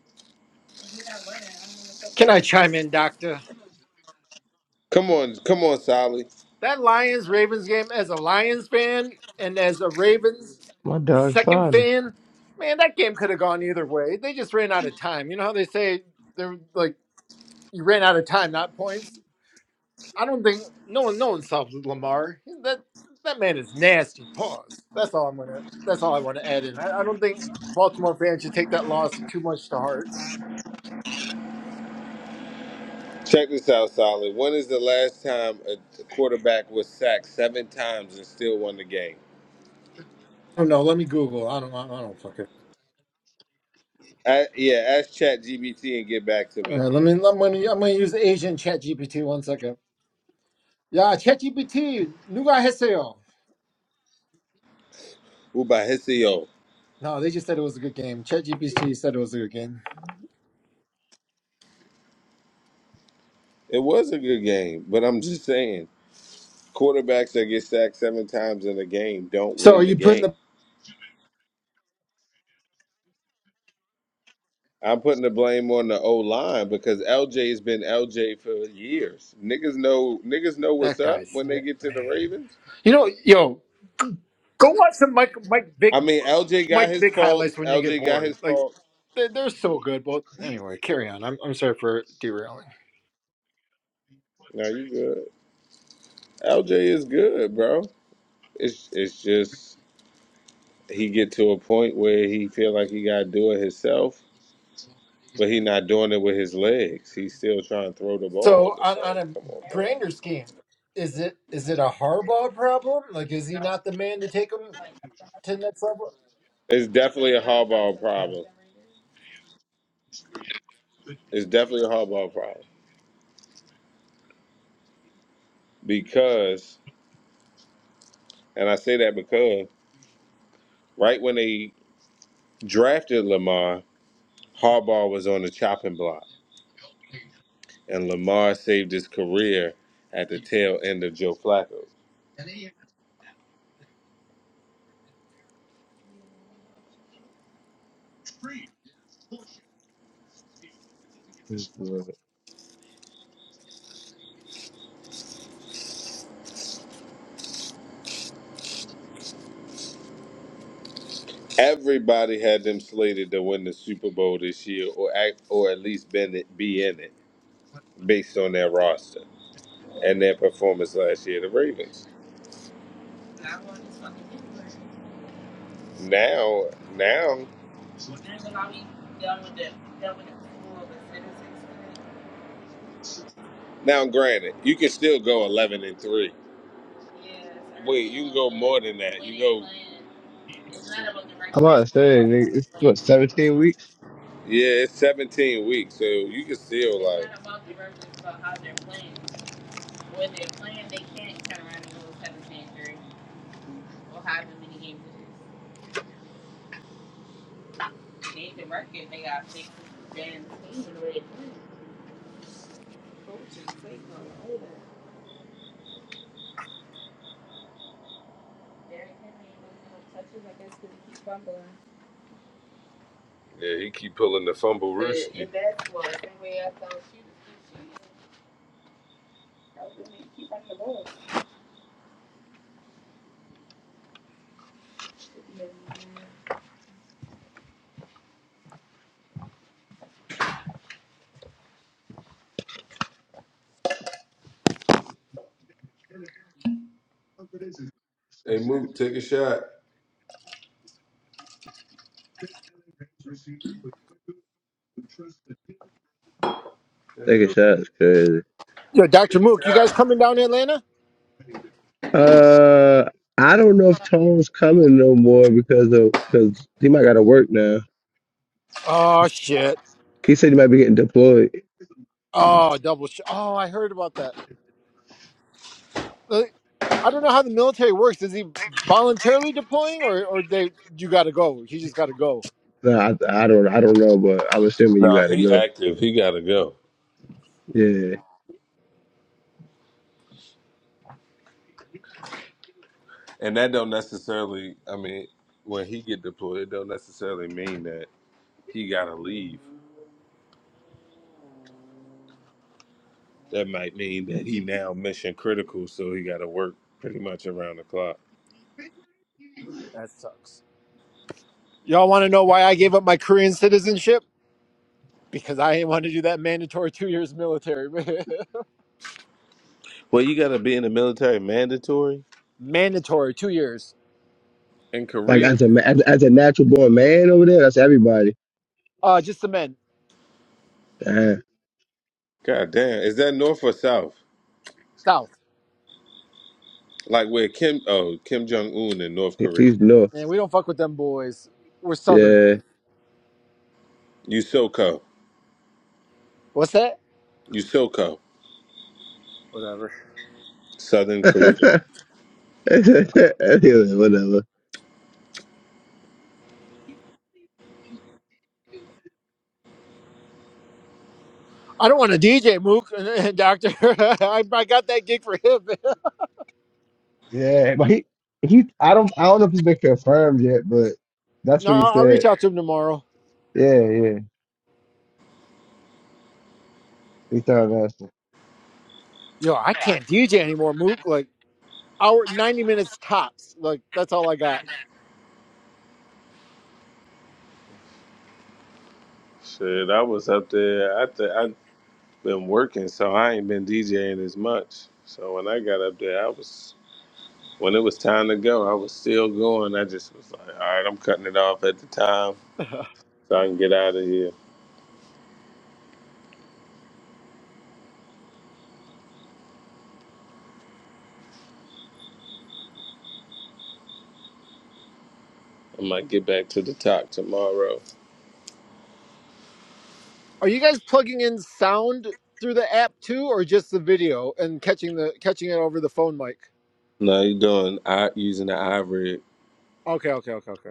Can I chime in, Doctor? Come on, come on, Sally. That Lions Ravens game, as a Lions fan and as a Ravens My dog second signed. fan, man, that game could have gone either way. They just ran out of time. You know how they say they're like you ran out of time, not points. I don't think no one no one solves Lamar. That that man is nasty. Pause. That's all I'm gonna. That's all I want to add in. I, I don't think Baltimore fans should take that loss too much to heart. Check this out, Solid. When is the last time a quarterback was sacked seven times and still won the game? Oh no, let me Google. I don't. I don't fucking. I, yeah, ask ChatGPT and get back to All me. right, let me. I'm gonna. I'm gonna use the Asian Chat GPT one second. Yeah, ChatGPT, 누가 했어요? Ubahisio. No, they just said it was a good game. ChatGPT said it was a good game. It was a good game, but I'm just saying, quarterbacks that get sacked seven times in a game don't So are win the you putting game. the I'm putting the blame on the O line because LJ's been LJ for years. Niggas know niggas know what's that up guy's when they man? get to the Ravens. You know, yo, go watch some Mike Mike I Vick mean, LJ got Mike his Vick faults. highlights when you get LJ got bored. his Like faults. they're, they're so good. But anyway, carry on. I'm I'm sorry for derailing. Now you good. LJ is good, bro. It's it's just he get to a point where he feel like he gotta do it himself, but he not doing it with his legs. He's still trying to throw the ball, So and it's on on like, a come on, bro. grander scheme, is it is it a Harbaugh problem? Like, is he not the man to take him to the next level? It's definitely a hardball Okay. problem. It's definitely a hardball problem because, and I say that because right when they drafted Lamar, Harbaugh was on the chopping block, and Lamar saved his career at the tail end of Joe Flacco. was I'm Everybody had them slated to win the Super Bowl this year, or act, or at least been it, be in it, based on their roster and their performance last year. The Ravens. Now, now, now. Granted, you can still go eleven and three. Wait, you can go more than that. You go. about to say, nigga, it's what, 17 weeks? Yeah, it's seventeen weeks, so you can still like. Yeah, he keep pulling the fumble roost. Hey, Mook, take a shot. That nigga taking shots crazy. Yo, Doctor Mook, you guys coming down to Atlanta? Uh, I don't know if Tone's coming no more because of because he might got to work now. Oh shit. He said he might be getting deployed. Oh, double sh- Oh, I heard about that. Like, I don't know how the military works. Is he voluntarily deploying or or they you got to go. He just got to go. No, I, I don't I don't know, but I'm assuming you Nah, got to he go. active. He gotta go. Yeah, And that don't necessarily. I mean, when he get deployed, it don't necessarily mean that he gotta leave. That might mean that he now mission critical, so he gotta work pretty much around the clock. That sucks. Y'all want to know why I gave up my Korean citizenship? Because I didn't want to do that mandatory 2 years military. Well, you gotta be in the military mandatory (laughs) mandatory 2 years. in like Korea. as a ma- as, as a natural born man over there, that's everybody. Uh just the men Uh, God damn, is that North or South? south. Like where Kim? Oh, Kim Jong Un in North Korea. he's no. Man, we don't fuck with them boys. We're southern. Yeah. YuSoCo. What's that? YuSoCo. Whatever. Southern Korea. (laughs) Anyway, whatever. I don't want to DJ Mook, (laughs) doctor. (laughs) I, I got that gig for him. Yeah, but he he I don't I don't know if it's been confirmed yet, but that's No, what he I'll reach said. out to him tomorrow. Yeah, yeah. He thought that. Yo, I can't DJ anymore, Mook. Like hour ninety minutes tops. Like that's all I got. Shit, I was up there. I think. been working, so I ain't been DJing as much. So when I got up there, I was when it was time to go, I was still going. I just was like, all right, I'm cutting it off at the time so I can get out of here. I might get back to the top tomorrow. Are you guys plugging in sound through the app too, or just the video and catching the catching it over the phone mic? No, you doing I using the iRig. Okay, okay, okay, okay.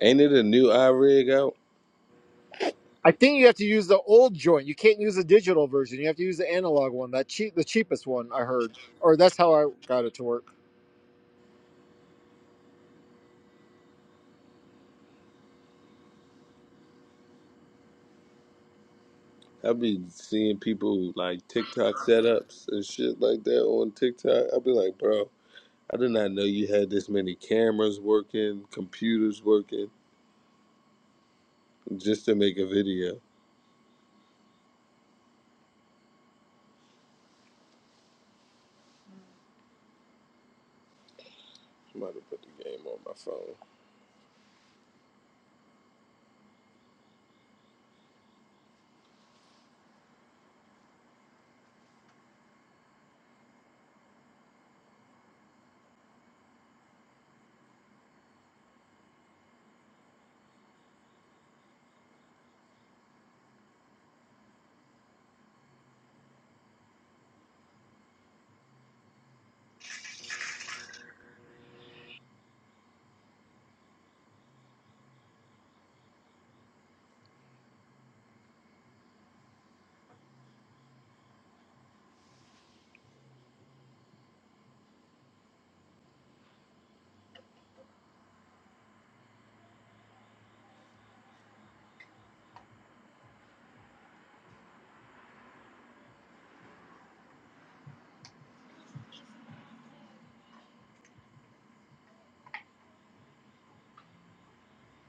Ain't it a new iRig out? I think you have to use the old joint. You can't use the digital version. You have to use the analog one. That cheap, the cheapest one I heard, or that's how I got it to work. I be seeing people like TikTok setups and shit like that on TikTok. I be like, bro, I did not know you had this many cameras working, computers working, just to make a video. I'm about to put the game on my phone.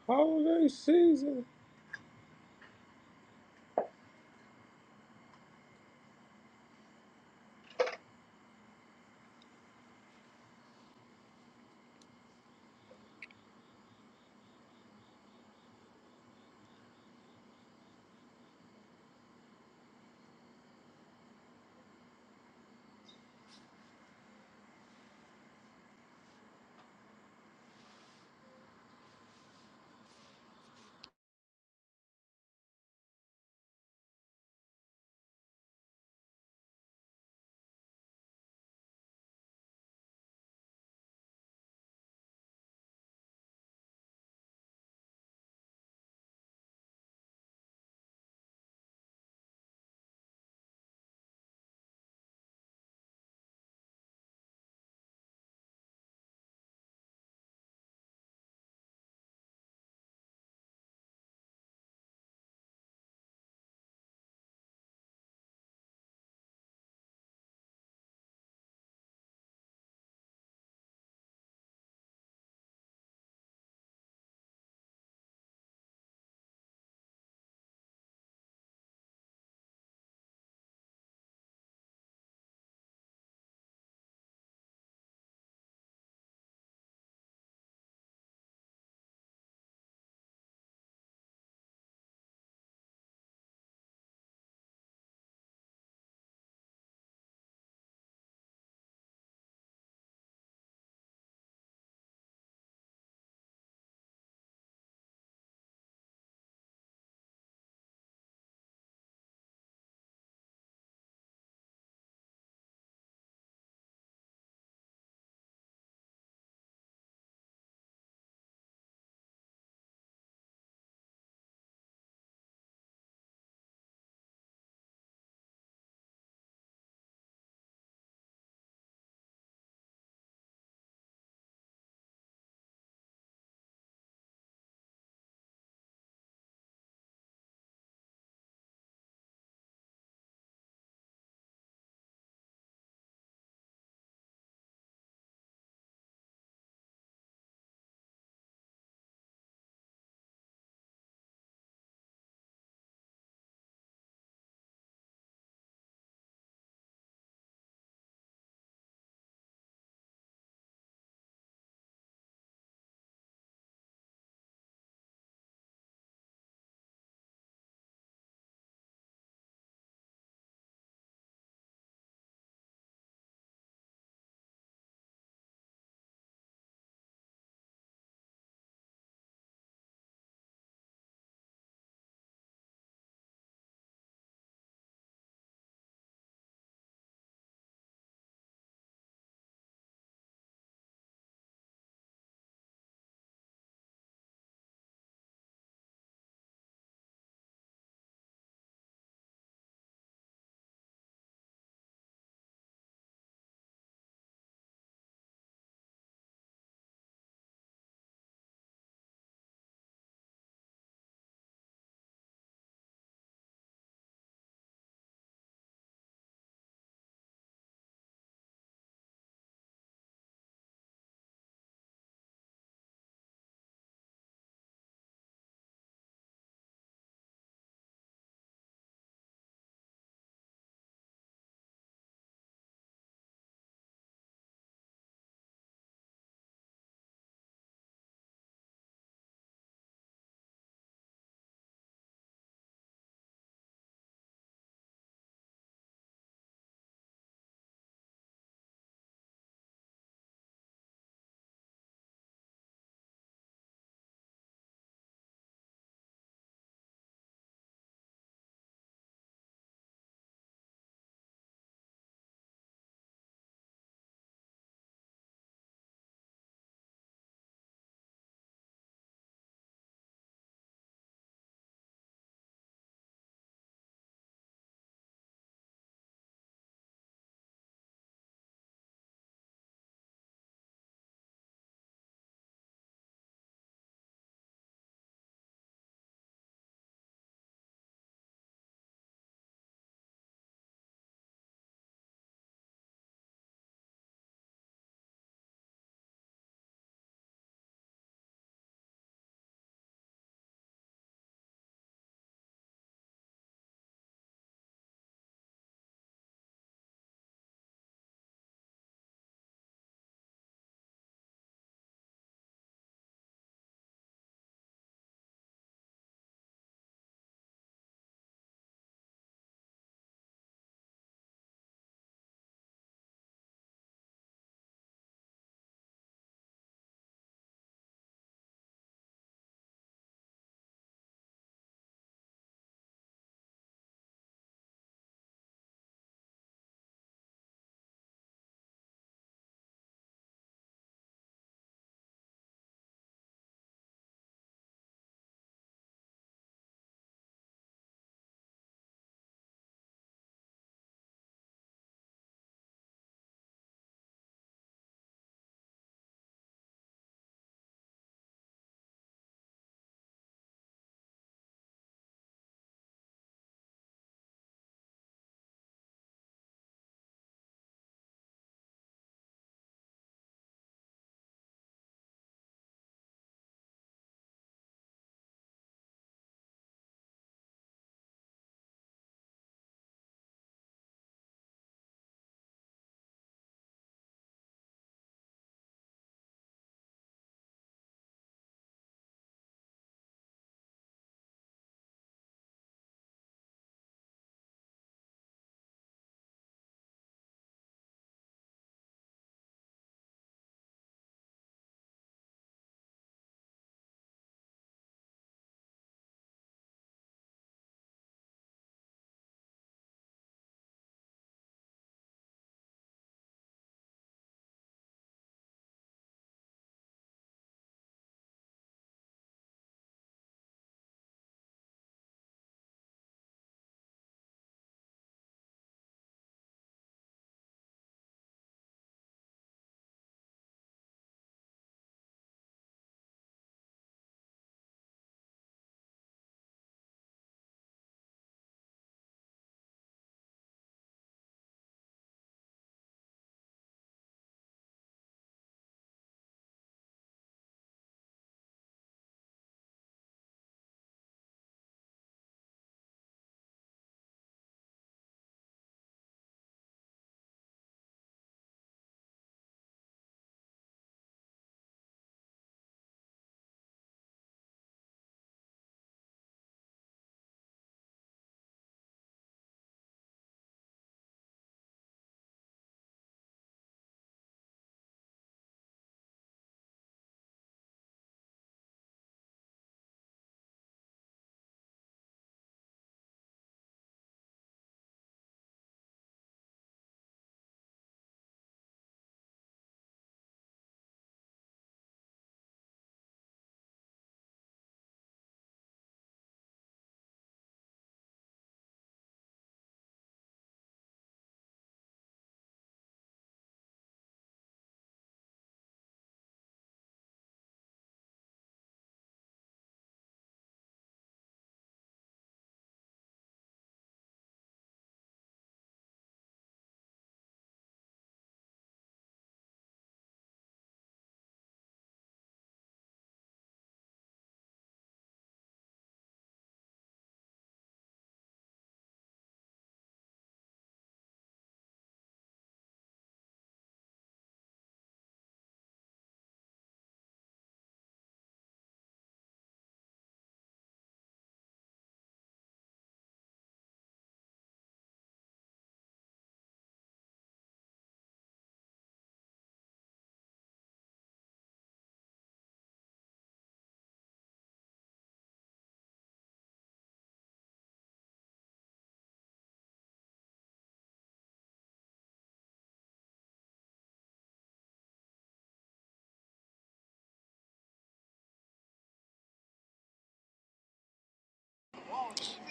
Holiday season.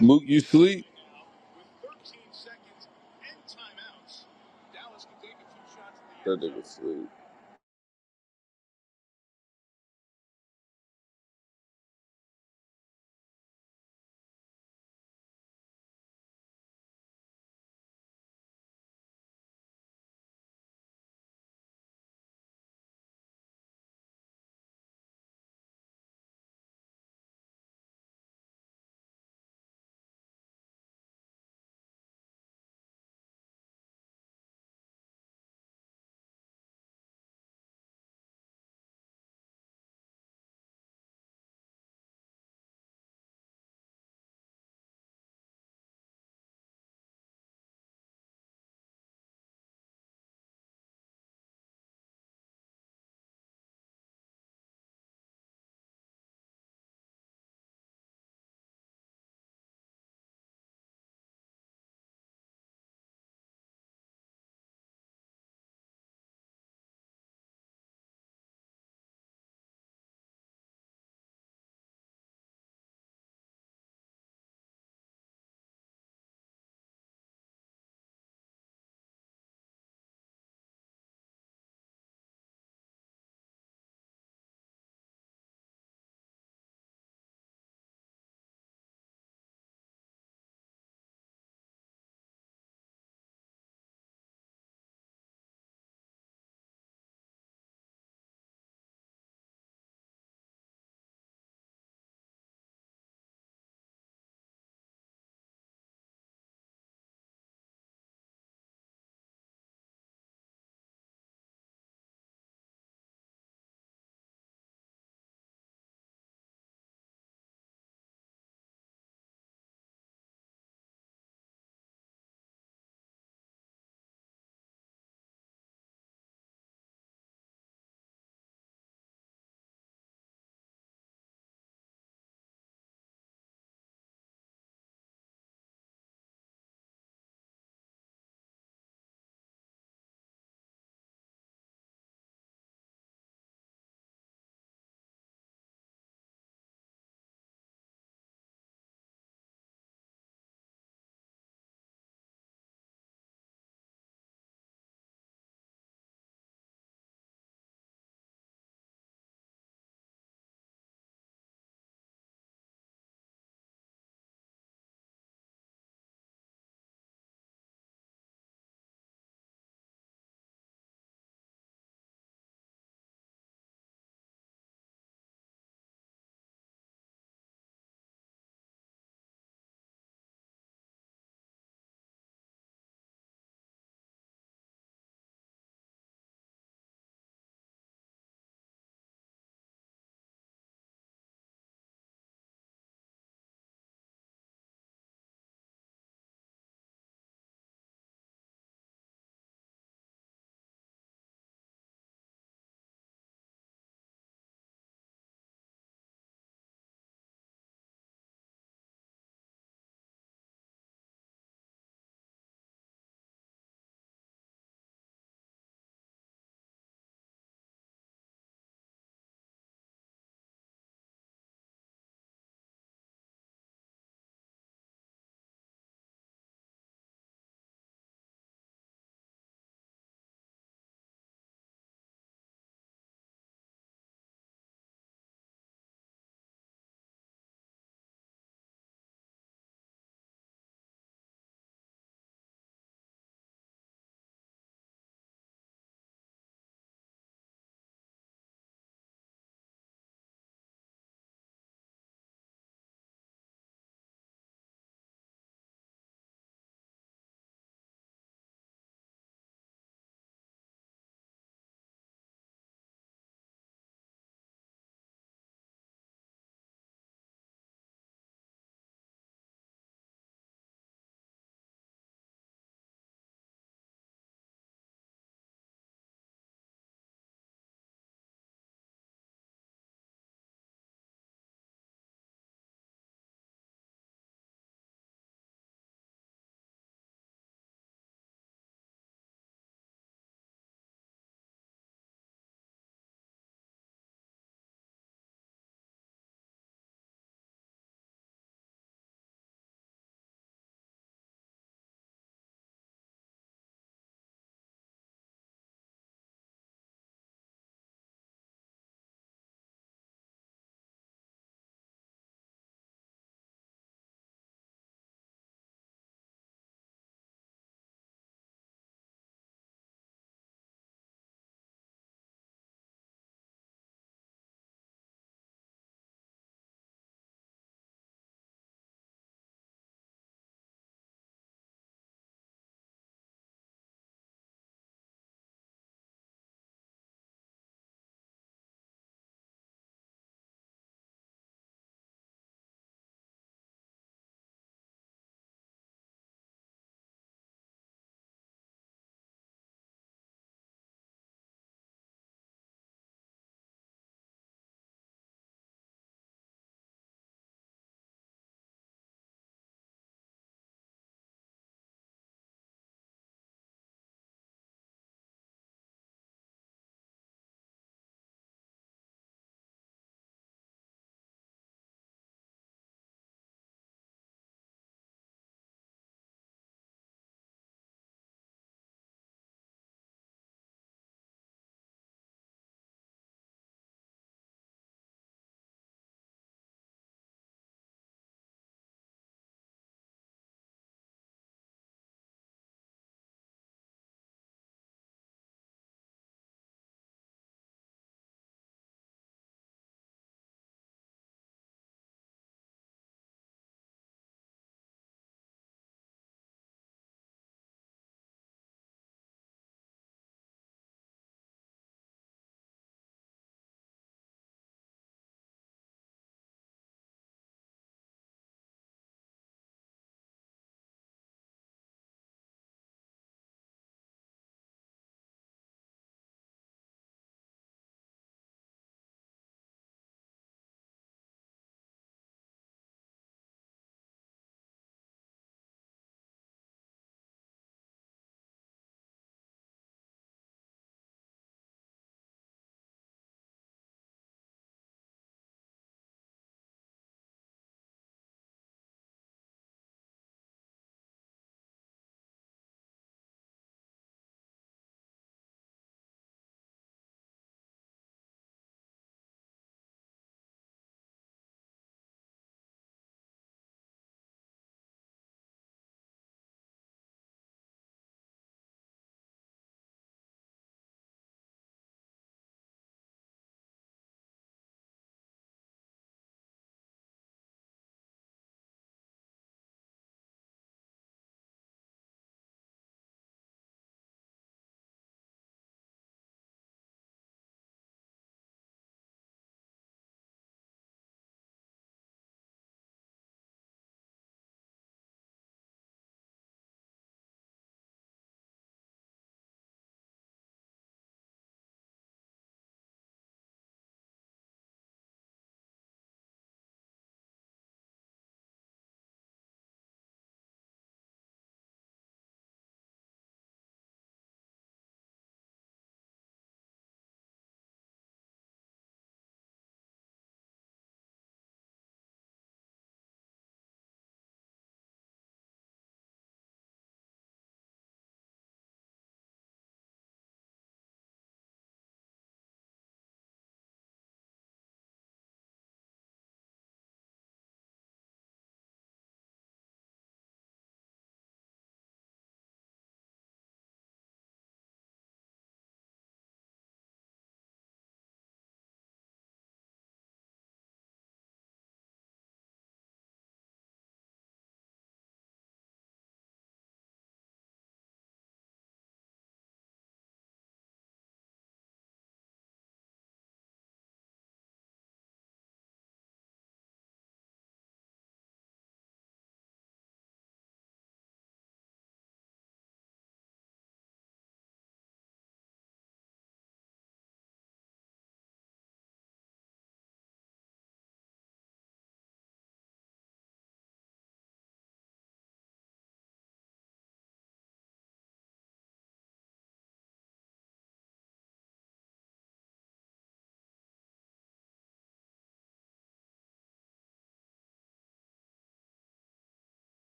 Mook, you sleep? That nigga sleep.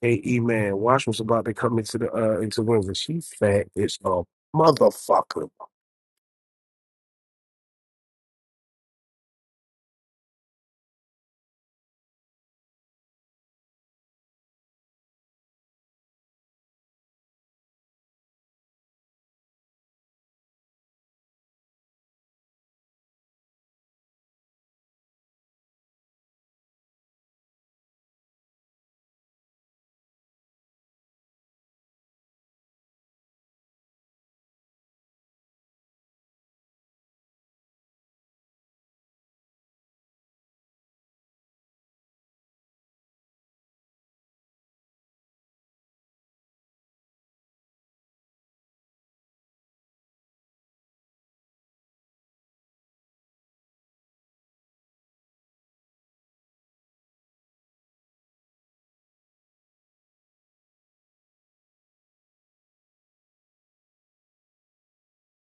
Hey, E man, watch what's about to come into the uh into Windsor. She fat as a motherfucker.